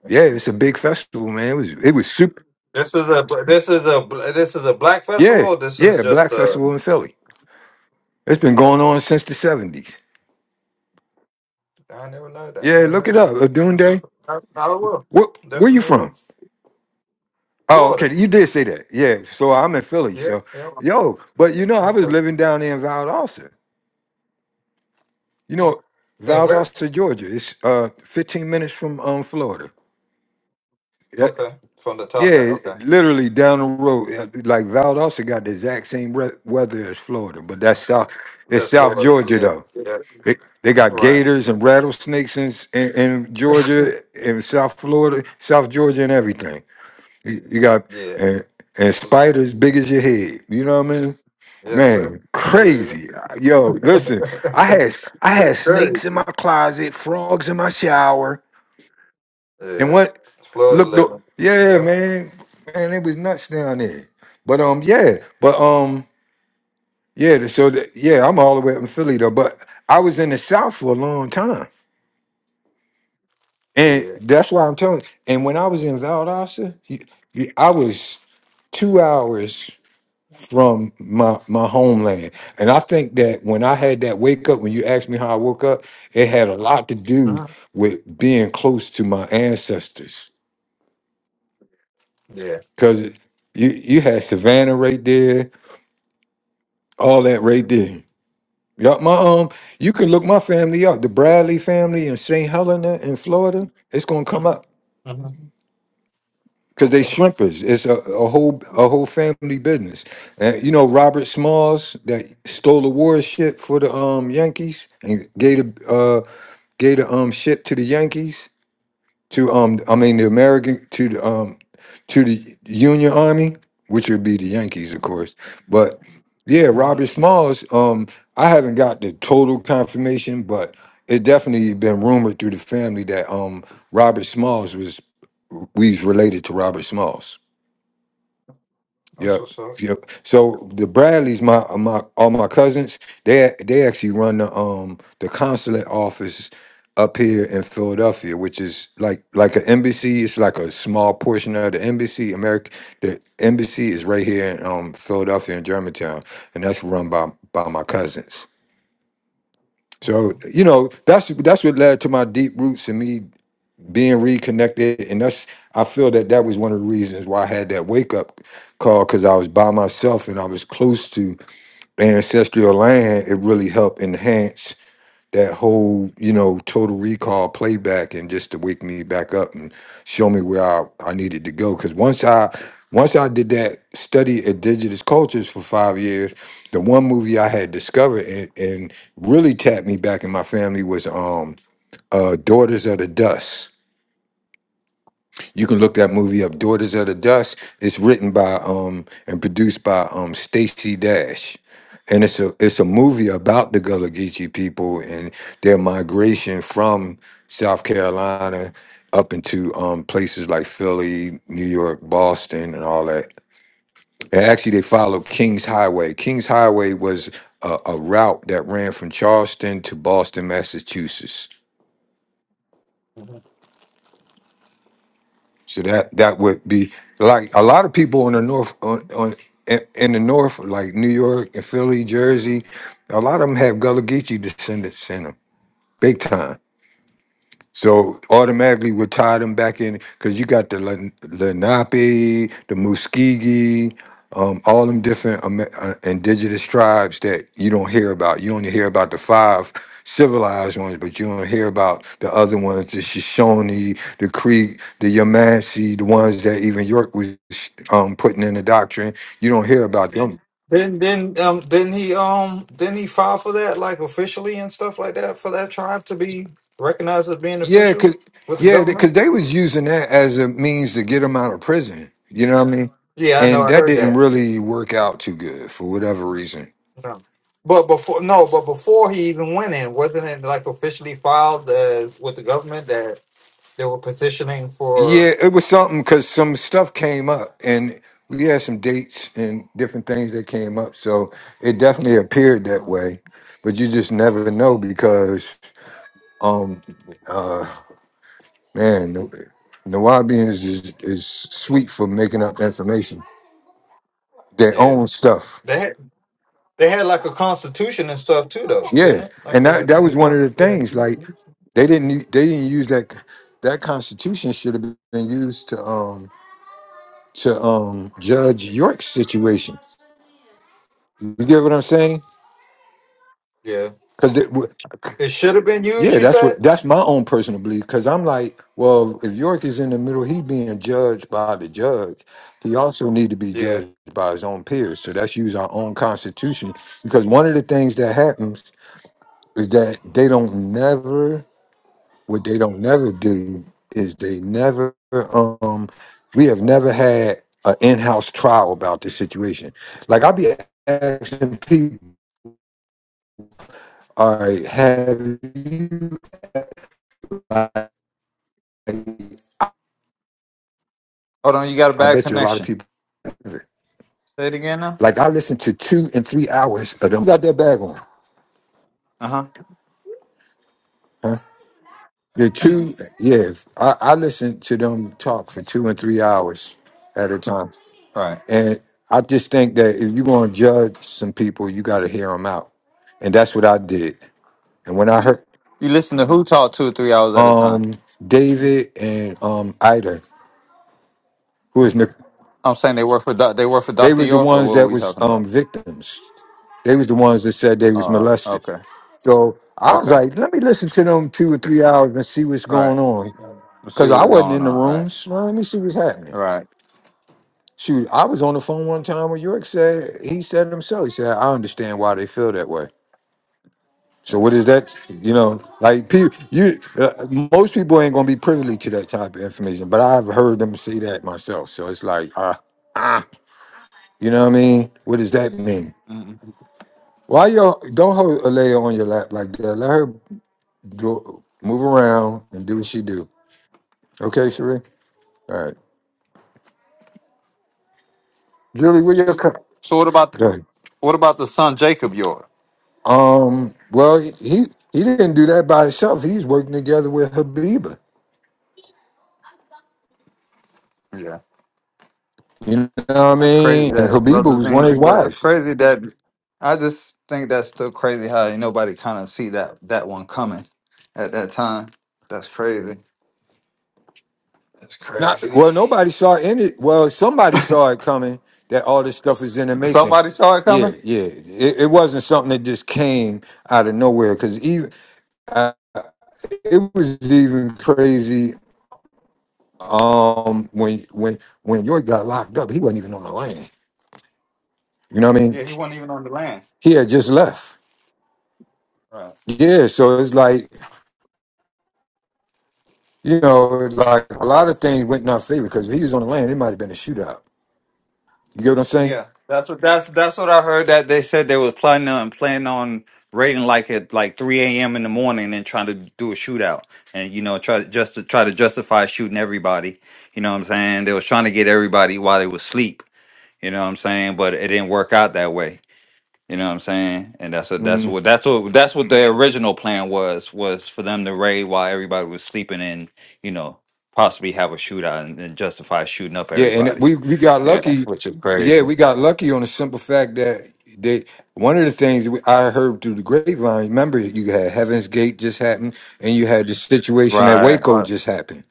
[SPEAKER 2] Yeah, it's a big festival, man. It was it was super.
[SPEAKER 1] This is a this is a this is a black festival.
[SPEAKER 2] Yeah,
[SPEAKER 1] Or this is
[SPEAKER 2] yeah,
[SPEAKER 1] just
[SPEAKER 2] Black
[SPEAKER 1] a
[SPEAKER 2] Festival in Philly. It's been going
[SPEAKER 1] okay.
[SPEAKER 2] on since the 70s.
[SPEAKER 1] I never know that.
[SPEAKER 2] Yeah,
[SPEAKER 1] Never
[SPEAKER 2] look it
[SPEAKER 1] heard of
[SPEAKER 2] up.
[SPEAKER 1] that.
[SPEAKER 2] A Dune
[SPEAKER 1] That's what
[SPEAKER 2] Day.
[SPEAKER 1] I, I will
[SPEAKER 2] What? Where you
[SPEAKER 1] definitely
[SPEAKER 2] from?
[SPEAKER 1] will.
[SPEAKER 2] Oh,
[SPEAKER 1] Florida.
[SPEAKER 2] okay. You did say that. Yeah. So I'm in Philly.
[SPEAKER 1] Yeah.
[SPEAKER 2] So,
[SPEAKER 1] Yeah.
[SPEAKER 2] yo, but you know, I was
[SPEAKER 1] Okay.
[SPEAKER 2] living down there in Valdosta. You know,
[SPEAKER 1] And where?
[SPEAKER 2] Valdosta, Georgia. It's uh 15 minutes from um Florida. Yeah,
[SPEAKER 1] Okay. From the top hat.
[SPEAKER 2] yeah,
[SPEAKER 1] Okay.
[SPEAKER 2] literally down the road. Yeah, Like Valdosta got the exact same re- weather as Florida, but that's South. It's
[SPEAKER 1] That's
[SPEAKER 2] South
[SPEAKER 1] Florida.
[SPEAKER 2] Georgia
[SPEAKER 1] Yeah,
[SPEAKER 2] though.
[SPEAKER 1] yeah,
[SPEAKER 2] They, they got
[SPEAKER 1] right.
[SPEAKER 2] gators and rattlesnakes in, s- in, in Georgia, in South Florida, South Georgia, and everything. You, you got
[SPEAKER 1] Yeah,
[SPEAKER 2] and, and spiders big as your head. You know what I mean?
[SPEAKER 1] yes, sir.
[SPEAKER 2] Man,
[SPEAKER 1] I believe it.
[SPEAKER 2] crazy. Yo, listen, I had I had
[SPEAKER 1] it's
[SPEAKER 2] snakes in my
[SPEAKER 1] crazy.
[SPEAKER 2] closet, frogs in my shower, and
[SPEAKER 1] Yeah,
[SPEAKER 2] what
[SPEAKER 1] Florida
[SPEAKER 2] look the
[SPEAKER 1] living.
[SPEAKER 2] yeah,
[SPEAKER 1] Yep.
[SPEAKER 2] man. Man, it was nuts down there. But um yeah, but um yeah, the- so the, yeah, I'm all the way up in Philly though, but I was in the South for a long time. And
[SPEAKER 1] Yeah.
[SPEAKER 2] that's why I'm telling. And when I was in Valdosta, you- I was two hours. from my my homeland. And I think that when I had that wake up, when you asked me how I woke up, it had a lot to do
[SPEAKER 1] uh
[SPEAKER 2] with being close to my ancestors.
[SPEAKER 1] Yeah.
[SPEAKER 2] Cause it- you you had Savannah right there, all that right there. Yup, my um, you can look my family up, the Bradley family in St. Helena in Florida. It's gonna come up.
[SPEAKER 1] uh
[SPEAKER 2] because they
[SPEAKER 1] Okay.
[SPEAKER 2] shrimpers. It's a, a whole a whole family business. And you know Robert Smalls that stole the war ship for the um Yankees and gave the uh gave the um ship to the Yankees to um I mean the American to the um to the Union Army, which would be the Yankees, of course. But yeah,
[SPEAKER 1] uh
[SPEAKER 2] Robert Smalls. Um, I haven't got the total confirmation, but it definitely been rumored through the family that um Robert Smalls was we's related to Robert Smalls.
[SPEAKER 1] That's
[SPEAKER 2] Yeah,
[SPEAKER 1] what's up.
[SPEAKER 2] yeah. So the Bradleys, my uh, my all my cousins, they they actually run the um the consulate office up here in Philadelphia, which is like like an embassy. It's like a small portion of the embassy. America, the embassy is right here in um Philadelphia in Germantown, and that's run by by my cousins.
[SPEAKER 1] Okay.
[SPEAKER 2] So you know that's that's what led to my deep roots and me being reconnected and that's i feel that that was one of the reasons why i had that wake up call because i was by myself and i was close to ancestral land it really helped enhance that whole you know total recall playback and just to wake me back up and show me where i, I needed to go because once i once i did that study indigenous cultures for five years the one movie i had discovered and, and really tapped me back in my family was um uh daughters of the dust you can look that movie up, Daughters of the Dust. It's written by um and produced by um Stacy Dash. And it's a it's a movie about the Gullah Geechee people and their migration from South Carolina up into um places like Philly, New York, Boston, and all that. And actually they followed King's Highway. King's Highway was a, a route that ran from Charleston to Boston, Massachusetts
[SPEAKER 1] Mhm.
[SPEAKER 2] So that that would be like a lot of people in the north on, on in in the north, like New York and Philly, Jersey, a lot of them have Gullah Geechee descendants in them, big time. So automatically we tie them back in because you got the Len- Lenape, the Muskegee, um, all them different Ame- uh, indigenous tribes that you don't hear about. You only hear about the five civilized ones, but you don't hear about the other ones, the Shoshone, the Creek, the Yamasi, the ones that even York was um, putting in the doctrine. You don't hear about them.
[SPEAKER 1] Then, then, um, then he, um, then he filed for that, like officially and stuff like that, for that tribe to be recognized as being
[SPEAKER 2] Yeah,
[SPEAKER 1] official
[SPEAKER 2] cause
[SPEAKER 1] with the
[SPEAKER 2] yeah,
[SPEAKER 1] government.
[SPEAKER 2] because they was using that as a means to get him out of prison. You know what I mean?
[SPEAKER 1] Yeah, I know.
[SPEAKER 2] And
[SPEAKER 1] I
[SPEAKER 2] that
[SPEAKER 1] heard
[SPEAKER 2] didn't
[SPEAKER 1] that.
[SPEAKER 2] really work out too good for whatever reason.
[SPEAKER 1] No. But before no, but before he even went in, wasn't it like officially filed uh, with the government that they were petitioning for?
[SPEAKER 2] Yeah, it was something because some stuff came up, and we had some dates and different things that came up. So it definitely appeared that
[SPEAKER 1] Um,
[SPEAKER 2] way, but you just never know because, um, uh, man, the Nawabians is is sweet for making up information, their
[SPEAKER 1] yeah,
[SPEAKER 2] own stuff.
[SPEAKER 1] they had they had like a constitution and stuff too, though, didn't
[SPEAKER 2] Yeah,
[SPEAKER 1] it? Like
[SPEAKER 2] and that
[SPEAKER 1] a
[SPEAKER 2] that
[SPEAKER 1] New
[SPEAKER 2] was one of
[SPEAKER 1] Orleans-
[SPEAKER 2] the
[SPEAKER 1] yeah,
[SPEAKER 2] things. Like they didn't u- they didn't use that that constitution should have been used to um to um judge York's situation. You get what I'm saying?
[SPEAKER 1] yeah.
[SPEAKER 2] Because
[SPEAKER 1] It should have been used.
[SPEAKER 2] yeah,
[SPEAKER 1] You
[SPEAKER 2] that's
[SPEAKER 1] said
[SPEAKER 2] what that's my own personal belief. Because I'm like, well, if York is in the middle, he being judged by the judge. He also need to be
[SPEAKER 1] yeah.
[SPEAKER 2] judged by his own peers. So that's use our own constitution. Because one of the things that happens is that they don't never What they don't never do is they never um we have never had an in-house trial about this situation. Like I'll be asking people, all right, have you like,
[SPEAKER 1] Hold on, you got a
[SPEAKER 2] I
[SPEAKER 1] bad
[SPEAKER 2] bet you a lot of
[SPEAKER 1] connection.
[SPEAKER 2] people haven't.
[SPEAKER 1] Say it again now.
[SPEAKER 2] like I listened to two and three hours of them got their bag on.
[SPEAKER 1] Uh huh.
[SPEAKER 2] Huh? The two yeah, I, I listened to them talk for two and three hours at a time.
[SPEAKER 1] All right.
[SPEAKER 2] And I just think that if you're going to judge some people, you got to hear them out. And that's what I did. And when I heard
[SPEAKER 1] You listen to who talk two or three hours at a time.
[SPEAKER 2] um, David and um, Ida, who is Nic-
[SPEAKER 1] I'm saying they work for doc- they work for
[SPEAKER 2] they
[SPEAKER 1] Doctor
[SPEAKER 2] was the
[SPEAKER 1] York or
[SPEAKER 2] ones
[SPEAKER 1] what are
[SPEAKER 2] that
[SPEAKER 1] we
[SPEAKER 2] was
[SPEAKER 1] talking about?
[SPEAKER 2] um, victims. They was the ones that said they was
[SPEAKER 1] Uh
[SPEAKER 2] molested.
[SPEAKER 1] okay
[SPEAKER 2] So I was
[SPEAKER 1] okay
[SPEAKER 2] like, let me listen to them two or three hours and see what's
[SPEAKER 1] right.
[SPEAKER 2] going on.
[SPEAKER 1] Let's see
[SPEAKER 2] Cause
[SPEAKER 1] what
[SPEAKER 2] I
[SPEAKER 1] is
[SPEAKER 2] wasn't
[SPEAKER 1] going
[SPEAKER 2] in the
[SPEAKER 1] on. Right.
[SPEAKER 2] rooms. Well, let me see what's happening.
[SPEAKER 1] Right.
[SPEAKER 2] Shoot, I was on the phone one time when York said he said it himself. He said, I understand why they feel that way. So
[SPEAKER 1] Yeah.
[SPEAKER 2] what is that? You know, like people, you uh, most people ain't gonna be privy to that type of information, but I've heard them say that myself. So it's like, ah, ah, you know what I mean? What does that mean?
[SPEAKER 1] Mhm.
[SPEAKER 2] Why y'all don't hold Alea on your lap like that? Let her do, move around and do what she do. Okay, Sheree. All right, Julie, where your co-
[SPEAKER 1] So what about the,
[SPEAKER 2] Go ahead.
[SPEAKER 1] what about the son Jacob York?
[SPEAKER 2] Um, well, he he didn't do that by himself. He's working together with Habiba.
[SPEAKER 1] Yeah.
[SPEAKER 2] You know what I
[SPEAKER 1] That's crazy
[SPEAKER 2] mean? And
[SPEAKER 1] that
[SPEAKER 2] Habiba
[SPEAKER 1] brothers
[SPEAKER 2] was one of
[SPEAKER 1] ain't.
[SPEAKER 2] his
[SPEAKER 1] But that's
[SPEAKER 2] wives.
[SPEAKER 1] crazy that I just think that's still crazy how ain't nobody kind of see that that one coming at that time. That's crazy. That's
[SPEAKER 2] Not
[SPEAKER 1] crazy.
[SPEAKER 2] well. Nobody saw any. Well, somebody saw it coming. That all this stuff is in the making.
[SPEAKER 1] Somebody saw it
[SPEAKER 2] Yeah,
[SPEAKER 1] coming.
[SPEAKER 2] yeah. It, it wasn't something that just came out of nowhere. Because even uh, it was even crazy. Um, when when when York got locked up, he wasn't even on the land. You know what I mean?
[SPEAKER 1] Yeah, he wasn't even on the land.
[SPEAKER 2] He had just left.
[SPEAKER 1] Right.
[SPEAKER 2] Yeah. So it's like you know, it's like a lot of things went in our favor. Because if he was on the land, it might have been a shootout. You get what I'm saying?
[SPEAKER 1] Yeah, that's what that's that's what I heard that they said they were planning on planning on raiding like at like three a.m. in the morning and trying to do a shootout and you know try just to try to justify shooting everybody. You know what I'm saying? They was trying to get everybody while they was asleep. You know what I'm saying? But it didn't work out that way. You know what I'm saying? And that's what that's what that's what that's what the original plan was was for them to raid while everybody was sleeping and you know possibly have a shootout and, and justify shooting up
[SPEAKER 2] Yeah, and it-
[SPEAKER 1] everybody.
[SPEAKER 2] we we got
[SPEAKER 1] Yeah,
[SPEAKER 2] lucky.
[SPEAKER 1] which is crazy.
[SPEAKER 2] Yeah, we got lucky on the simple fact that they one of the things we- I heard through the grapevine. Remember, you had Heaven's Gate just happened, and you had the situation at
[SPEAKER 1] Right.
[SPEAKER 2] Waco
[SPEAKER 1] uh,
[SPEAKER 2] just happened.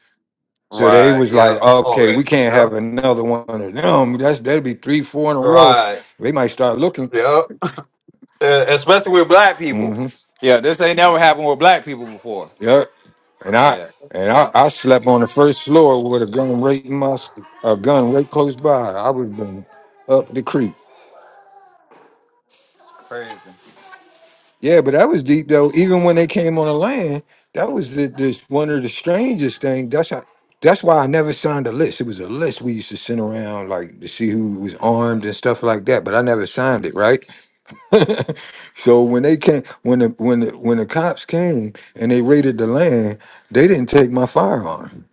[SPEAKER 2] So they
[SPEAKER 1] Right.
[SPEAKER 2] was like,
[SPEAKER 1] Yep.
[SPEAKER 2] okay,
[SPEAKER 1] Already.
[SPEAKER 2] we can't
[SPEAKER 1] Yep.
[SPEAKER 2] have another one of them. That's that'd be three, four in a row.
[SPEAKER 1] Right.
[SPEAKER 2] They might start looking.
[SPEAKER 1] Yep. Uh, especially with black people.
[SPEAKER 2] hmm
[SPEAKER 1] Yeah. This ain't never happened with black people before.
[SPEAKER 2] Yep. And I
[SPEAKER 1] Yeah.
[SPEAKER 2] and I,
[SPEAKER 1] Yeah.
[SPEAKER 2] I slept on the first floor with a gun right in my s- a gun right close by. I would have been up the creek.
[SPEAKER 1] Crazy.
[SPEAKER 2] Yeah, but that was deep though. Even when they came on the land, that was the, this one of the strangest thing. That's how, that's why I never signed a list. It was a list we used to send around like to see who was armed and stuff like that, but I never signed it, right? so when they came when the when the when the cops came and they raided the land, they didn't take my firearm.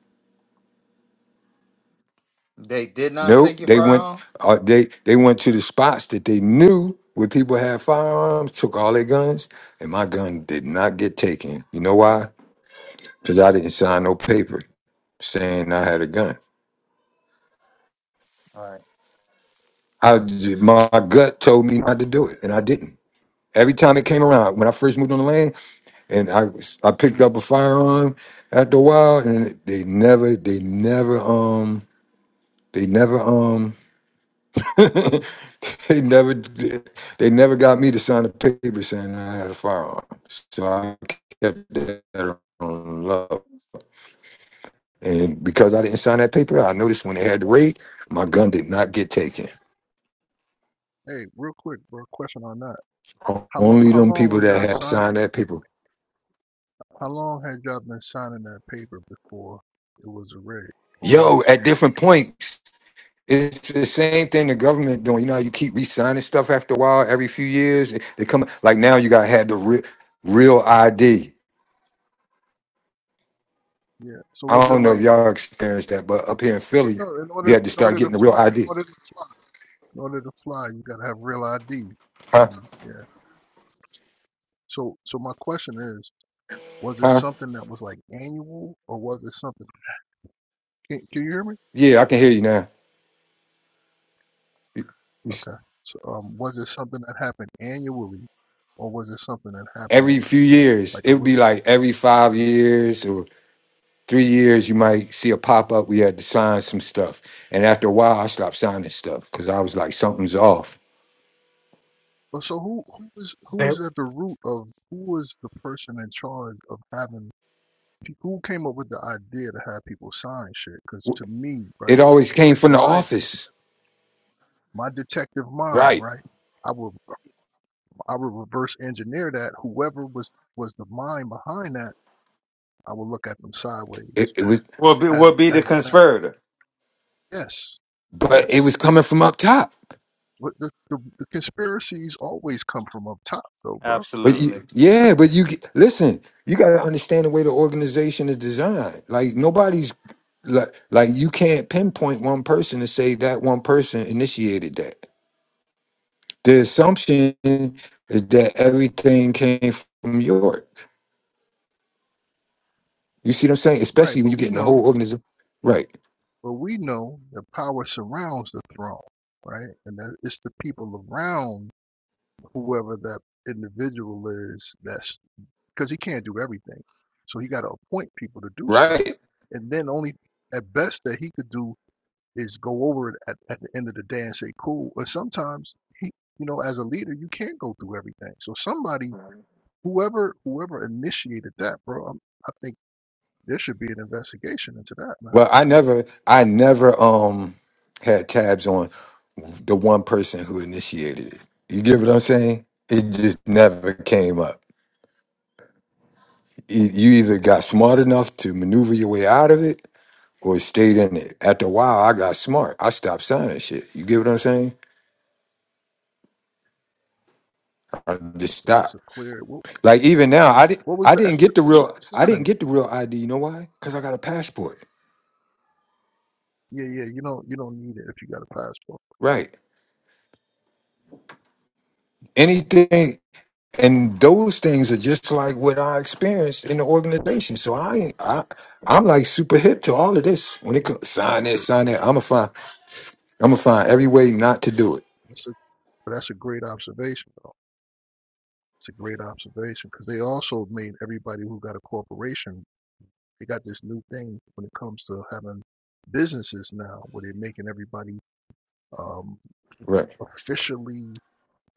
[SPEAKER 1] They did not take
[SPEAKER 2] Nope.
[SPEAKER 1] your
[SPEAKER 2] They went
[SPEAKER 1] firearm.
[SPEAKER 2] uh, they they went to the spots that they knew where people had firearms, took all their guns, and my gun did not get taken. You know why? because I didn't sign no paper saying I had a gun.
[SPEAKER 1] Right.
[SPEAKER 2] I j- my gut told me not to do it, and I didn't. Every time it came around, when I first moved on the land, and I was- I picked
[SPEAKER 1] Mm-hmm.
[SPEAKER 2] up a firearm after a while, and they never they never um they never um they never they never got me to sign a paper saying I had a firearm. So I kept that on love, and because I didn't sign that paper, I noticed when they had the raid, my gun did not get taken.
[SPEAKER 3] Hey, real quick, bro, question on that. How long
[SPEAKER 2] Only
[SPEAKER 3] how
[SPEAKER 2] them
[SPEAKER 3] long
[SPEAKER 2] people
[SPEAKER 3] was
[SPEAKER 2] that
[SPEAKER 3] y'all
[SPEAKER 2] have
[SPEAKER 3] signing?
[SPEAKER 2] signed that paper.
[SPEAKER 3] how long had y'all been signing that paper before it was a raid? Or was
[SPEAKER 2] Yo,
[SPEAKER 3] it?
[SPEAKER 2] at different points, it's the same thing the government doing. You know how you keep re-signing stuff after a while, every few years. They come like now you gotta have the real, real ID.
[SPEAKER 3] Yeah. So
[SPEAKER 2] I
[SPEAKER 3] was it
[SPEAKER 2] don't know if
[SPEAKER 3] like
[SPEAKER 2] y'all experienced that, but up here in
[SPEAKER 3] yeah,
[SPEAKER 2] Philly,
[SPEAKER 3] no, in order
[SPEAKER 2] you had to
[SPEAKER 3] in
[SPEAKER 2] start
[SPEAKER 3] order to
[SPEAKER 2] getting the real
[SPEAKER 3] fly in
[SPEAKER 2] ID.
[SPEAKER 3] order to fly in order to fly you gotta have real ID.
[SPEAKER 2] Huh?
[SPEAKER 3] Um yeah. So so my question is, was it
[SPEAKER 2] Huh?
[SPEAKER 3] something that was like annual or was it something can can you hear me?
[SPEAKER 2] Yeah, I can hear you now. It's
[SPEAKER 3] Okay. So um was it something that happened annually or was it something that happened
[SPEAKER 2] Every few years,
[SPEAKER 3] like a
[SPEAKER 2] it would be
[SPEAKER 3] little
[SPEAKER 2] like every five years, three years, you might see a pop up. We had to sign some stuff. And after a while, I stopped signing stuff because I was like, something's off.
[SPEAKER 3] Well, so who who was who
[SPEAKER 1] They
[SPEAKER 3] was at the root of who was the person in charge of having pe- who came up with the idea to have people sign shit? Because to me,
[SPEAKER 2] It
[SPEAKER 3] right,
[SPEAKER 2] always came from the
[SPEAKER 3] my
[SPEAKER 2] office.
[SPEAKER 3] my detective mind,
[SPEAKER 2] Right.
[SPEAKER 3] right, I would I would reverse engineer that. Whoever was was the mind behind that, I would look at them sideways
[SPEAKER 2] It, it was,
[SPEAKER 1] will be will
[SPEAKER 3] as
[SPEAKER 1] be the
[SPEAKER 3] as a map.
[SPEAKER 1] conspirator.
[SPEAKER 3] Yes,
[SPEAKER 2] but it
[SPEAKER 3] yes.
[SPEAKER 2] was coming from up top.
[SPEAKER 3] But the, the the conspiracies always come from up top, though, bro.
[SPEAKER 2] But
[SPEAKER 1] Absolutely.
[SPEAKER 2] you, yeah, but you get- listen, you got to understand the way the organization is designed. Like, nobody's like, like, you can't pinpoint one person and say that one person initiated that. The assumption is that everything came from York. You see what I'm saying?
[SPEAKER 3] Right,
[SPEAKER 2] Especially when
[SPEAKER 3] but
[SPEAKER 2] you
[SPEAKER 3] we
[SPEAKER 2] get in the
[SPEAKER 3] know
[SPEAKER 2] whole organism. Right.
[SPEAKER 3] But we know that power surrounds the throne, right? And that it's the people around whoever that individual is that's because he can't do everything. So he got to appoint people to do stuff.
[SPEAKER 2] Right.
[SPEAKER 3] And then only at best that he could do is go over it at, at the end of the day and say, cool. Or sometimes he, you know, as a leader, you can't go through everything. So somebody, whoever, whoever initiated that, bro, i I think there should be an investigation into that, man.
[SPEAKER 2] Well, I never, I never um had tabs on the one person who initiated it. You get what I'm saying? It just never came up. E- You either got smart enough to maneuver your way out of it or stayed in it. After a while, I got smart. I stopped signing shit. You get what I'm saying? I just
[SPEAKER 3] It's a
[SPEAKER 2] stopped.
[SPEAKER 3] clear,
[SPEAKER 2] Like even now, I didn't,
[SPEAKER 3] What was
[SPEAKER 2] I
[SPEAKER 3] the
[SPEAKER 2] didn't get the
[SPEAKER 3] explanation
[SPEAKER 2] real,
[SPEAKER 3] for
[SPEAKER 2] I didn't
[SPEAKER 3] signing it?
[SPEAKER 2] get the real ID. You know why? Because I got a passport.
[SPEAKER 3] Yeah, yeah, you don't you don't need it if you got a passport.
[SPEAKER 2] Right. Anything, and those things are just like what I experienced in the organization. So I, I, I'm like super hip to all of this. When it comes
[SPEAKER 3] Yeah,
[SPEAKER 2] sign
[SPEAKER 3] that's a
[SPEAKER 2] this, sign that,
[SPEAKER 3] that's a
[SPEAKER 2] I'm gonna find, I'm gonna find every way not to do it.
[SPEAKER 3] that's a but that's a great observation though. It's a great observation because they also made everybody who got a corporation. They got this new thing when it comes to having businesses now, where they're making everybody um,
[SPEAKER 2] Right.
[SPEAKER 3] officially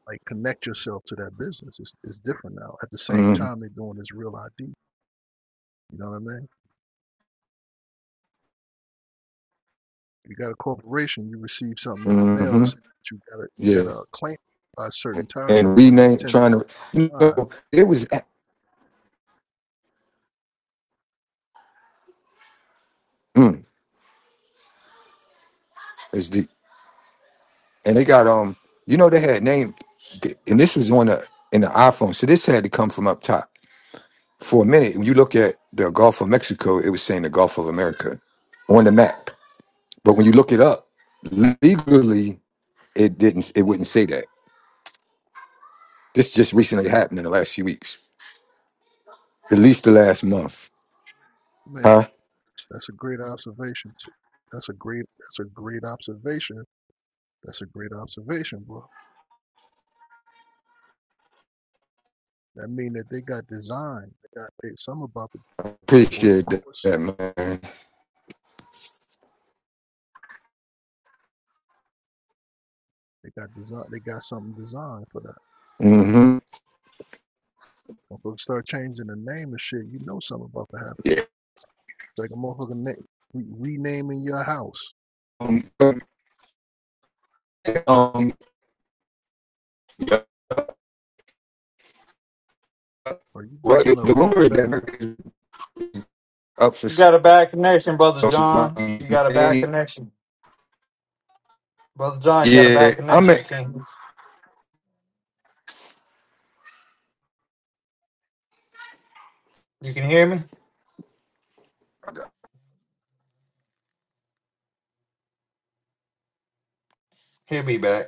[SPEAKER 3] like connect yourself to that business. It's, it's different now. At the same
[SPEAKER 2] Mm.
[SPEAKER 3] time, they're doing this real ID. You know what I mean? You got a corporation, you receive something in the mail,
[SPEAKER 2] Hmm.
[SPEAKER 3] so you gotta you
[SPEAKER 2] Yeah.
[SPEAKER 3] gotta claim it by a certain time or
[SPEAKER 2] And
[SPEAKER 3] you're gonna
[SPEAKER 2] rename,
[SPEAKER 3] get ten to
[SPEAKER 2] trying to, you
[SPEAKER 3] nine.
[SPEAKER 2] know, it was, mm, it's deep. And they got um, you know, they had name, and this was on the in the iPhone. So this had to come from up top. For a minute, when you look at the Gulf of Mexico, it was saying the Gulf of America on the map But when you look it up, legally, it didn't. It wouldn't say that. This just recently happened in the last few weeks, at least the last month.
[SPEAKER 3] Man,
[SPEAKER 2] Huh?
[SPEAKER 3] that's a great observation too. That's a great that's a great observation. That's a great observation, bro. That mean that they got design. They got they, some about the or the
[SPEAKER 2] Appreciate that,
[SPEAKER 3] course.
[SPEAKER 2] man.
[SPEAKER 3] They got design they got something designed for that.
[SPEAKER 2] Mm-hmm.
[SPEAKER 3] When folks start changing the name and shit, you know something about to happen.
[SPEAKER 2] Yeah.
[SPEAKER 3] It's like a motherfucker name, re- renaming your house.
[SPEAKER 2] Um, but, um, yeah.
[SPEAKER 3] Or you
[SPEAKER 2] Well,
[SPEAKER 3] breaking
[SPEAKER 2] the
[SPEAKER 3] the
[SPEAKER 2] the rumor is that
[SPEAKER 3] back.
[SPEAKER 2] America is up for
[SPEAKER 1] You got a bad connection, brother
[SPEAKER 2] social.
[SPEAKER 1] John. You got a bad connection, brother John. You got a
[SPEAKER 2] Yeah,
[SPEAKER 1] bad
[SPEAKER 2] I'm
[SPEAKER 1] connection. Can you can hear me? Hear me back.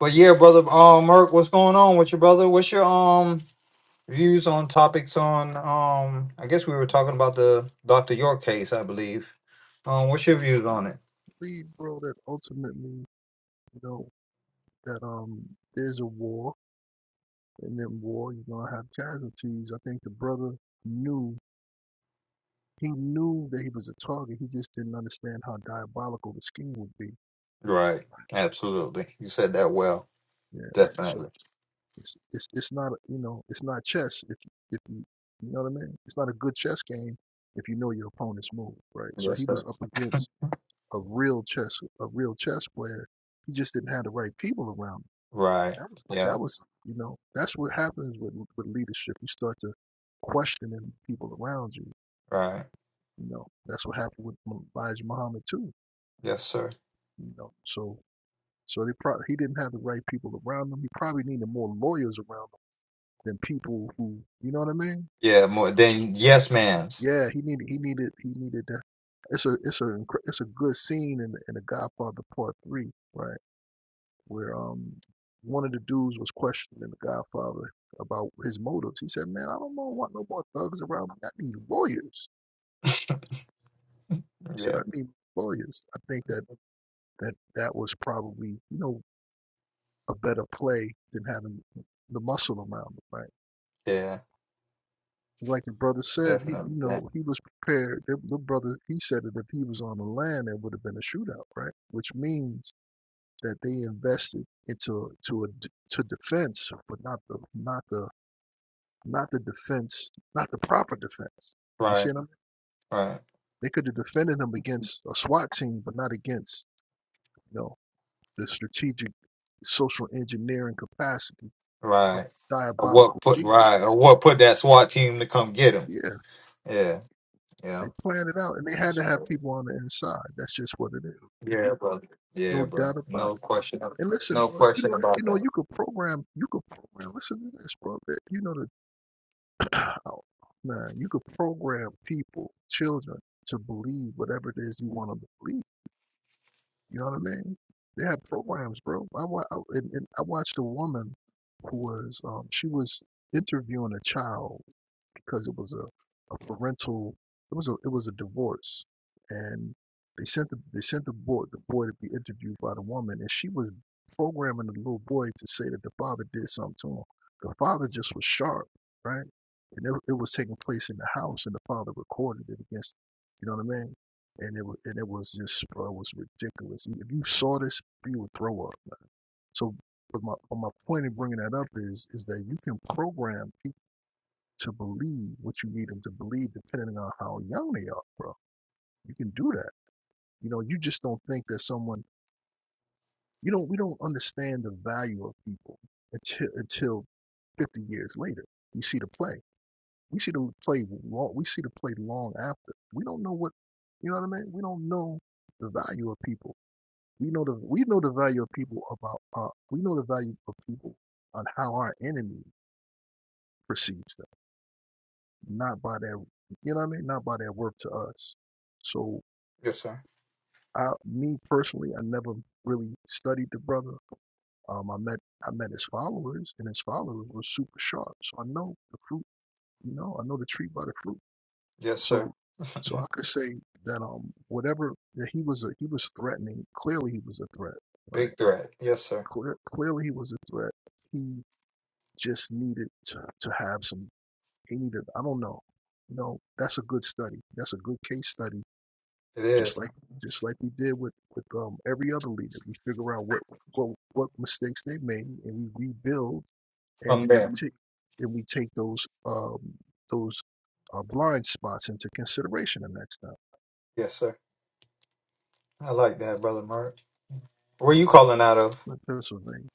[SPEAKER 1] But yeah, brother. Um, Merc, what's going on with your brother? What's your um? views on topics on um I guess we were talking about the Dr. York case, I believe. Um what's your views
[SPEAKER 3] I
[SPEAKER 1] on it?
[SPEAKER 3] believe, bro, that ultimately you know, that um there's a war, and in war you're gonna have casualties. I think the brother knew he knew that he was a target. He just didn't understand how diabolical the scheme would be.
[SPEAKER 1] Right. Absolutely. You said that well.
[SPEAKER 3] Yeah. So
[SPEAKER 1] Definitely.
[SPEAKER 3] it's it's it's not a- you know it's not chess if if you you know what I mean. It's not a good chess game if you know your opponent's move, right? So
[SPEAKER 1] Yes,
[SPEAKER 3] he was
[SPEAKER 1] sir.
[SPEAKER 3] up against a real chess a real chess player. He just didn't have the right people around him
[SPEAKER 1] Right.
[SPEAKER 3] That was
[SPEAKER 1] Yeah.
[SPEAKER 3] that was you know that's what happens with with leadership. You start to questioning people around you.
[SPEAKER 1] Right.
[SPEAKER 3] You know that's what happened with M- Elijah Muhammad too.
[SPEAKER 1] Yes, sir.
[SPEAKER 3] You know so so they probably he didn't have the right people around him. He probably needed more lawyers around him than people who you know what I mean.
[SPEAKER 1] Yeah, more than yes man's.
[SPEAKER 3] Yeah, he needed he needed he needed that. It's a it's a incre- it's a good scene in in The Godfather Part Three, right? where um one of the dudes was questioning the Godfather about his motives. He said, "Man, I don't know- want no more thugs around me. I need lawyers." He said, "I
[SPEAKER 1] Yeah.
[SPEAKER 3] need lawyers." I think that that that was probably you know a better play than having the muscle around him, right?
[SPEAKER 1] Yeah.
[SPEAKER 3] 'Cause Like the brother said, he
[SPEAKER 1] Definitely.
[SPEAKER 3] you
[SPEAKER 1] That.
[SPEAKER 3] know he was prepared. The, the brother he said that if he was on the land, there would have been a shootout, right? Which means that they invested into to a to defense, but not the not the not the defense, not the proper defense. You see
[SPEAKER 1] Right.
[SPEAKER 3] what I mean?
[SPEAKER 1] Right.
[SPEAKER 3] They could have defended him against a SWAT team, but not against, you know, the strategic social engineering capacity of
[SPEAKER 1] Right. Or what
[SPEAKER 3] diabolical
[SPEAKER 1] put right or
[SPEAKER 3] geniuses.
[SPEAKER 1] what put that SWAT team to come get him.
[SPEAKER 3] Yeah,
[SPEAKER 1] Yeah.
[SPEAKER 3] they planned it out and they had to have
[SPEAKER 1] Yeah.
[SPEAKER 3] people on the inside. That's just what it is.
[SPEAKER 1] Yeah, bro. Yeah,
[SPEAKER 3] No
[SPEAKER 1] bro.
[SPEAKER 3] doubt about
[SPEAKER 1] No
[SPEAKER 3] it.
[SPEAKER 1] question.
[SPEAKER 3] And listen,
[SPEAKER 1] No
[SPEAKER 3] bro, you
[SPEAKER 1] question
[SPEAKER 3] know,
[SPEAKER 1] about
[SPEAKER 3] you know,
[SPEAKER 1] that.
[SPEAKER 3] you could program, you could program, listen to this, bro, that you know the oh, man, you could program people, children, to believe whatever it is you want them to believe You know what I mean? They had programs, bro. I, wa- I- and, and I watched a woman who was um, she was interviewing a child because it was a, a parental. It was a it was a divorce, and they sent the they sent the boy the boy to be interviewed by the woman, and she was programming the little boy to say that the father did something to him. The father just was sharp, right? And it, it was taking place in the house, and the father recorded it against, you know what I mean? And it was and it was just bro, it was ridiculous. If you saw this, you would throw up. man. So, but my but my point in bringing that up is is that you can program people to believe what you need them to believe, depending on how young they are, bro. You can do that. You know, you just don't think that someone you don't we don't understand the value of people until until 50 years later. We see the play. We see the play long. We see the play long after. We don't know what you know what I mean. We don't know the value of people. We know the we know the value of people about uh, we know the value of people on how our enemy perceives them not by their you know what I mean, not by their work to us. So
[SPEAKER 1] Yes, sir.
[SPEAKER 3] I me personally, I never really studied the brother. Um I met I met his followers and his followers were super sharp. So I know the fruit, you know, I know the tree by the fruit.
[SPEAKER 1] Yes, sir.
[SPEAKER 3] So so I could say that um whatever that he was a, he was threatening, clearly he was a threat, right?
[SPEAKER 1] Big threat. Yes, sir.
[SPEAKER 3] Clear, clearly he was a threat. He just needed to, to have some he needed I don't know. You know, that's a good study. That's a good case study
[SPEAKER 1] It
[SPEAKER 3] just
[SPEAKER 1] is
[SPEAKER 3] like just like we did with with um, every other leader. We figure out what what what mistakes they made, and we rebuild, and
[SPEAKER 1] from
[SPEAKER 3] we
[SPEAKER 1] them.
[SPEAKER 3] take and we take those um those uh, blind spots into consideration the next time.
[SPEAKER 1] Yes, sir. I like that, brother Mark. Where you calling out of?
[SPEAKER 3] Like Pennsylvania,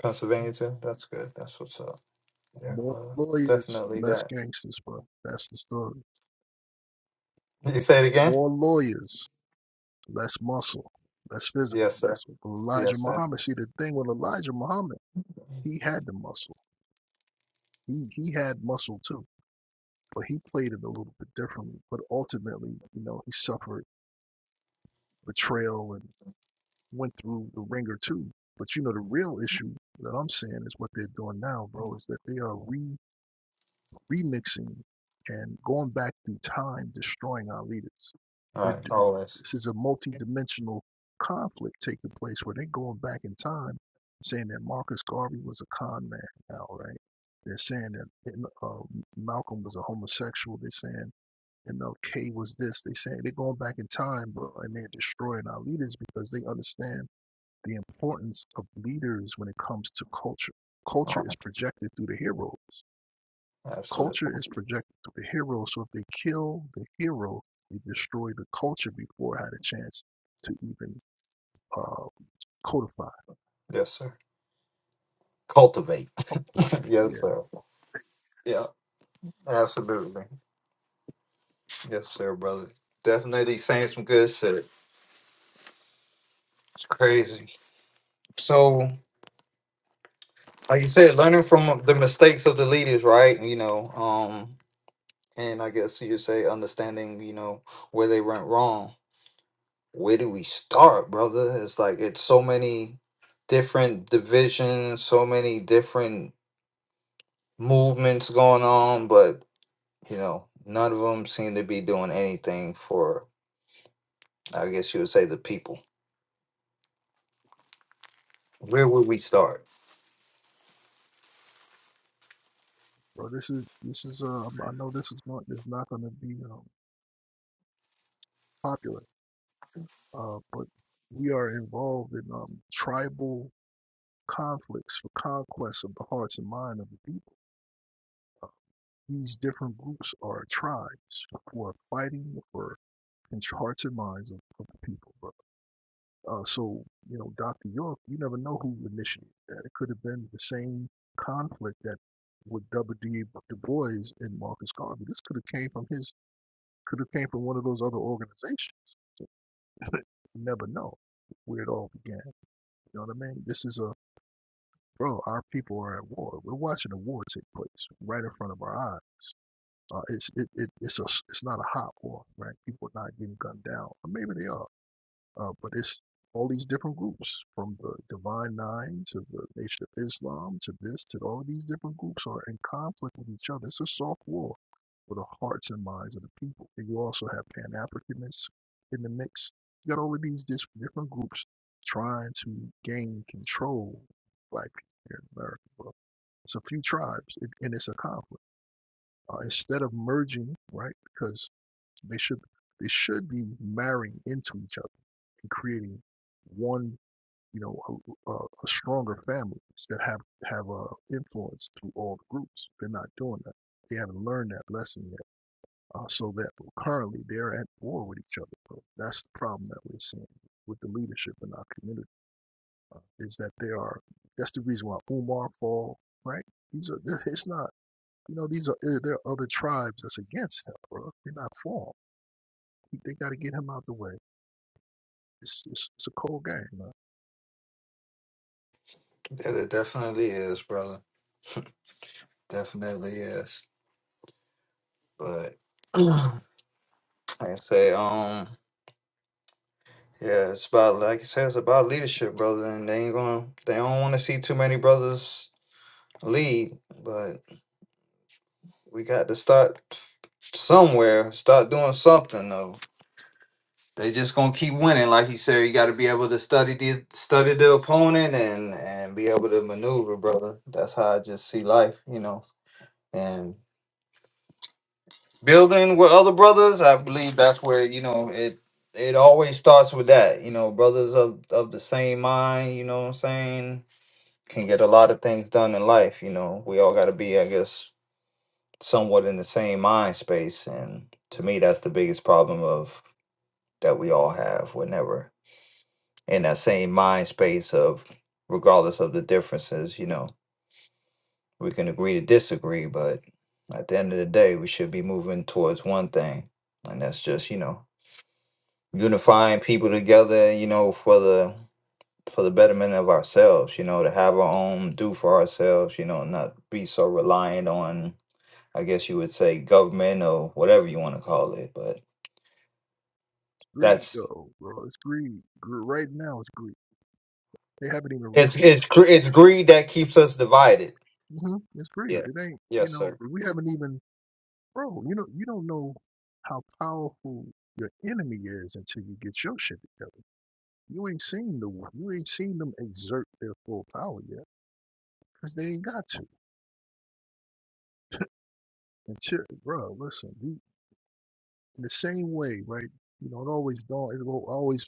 [SPEAKER 1] Pennsylvania too. That's good. That's what's up. Yeah,
[SPEAKER 3] more
[SPEAKER 1] brother.
[SPEAKER 3] lawyers,
[SPEAKER 1] Definitely
[SPEAKER 3] less
[SPEAKER 1] that.
[SPEAKER 3] gangsters, bro. That's the story.
[SPEAKER 1] You say it again.
[SPEAKER 3] More lawyers, less muscle, less physical
[SPEAKER 1] Yes, sir.
[SPEAKER 3] muscle. But Elijah
[SPEAKER 1] Yes, sir.
[SPEAKER 3] Muhammad, see the thing with Elijah Muhammad, he had the muscle. He he had muscle too but he played it a little bit differently. But ultimately, you know, he suffered betrayal and went through the ringer too. But you know, the real issue that I'm saying is what they're doing now, bro, is that they are re remixing and going back through time, destroying our leaders.
[SPEAKER 1] All
[SPEAKER 3] They're
[SPEAKER 1] right. Always.
[SPEAKER 3] This is a multi-dimensional conflict taking place where they're going back in time, saying that Marcus Garvey was a con man now, right? They're saying that uh, Malcolm was a homosexual. They're saying and okay was this. They saying they're going back in time, bro, and they're destroying our leaders because they understand the importance of leaders when it comes to culture. Culture
[SPEAKER 1] All right.
[SPEAKER 3] is projected through the hero. Culture
[SPEAKER 1] Absolutely.
[SPEAKER 3] is projected through the hero. So if they kill the hero, they destroy the culture before it had a chance to even uh, codify.
[SPEAKER 1] Yes, sir. Cultivate. yes,
[SPEAKER 3] Yeah,
[SPEAKER 1] sir. Yeah. Absolutely. Yes, sir, brother. Definitely saying some good shit. Crazy. So, like you said, learning from the mistakes of the leaders, right? You know, um, and I guess you say understanding, you know, where they went wrong. Where do we start, brother? It's like it's so many different divisions, so many different movements going on, but you know, none of them seem to be doing anything for, I guess you would say, the people. Where would we start?
[SPEAKER 3] bro. This is this is. Uh, I know this is not is not going to be um, popular, uh, but we are involved in um, tribal conflicts for conquest of the hearts and mind of the people. These different groups are tribes who are fighting for con- hearts and minds of, of the people. Bro. Uh, so, you know, Dr. York, you never know who initiated that. It could have been the same conflict that with W. D. Du Bois and Marcus Garvey. This could have came from his, could have came from one of those other organizations. you never know where it all began. You know what I mean? This is a bro. Our people are at war. We're watching a war take place right in front of our eyes Uh, it's it, it it's a it's not a hot war, right? People are not getting gunned down. Or maybe they are, uh, but it's all these different groups from the Divine Nine to the Nation of Islam to this to all these different groups are in conflict with each other. It's a soft war for the hearts and minds of the people. And you also have Pan Africanists in the mix. You got all of these dis- different groups trying to gain control, of black people here in America. Well, it's a few tribes, it, and it's a conflict uh, instead of merging, right? Because they should they should be marrying into each other and creating one, you know, a, a, stronger families that have have a influence through all the groups. They're not doing that. They haven't learned that lesson yet. Uh, so that currently they're at war with each other. Bro. That's the problem that we're seeing with the leadership in our community is that they are. That's the reason why Umar fall. Right? These are. It's not. You know, these are eh, there are other tribes that's against him, bro. They're not for him. They got to get him out the way. It's it's, it's a cold game, man.
[SPEAKER 1] Yeah, It definitely is, brother. Definitely is, but. Like I say, um, yeah, it's about like you said, it's about leadership, brother. And they ain't gonna, they don't want to see too many brothers lead, but we got to start somewhere, start doing something though. They just gonna keep winning, like you said. You got to be able to study the study the opponent and and be able to maneuver, brother. That's how I just see life, you know. And. building with other brothers i believe that's where you know it it always starts with that you know brothers of of the same mind you know what i'm saying can get a lot of things done in life you know we all got to be i guess somewhat in the same mind space and to me that's the biggest problem of that we all have we're never in that same mind space of regardless of the differences you know we can agree to disagree but at the end of the day we should be moving towards one thing and that's just you know unifying people together, you know, for the for the betterment of ourselves, you know, to have our own do for ourselves, you know, not be so reliant on I guess you would say government or whatever you want to call it, but
[SPEAKER 3] It's greed,
[SPEAKER 1] that's
[SPEAKER 3] though, bro. It's greed. Right now, it's greed. They haven't even
[SPEAKER 1] it's
[SPEAKER 3] reached.
[SPEAKER 1] it's gre- it's greed that keeps us divided.
[SPEAKER 3] hmm It's greed.
[SPEAKER 1] Yeah.
[SPEAKER 3] It ain't. You
[SPEAKER 1] Yes,
[SPEAKER 3] know,
[SPEAKER 1] sir.
[SPEAKER 3] we haven't even, bro. You know, you don't know how powerful your enemy is until you get your shit together. You ain't seen the one. you ain't seen them exert their full power yet, cause they ain't got to. Until, bro, listen, in the same way, right? You know, it always don't. It will always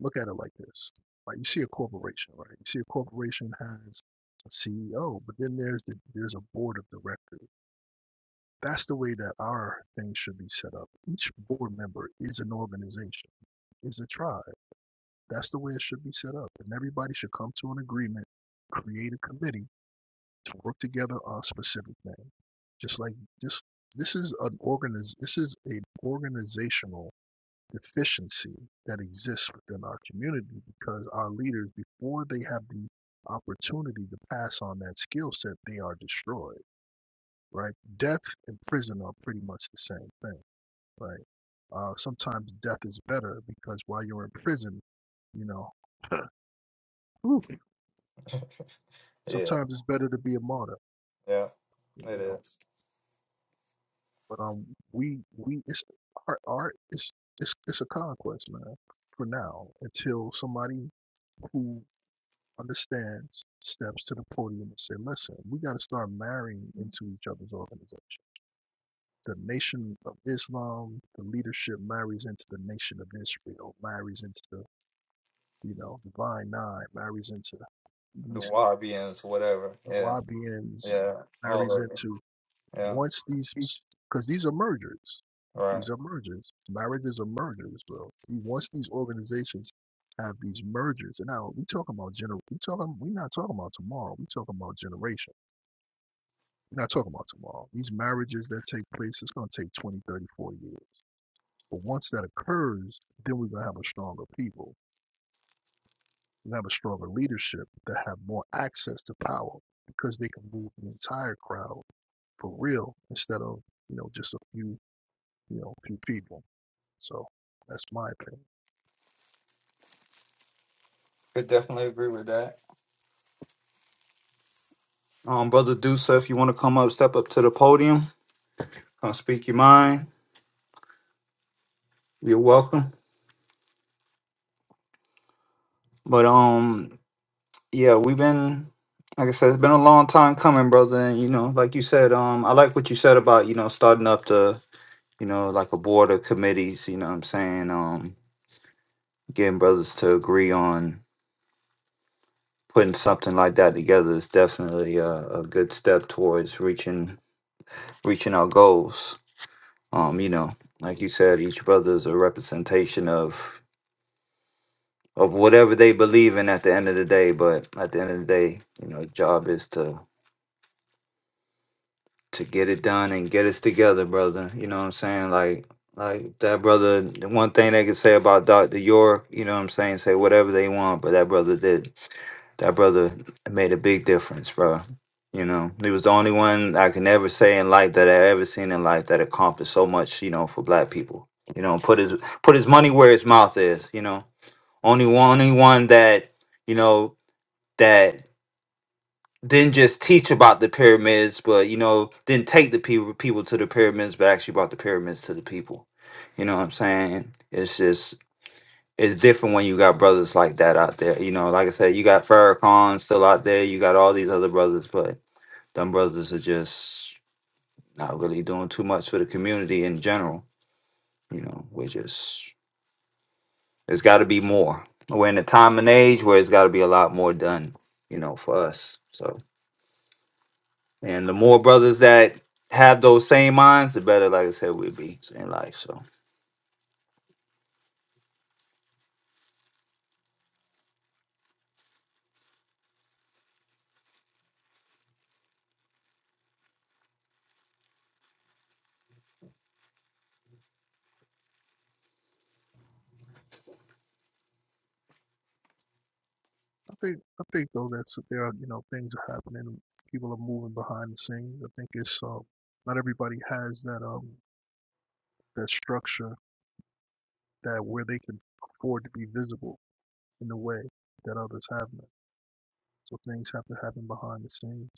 [SPEAKER 3] look at it like this. Like you see a corporation, right? You see a corporation has a CEO, but then there's the there's a board of directors. That's the way that our thing should be set up. Each board member is an organization, is a tribe. That's the way it should be set up, and everybody should come to an agreement, create a committee to work together on a specific thing. Just like this, this is an organiz. This is an organizational deficiency that exists within our community because our leaders, before they have the opportunity to pass on that skill set, they are destroyed, right? Death and prison are pretty much the same thing, right? Uh, sometimes death is better because while you're in prison, you know, whew,
[SPEAKER 1] Yeah.
[SPEAKER 3] sometimes it's better to be a martyr,
[SPEAKER 1] Yeah.
[SPEAKER 3] you
[SPEAKER 1] It
[SPEAKER 3] know.
[SPEAKER 1] is.
[SPEAKER 3] But um, we we it's our art it's it's it's a conquest, man. For now, until somebody who understands, steps to the podium and say, listen, we got to start marrying into each other's organization. The Nation of Islam, the leadership marries into the Nation of Israel, marries into the, you know, Divine Nine, marries into
[SPEAKER 1] The
[SPEAKER 3] these
[SPEAKER 1] Wahabians, whatever. Yeah.
[SPEAKER 3] Wabians,
[SPEAKER 1] Yeah. All
[SPEAKER 3] marries
[SPEAKER 1] of it.
[SPEAKER 3] into
[SPEAKER 1] Yeah.
[SPEAKER 3] once these, because these are mergers.
[SPEAKER 1] Right.
[SPEAKER 3] These are mergers. Marriages are mergers, bro. The- Once these organizations have these mergers, and now we talking about gener, we talking, we not talking about tomorrow. We talking about generations We're not talking about tomorrow. These marriages that take place, it's going to take 20, 30, 40 years. But once that occurs, then we're going to have a stronger people. We're going to have a stronger leadership that have more access to power because they can move the entire crowd for real instead of, you know, just a few, you know, few people. So that's my opinion.
[SPEAKER 1] Could definitely agree with that. Um, brother Dusa, if you want to come up, step up to the podium. Come speak your mind. You're welcome. But um, yeah, we've been like I said, it's been a long time coming, brother. And you know, like you said, um, I like what you said about you know starting up the you know like a board of committees. You know, what I'm saying um, getting brothers to agree on putting something like that together is definitely a, a good step towards reaching reaching our goals. Um, you know, like you said, each brother is a representation of of whatever they believe in at the end of the day. But at the end of the day, you know, job is to to get it done and get us together, brother. You know what I'm saying? Like like that brother the one thing they could say about Dr. York, you know what I'm saying, say whatever they want, but that brother did that brother made a big difference, bro. You know, he was the only one I can ever say in life that I ever seen in life that accomplished so much, you know, for black people. You know, put his put his money where his mouth is, you know. Only one only one that, you know, that didn't just teach about the pyramids, but you know, didn't take the people people to the pyramids, but actually brought the pyramids to the people. You know what I'm saying? It's just it's different when you got brothers like that out there. You know, like I said, you got Farrakhan still out there, you got all these other brothers, but them brothers are just not really doing too much for the community in general. You know, we're just it's gotta be more. We're in a time and age where it's gotta be a lot more done, you know, for us. So And the more brothers that have those same minds, the better, like I said, we'll be in life. So
[SPEAKER 3] I think, I think though that's, there are, you know, things are happening. People are moving behind the scenes. I think it's, um, not everybody has that, um, that structure that where they can afford to be visible in a way that others haven't. So things have to happen behind the scenes.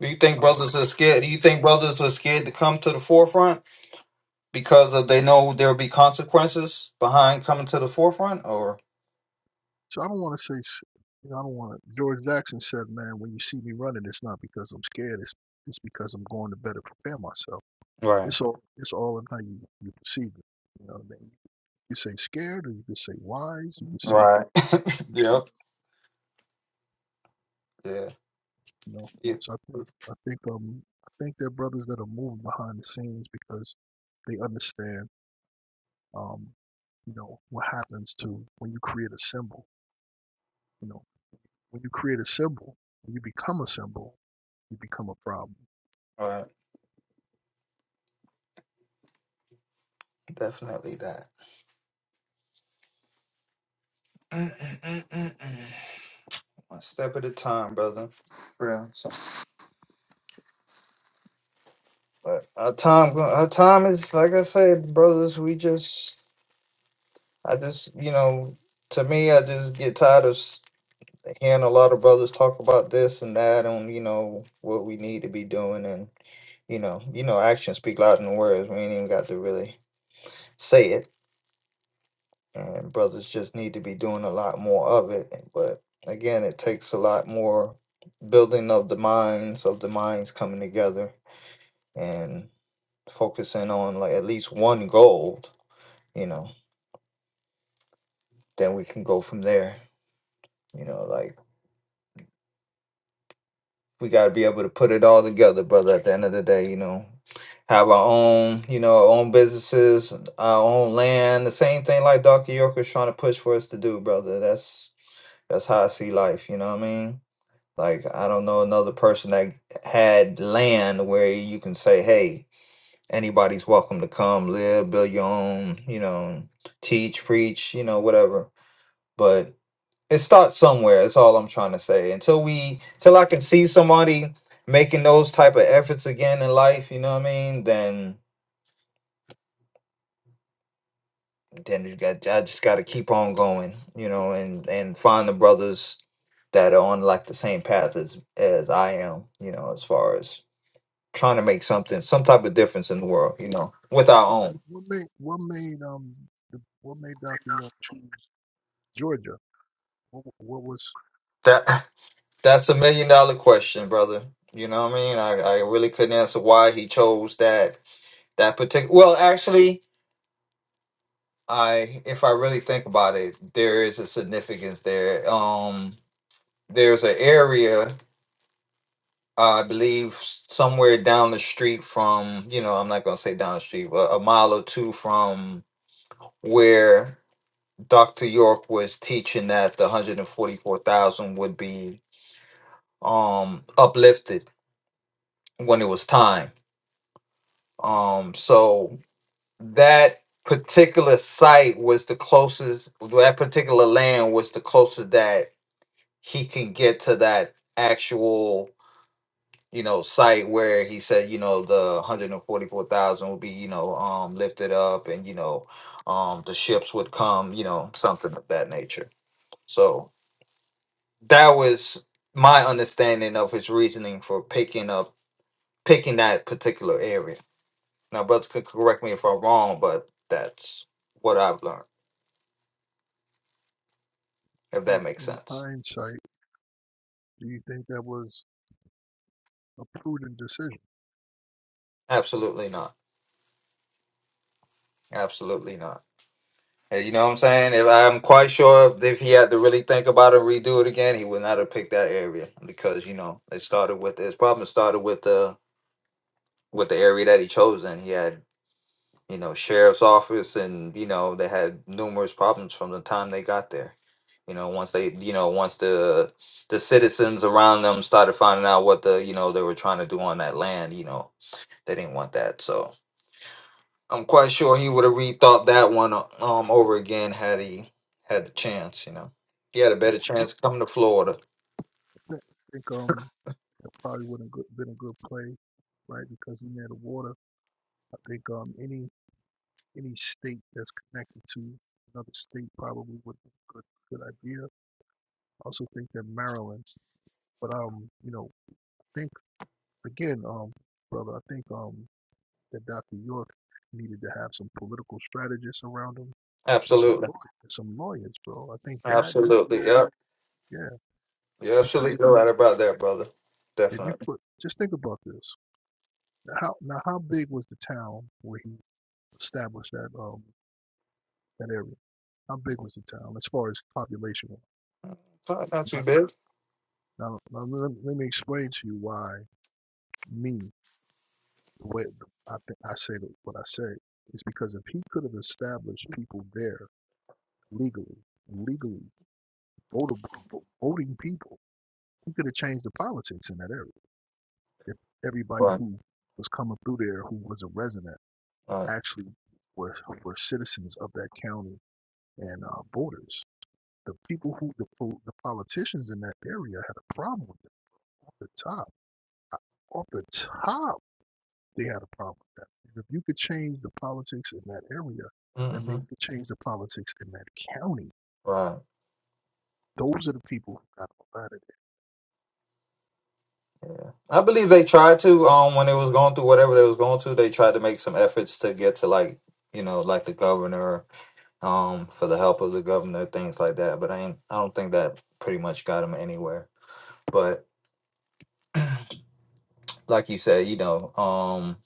[SPEAKER 1] Do you think
[SPEAKER 3] Um,
[SPEAKER 1] brothers are scared? Do you think brothers are scared to come to the forefront because of they know there'll be consequences behind coming to the forefront? Or
[SPEAKER 3] so I don't want to say, you know, I don't want to. George Jackson said, "Man, when you see me running, it's not because I'm scared. It's it's because I'm going to better prepare myself.
[SPEAKER 1] Right.
[SPEAKER 3] It's all it's all in how you you perceive it. You know, you could say scared, or you could say wise. You could say, you
[SPEAKER 1] right,
[SPEAKER 3] know,
[SPEAKER 1] yep, yeah,
[SPEAKER 3] you know.
[SPEAKER 1] yeah,
[SPEAKER 3] So I think I think um I think they're brothers that are moving behind the scenes because they understand um, you know, what happens to when you create a symbol. You know, when you create a symbol, when you become a symbol, you become a problem.
[SPEAKER 1] right, definitely that. One step at a time, brother. Yeah. So, but our time, our time is like I said, brothers. We just I just, you know, to me, I just get tired of s- hearing a lot of brothers talk about this and that, and you know what we need to be doing, and you know, you know, actions speak louder than words. We ain't even got to really say it, and brothers just need to be doing a lot more of it. But again, it takes a lot more building of the minds of the minds coming together and focusing on like at least one goal. You know, then we can go from there. You know, like we got to be able to put it all together, brother. At the end of the day, you know, have our own, you know, our own businesses, our own land. The same thing like Dr. York is trying to push for us to do, brother. That's that's how I see life. You know what I mean? Like I don't know another person that had land where you can say, hey, anybody's welcome to come live, build your own, you know, teach, preach, you know, whatever. But it starts somewhere that's all i'm trying to say until we till i can see somebody making those type of efforts again in life you know what i mean then then you got i just got to keep on going you know and and find the brothers that are on like the same path as as i am you know as far as trying to make something some type of difference in the world you know with our
[SPEAKER 3] What,
[SPEAKER 1] own
[SPEAKER 3] what made what made um the, what made Dr. York choose Georgia? What, what was
[SPEAKER 1] that that's a million dollar question brother you know what i mean i i really couldn't answer why he chose that that particular well actually I, if I really think about it, there is a significance there. Um, there's an area, I believe, somewhere down the street from, you know, I'm not gonna say down the street, but a mile or two from where Dr. York was teaching that the 144,000 would be um uplifted when it was time. Um, so that particular site was the closest, that particular land was the closest that he can get to that actual you know site where he said you know the 144,000 would be you know um lifted up and you know um the ships would come you know something of that nature so that was my understanding of his reasoning for picking up picking that particular area now brothers could correct me if i'm wrong but that's what i've learned if
[SPEAKER 3] in,
[SPEAKER 1] that makes
[SPEAKER 3] in
[SPEAKER 1] sense
[SPEAKER 3] hindsight? Do you think that was a prudent decision?
[SPEAKER 1] absolutely not absolutely not Hey, you know what I'm saying? If I'm quite sure if he had to really think about it and redo it again, he would not have picked that area because you know it started with his problem started with the with the area that he chose, and he had you know sheriff's office, and you know they had numerous problems from the time they got there. You know, once they you know once the the citizens around them started finding out what the you know they were trying to do on that land, you know they didn't want that, so. I'm quite sure he would have rethought that one uh, um over again had he had the chance. You know, he had a better
[SPEAKER 3] Do you
[SPEAKER 1] chance coming to Florida.
[SPEAKER 3] think um that probably would have been a good play, right? Because he are near the water. I think um any any state that's connected to another state probably would be a good good idea I also think that Maryland, but um, you know, I think again, um, brother, I think um that Dr. York needed to have some political strategists around him and some
[SPEAKER 1] Absolutely,
[SPEAKER 3] lawyers, some lawyers, bro. I think that is
[SPEAKER 1] absolutely.
[SPEAKER 3] where,
[SPEAKER 1] Yep,
[SPEAKER 3] yeah,
[SPEAKER 1] you're
[SPEAKER 3] because if,
[SPEAKER 1] absolutely right about that, brother.
[SPEAKER 3] if you
[SPEAKER 1] Definitely.
[SPEAKER 3] put, just think about this. Now, How now, how big was the town where he established that um that area? How big was the town as far as population?
[SPEAKER 1] Not not too
[SPEAKER 3] Not,
[SPEAKER 1] big.
[SPEAKER 3] now, now let, let me explain to you why me. the way I, th- I say that what I say is because if he could have established people there legally, legally votable, voting people, he could have changed the politics in that area. If everybody
[SPEAKER 1] Right.
[SPEAKER 3] who was coming through there who was a resident
[SPEAKER 1] Right.
[SPEAKER 3] actually were were citizens of that county and uh, voters, the people who the, the politicians in that area had a problem with it off the top. I- Off the top, They had a problem with that. If you could change the politics in that area, that
[SPEAKER 1] hmm
[SPEAKER 3] means you could change the politics in that county.
[SPEAKER 1] Right.
[SPEAKER 3] Those are the people who got a lot of it.
[SPEAKER 1] I believe they tried to um when it was going through whatever they was going through, they tried to make some efforts to get to like you know like the governor um for the help of the governor things like that. But I ain't I don't think that pretty much got him anywhere. But like you said, you know, um,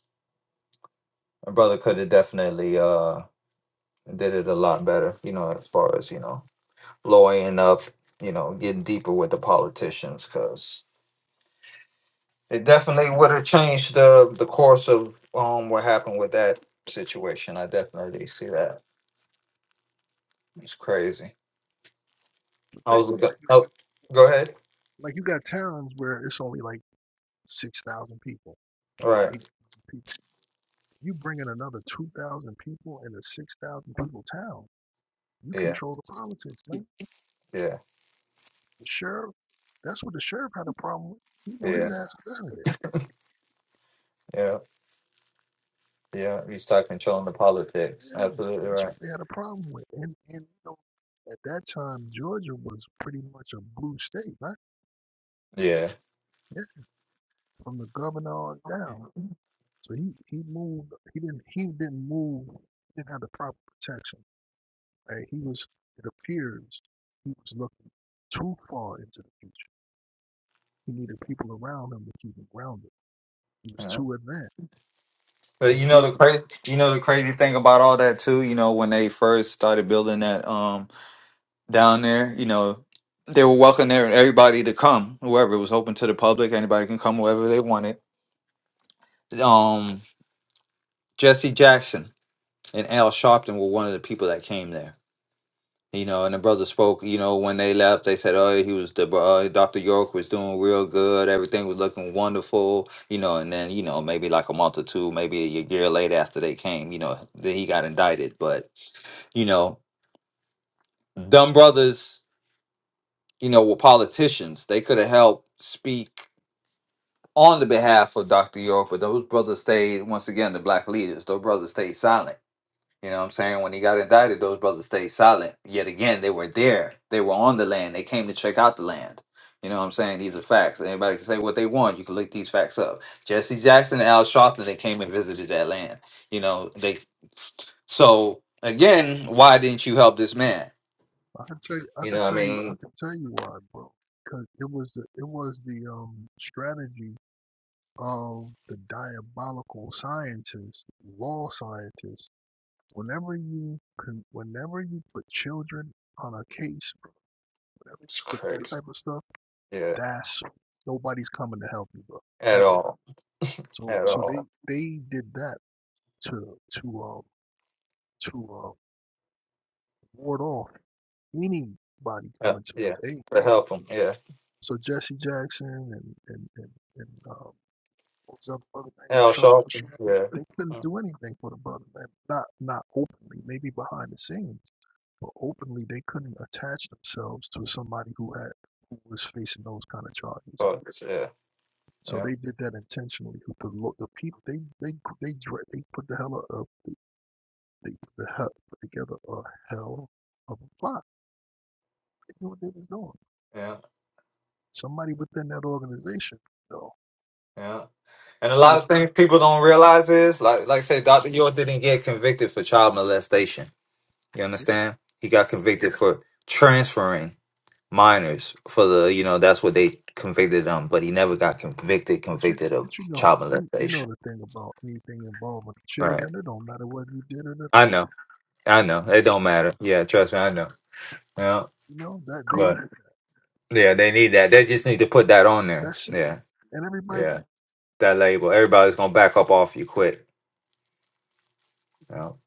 [SPEAKER 1] my brother could have definitely uh did it a lot better, you know, as far as you know, lawyering up, you know, getting deeper with the politicians, because it definitely would have changed the the course of um what happened with that situation. I definitely see that. It's crazy. I was looking.
[SPEAKER 3] Like,
[SPEAKER 1] Oh, go ahead.
[SPEAKER 3] like you got towns where it's only like 6,000 people,
[SPEAKER 1] All
[SPEAKER 3] right?
[SPEAKER 1] right.
[SPEAKER 3] 8,000 people. You bring in another 2,000 people in a 6,000 people town, you
[SPEAKER 1] Yeah.
[SPEAKER 3] control the politics, man.
[SPEAKER 1] Yeah.
[SPEAKER 3] The sheriff, that's what the sheriff had a problem with. You know,
[SPEAKER 1] Yeah.
[SPEAKER 3] his ass was out of there.
[SPEAKER 1] Yeah. Yeah. You start controlling the politics.
[SPEAKER 3] And
[SPEAKER 1] Absolutely
[SPEAKER 3] that's
[SPEAKER 1] right.
[SPEAKER 3] what they had a problem with. And and you know, at that time Georgia was pretty much a blue state, right?
[SPEAKER 1] Yeah.
[SPEAKER 3] Yeah, from the governor on down. So he he moved. He didn't he didn't move. He didn't have the proper protection. Right? He was. It appears he was looking too far into the future. He needed people around him to keep him grounded. He was
[SPEAKER 1] yeah.
[SPEAKER 3] too advanced.
[SPEAKER 1] But
[SPEAKER 3] You know,
[SPEAKER 1] you know
[SPEAKER 3] be,
[SPEAKER 1] the crazy, you know the crazy thing about all that too. You know when they first started building that um down there, you know they were welcoming there- everybody to come, whoever it was open to the public, anybody can come, whoever they wanted. Um, Jesse Jackson and Al Sharpton were one of the people that came there. You know, and the brother spoke. You know, when they left, they said, "Oh, he was the bro- uh, Dr. York was doing real good. Everything was looking wonderful." You know, and then you know maybe like a month or two, maybe a year later after they came, you know, then he got indicted, but you know, dumb brothers, you know, were politicians. They could have helped speak on the behalf of Dr. York, but those brothers stayed, once again, the black leaders, those brothers stayed silent. You know what I'm saying? When he got indicted, those brothers stayed silent. Yet again, they were there. They were on the land. They came to check out the land. You know what I'm saying? These are facts. Anybody can say what they want. You can look these facts up. Jesse Jackson and Al Sharpton, they came and visited that land. You know, they so again, why didn't you help this man?
[SPEAKER 3] I can tell you. I
[SPEAKER 1] You
[SPEAKER 3] can
[SPEAKER 1] know what I
[SPEAKER 3] tell you. I
[SPEAKER 1] mean?
[SPEAKER 3] can tell you why, bro. Because it was the it was the um strategy of the diabolical scientists, law scientists. Whenever you can, whenever you put children on a case, whenever you
[SPEAKER 1] It's
[SPEAKER 3] put that
[SPEAKER 1] crazy.
[SPEAKER 3] type of stuff,
[SPEAKER 1] Yeah,
[SPEAKER 3] that's nobody's coming to help you, bro,
[SPEAKER 1] at
[SPEAKER 3] ever.
[SPEAKER 1] all, at
[SPEAKER 3] So, so they
[SPEAKER 1] all.
[SPEAKER 3] they did that to to um to uh, ward off anybody
[SPEAKER 1] Uh,
[SPEAKER 3] coming to
[SPEAKER 1] yeah,
[SPEAKER 3] us. aid.
[SPEAKER 1] to
[SPEAKER 3] Bro.
[SPEAKER 1] help them. Yeah,
[SPEAKER 3] So Jesse Jackson and and and, and uh, What was the other brother name?
[SPEAKER 1] Al
[SPEAKER 3] Stra-
[SPEAKER 1] Sharpton. Yeah,
[SPEAKER 3] They couldn't
[SPEAKER 1] Mm.
[SPEAKER 3] do anything for the brother, man. Not not openly, maybe behind the scenes, but openly they couldn't attach themselves to somebody who had who was facing those kind of charges. right?
[SPEAKER 1] Fuckers, Yeah,
[SPEAKER 3] So
[SPEAKER 1] yeah,
[SPEAKER 3] they did that intentionally. The the people they they they they put the hell up they, they put the hell put together a hell of a plot. They knew what they was doing.
[SPEAKER 1] yeah,
[SPEAKER 3] Somebody within that organization, though,
[SPEAKER 1] yeah. And a
[SPEAKER 3] know,
[SPEAKER 1] lot
[SPEAKER 3] got
[SPEAKER 1] of
[SPEAKER 3] to
[SPEAKER 1] things people don't realize is like, like say, Doctor York didn't get convicted for child molestation. You
[SPEAKER 3] yeah,
[SPEAKER 1] understand? He got convicted for transferring minors for the you know that's what they convicted him, but he never got convicted
[SPEAKER 3] But you,
[SPEAKER 1] convicted of
[SPEAKER 3] but you know,
[SPEAKER 1] child
[SPEAKER 3] you, you know
[SPEAKER 1] molestation.
[SPEAKER 3] the thing about anything involving
[SPEAKER 1] Right.
[SPEAKER 3] children. It don't matter whether you did it or
[SPEAKER 1] I know. I know. It don't matter. Yeah, trust me. I know. Yeah,
[SPEAKER 3] you know that they
[SPEAKER 1] but.
[SPEAKER 3] knew it.
[SPEAKER 1] Yeah, they need that. They just need to put that on there.
[SPEAKER 3] That's it.
[SPEAKER 1] Yeah,
[SPEAKER 3] And everybody,
[SPEAKER 1] yeah, that label. Everybody's gonna back up off you quick. You know?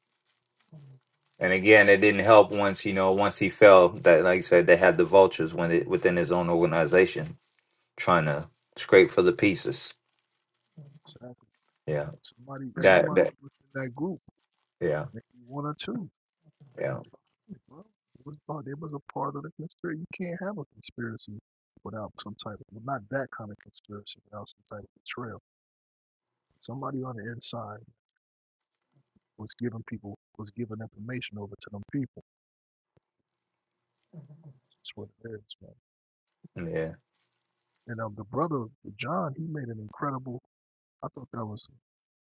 [SPEAKER 1] And again, it didn't help once you know once he fell. That like I said, they had the vultures when it, within his own organization trying to scrape for the pieces.
[SPEAKER 3] exactly.
[SPEAKER 1] Yeah,
[SPEAKER 3] Somebody,
[SPEAKER 1] that
[SPEAKER 3] somebody
[SPEAKER 1] that
[SPEAKER 3] within that group,
[SPEAKER 1] yeah
[SPEAKER 3] maybe one or two, they
[SPEAKER 1] yeah
[SPEAKER 3] was behind it, bro. It was part. They was a part of the conspiracy. You can't have a conspiracy without some type of, well, not that kind of conspiracy, without some type of betrayal. Somebody on the inside was giving people was giving information over to them people. That's what it is, man.
[SPEAKER 1] yeah
[SPEAKER 3] And um, the brother John, he made an incredible. I thought that was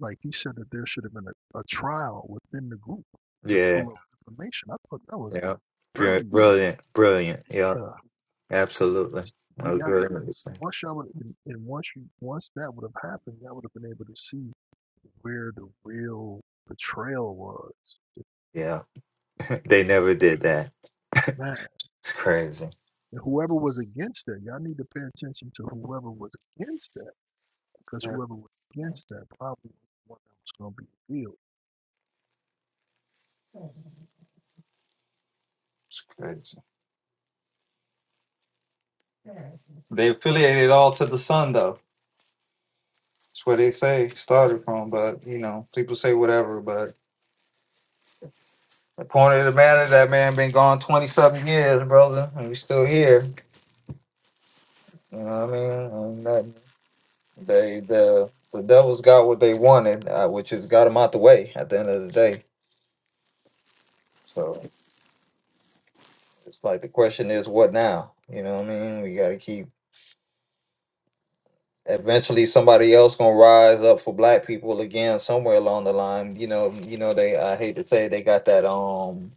[SPEAKER 3] like he said that there should have been a, a trial within the group to
[SPEAKER 1] yeah
[SPEAKER 3] pull up information. I thought that was
[SPEAKER 1] yeah. Bri-
[SPEAKER 3] very.
[SPEAKER 1] Brilliant, brilliant. Yeah,
[SPEAKER 3] Uh,
[SPEAKER 1] absolutely. That
[SPEAKER 3] then
[SPEAKER 1] was
[SPEAKER 3] y'all could have
[SPEAKER 1] brilliant.
[SPEAKER 3] once y'all would and, and once you once that would have happened, y'all would have been able to see where the real betrayal was.
[SPEAKER 1] Yeah, they never did that.
[SPEAKER 3] Man,
[SPEAKER 1] It's crazy.
[SPEAKER 3] and whoever was against that, y'all need to pay attention to whoever was against that because
[SPEAKER 1] Yeah,
[SPEAKER 3] whoever was against that probably was the one that was going to be real.
[SPEAKER 1] It's crazy. They affiliate it all to the sun, though. That's where they say started from. But you know, people say whatever. But the point of the matter, that man been gone twenty something years, brother, and we still here. You know what I mean? And that, they the the devils got what they wanted, uh, which is got them out the way at the end of the day. So it's like the question is, what now? You know what I mean? We got to keep eventually somebody else gonna rise up for black people again somewhere along the line you know you know they i hate to say it, they got that um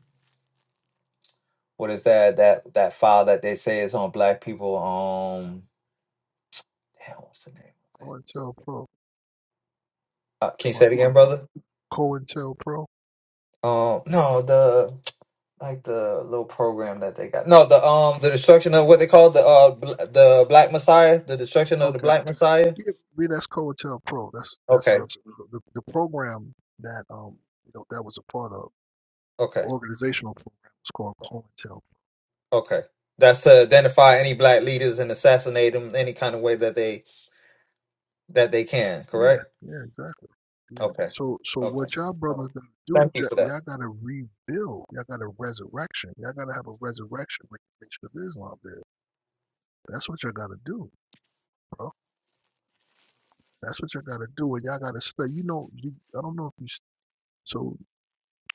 [SPEAKER 1] what is that that that file that they say is on black people um damn, what's the name
[SPEAKER 3] Go and tell pro
[SPEAKER 1] uh, can
[SPEAKER 3] to
[SPEAKER 1] you
[SPEAKER 3] my
[SPEAKER 1] say it again
[SPEAKER 3] clientele.
[SPEAKER 1] brother
[SPEAKER 3] COINTELPRO?
[SPEAKER 1] um no the like the little program that they got no the um the destruction of what they call the uh bl- the black messiah the destruction of the
[SPEAKER 3] Okay.
[SPEAKER 1] black messiah
[SPEAKER 3] Yeah, yeah, that's COINTELPRO. That's that's
[SPEAKER 1] okay
[SPEAKER 3] uh the, the, the program that um you know that was a part of the
[SPEAKER 1] okay
[SPEAKER 3] organizational program was called COINTELPRO.
[SPEAKER 1] okay that's to identify any black leaders and assassinate them any kind of way that they that they can,
[SPEAKER 3] Yeah,
[SPEAKER 1] correct?
[SPEAKER 3] yeah, exactly. Yeah.
[SPEAKER 1] Okay.
[SPEAKER 3] So so
[SPEAKER 1] Okay.
[SPEAKER 3] what y'all brothers
[SPEAKER 1] Um,
[SPEAKER 3] gotta do,
[SPEAKER 1] Thank
[SPEAKER 3] j-
[SPEAKER 1] you for that.
[SPEAKER 3] y'all gotta rebuild. Y'all got to resurrection. Y'all gotta have a resurrection like the Nation of Islam did. That's what y'all gotta do, bro. That's what y'all gotta do. And y'all gotta stay. You know, you, I don't know if you. s- so.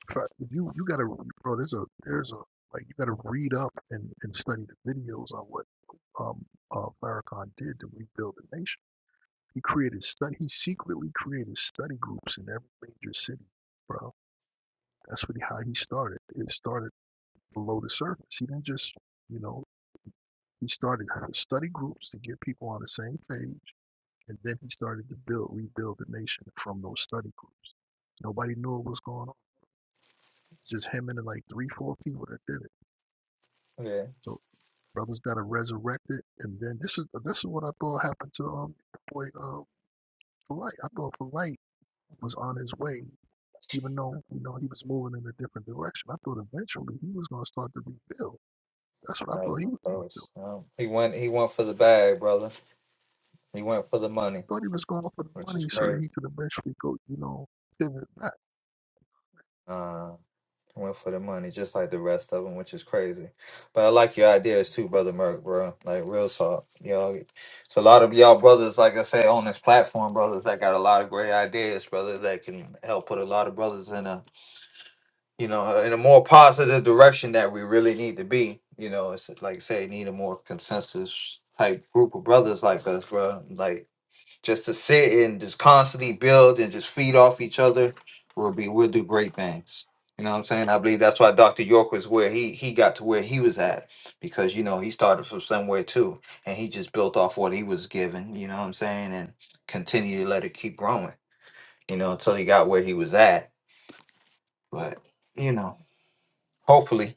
[SPEAKER 3] try you you gotta bro there's a there's a like you gotta read up and, and study the videos on what um uh Farrakhan did to rebuild the nation. He created study he secretly created study groups in every major city, bro. That's what he, how he started. It started below the surface. He didn't just you know he started study groups to get people on the same page, and then he started to build rebuild the nation from those study groups. Nobody knew what was going on. It's just him and like three four people that did it.
[SPEAKER 1] Yeah.
[SPEAKER 3] So brothers that are resurrected. And then this is this is what I thought happened to um the boy um Polite. I thought Polite was on his way, even though you know he was moving in a different direction. I thought eventually he was going to start to rebuild. That's what I
[SPEAKER 1] Not
[SPEAKER 3] thought
[SPEAKER 1] even
[SPEAKER 3] he was going to do.
[SPEAKER 1] close.
[SPEAKER 3] I
[SPEAKER 1] Um, he went he went for the bag, brother. He went for the money,
[SPEAKER 3] thought he was going for the
[SPEAKER 1] which is
[SPEAKER 3] money so that
[SPEAKER 1] crazy.
[SPEAKER 3] he could eventually go, you know, pivot back.
[SPEAKER 1] Uh he went for the money just like the rest of them, which is crazy. But I like your ideas too, brother Merk, bro. Like real talk. Y'all it's a lot of y'all brothers, like I say, on this platform, brothers that got a lot of great ideas, brother, that can help put a lot of brothers in a you know, in a more positive direction that we really need to be. You know, it's like say need a more consensus type group of brothers like us, bro. Like just to sit and just constantly build and just feed off each other will be we'll do great things. You know what I'm saying? I believe that's why Dr. York was where he he got to where he was at because you know he started from somewhere too and he just built off what he was given, you know what I'm saying, and continue to let it keep growing, you know, until he got where he was at. But, you know, hopefully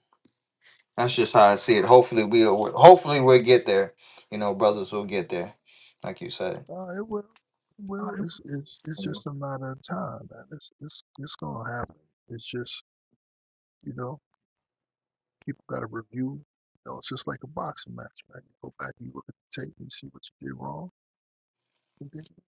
[SPEAKER 1] That's just how I see it. Hopefully we'll hopefully we'll get there. You know, brothers will get there, like you said.
[SPEAKER 3] Uh, it will, it will. It's it's it's just a matter of time, man. It's it's it's going to happen. It's just you know People got to review. You know, it's just like a boxing match, man. You go back and you look at the tape, and you see what you did wrong, and then you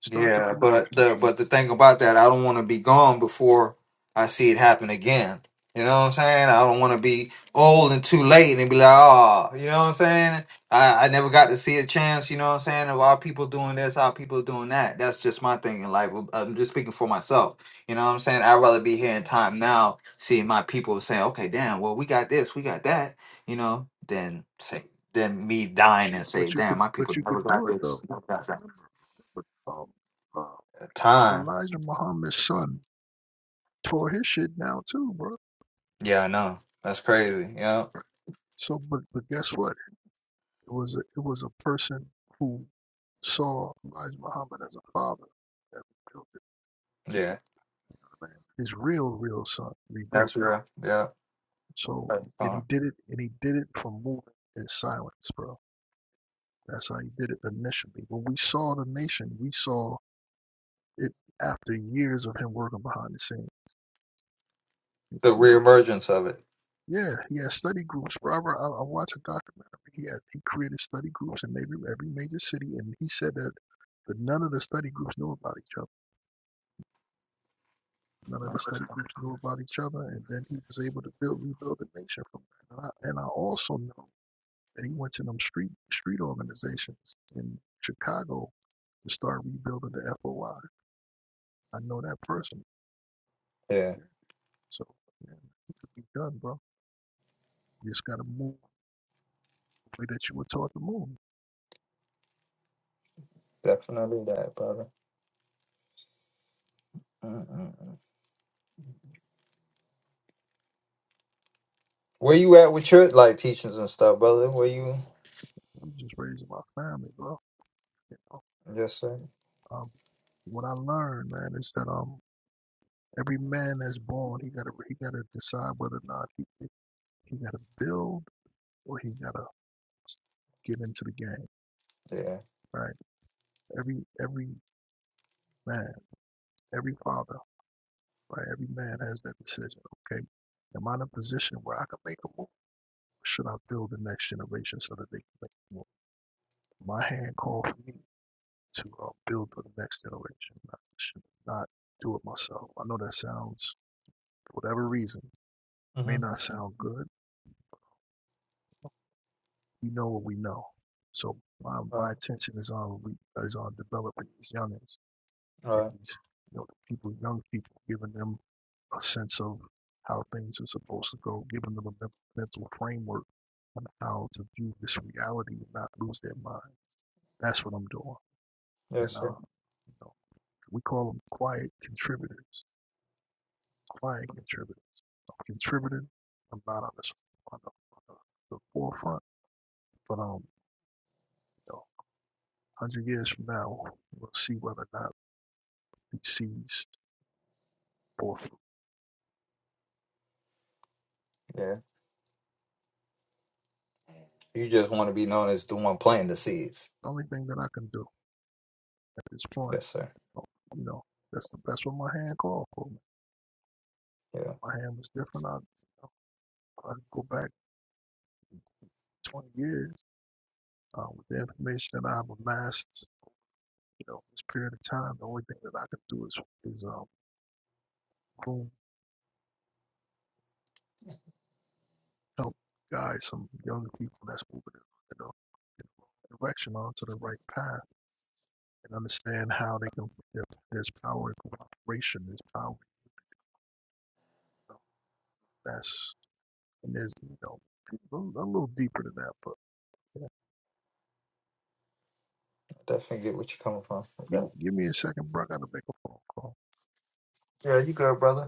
[SPEAKER 3] start to
[SPEAKER 1] Yeah,
[SPEAKER 3] promote.
[SPEAKER 1] but
[SPEAKER 3] it.
[SPEAKER 1] the but the thing about that, I don't want to be gone before I see it happen again. You know what I'm saying? I don't want to be old and too late and be like, oh, you know what I'm saying? I, I never got to see a chance. You know what I'm saying? Of our people doing this, our people doing that. That's just my thing in life. I'm just speaking for myself. You know what I'm saying? I'd rather be here in time now, seeing my people saying, okay, damn, well, we got this, we got that. You know, than say than me
[SPEAKER 3] But
[SPEAKER 1] dying
[SPEAKER 3] you,
[SPEAKER 1] and say,
[SPEAKER 3] but you
[SPEAKER 1] damn,
[SPEAKER 3] could,
[SPEAKER 1] my people
[SPEAKER 3] but you
[SPEAKER 1] never
[SPEAKER 3] could
[SPEAKER 1] got
[SPEAKER 3] do it
[SPEAKER 1] this,
[SPEAKER 3] though.
[SPEAKER 1] never got that.
[SPEAKER 3] Remember, but, um, uh,
[SPEAKER 1] Time.
[SPEAKER 3] Elijah Muhammad's son tore his shit down too, bro.
[SPEAKER 1] Yeah, I know. That's crazy. Yeah.
[SPEAKER 3] So, but but guess what? It was a, it was a person who saw Elijah Muhammad as a father that rebuilt it
[SPEAKER 1] Yeah.
[SPEAKER 3] man. His real, real son rebuilt
[SPEAKER 1] That's
[SPEAKER 3] it.
[SPEAKER 1] real. Yeah.
[SPEAKER 3] So, and he
[SPEAKER 1] Uh,
[SPEAKER 3] did it, and he did it from moving in silence, bro. That's how he did it initially. When we saw the nation, we saw it after years of him working behind the scenes. You
[SPEAKER 1] The
[SPEAKER 3] know,
[SPEAKER 1] reemergence of it.
[SPEAKER 3] yeah, he had study groups. Robert, I, I watched a documentary. He had he created study groups in every every major city, and he said that but none of the study groups knew about each other. None of the study groups knew about each other, and then he was able to build rebuild the nation from that. And I, and I also know that he went to them street street organizations in Chicago to start rebuilding the FOI. I I know that person.
[SPEAKER 1] Yeah.
[SPEAKER 3] So man, it could be done, bro. You just gotta move the way that you were taught to move.
[SPEAKER 1] Definitely that, brother. Mm-mm. Where you at with your like teachings and stuff, brother? Where you?
[SPEAKER 3] I'm just raising my family, bro. You know,
[SPEAKER 1] Yes, sir.
[SPEAKER 3] um, what I learned, man, is that um, every man that's born, he gotta he gotta decide whether or not he he he gotta build or he gotta get into the game,
[SPEAKER 1] Yeah.
[SPEAKER 3] right? Every every man, every father, right? Every man has that decision. Okay, am I in a position where I can make a move? Should I build the next generation so that they can make a move? My hand called for me. to um, build for the next generation. I should not do it myself. I know that sounds, for whatever reason, may
[SPEAKER 1] Mm-hmm.
[SPEAKER 3] not sound good. We know what we know. So my,
[SPEAKER 1] All
[SPEAKER 3] my attention is on re- is on developing these youngins,
[SPEAKER 1] right.
[SPEAKER 3] giving these you know the people, young people, giving them a sense of how things are supposed to go, giving them a mental framework on how to view this reality and not lose their mind. That's what I'm doing. And
[SPEAKER 1] Yes,
[SPEAKER 3] uh,
[SPEAKER 1] sir.
[SPEAKER 3] you know, we call them quiet contributors, quiet contributors. contributed. I'm not on this on the, on the, the forefront, but um, you know, one hundred years from now, we'll see whether or not these seeds bore fruit.
[SPEAKER 1] Yeah. You just want to be known as the one planting the seeds.
[SPEAKER 3] The only thing that I can do at this point,
[SPEAKER 1] Yes, sir.
[SPEAKER 3] you know, that's that's what my hand called for.
[SPEAKER 1] Yeah.
[SPEAKER 3] My hand was different. I, you know, I could go back 20 years uh, with the information that I've amassed. You know, this period of time, the only thing that I can do is is um, groom help guide some young people that's moving in the, wrong- in the wrong direction onto the right path and understand how they can there, there's power in cooperation there's power you know, that's and there's you know I'm a little deeper than that but yeah
[SPEAKER 1] Definitely get what you're coming from. with
[SPEAKER 3] give,
[SPEAKER 1] that.
[SPEAKER 3] me- give me a second bro I gotta make a phone call
[SPEAKER 1] Yeah, you good, brother.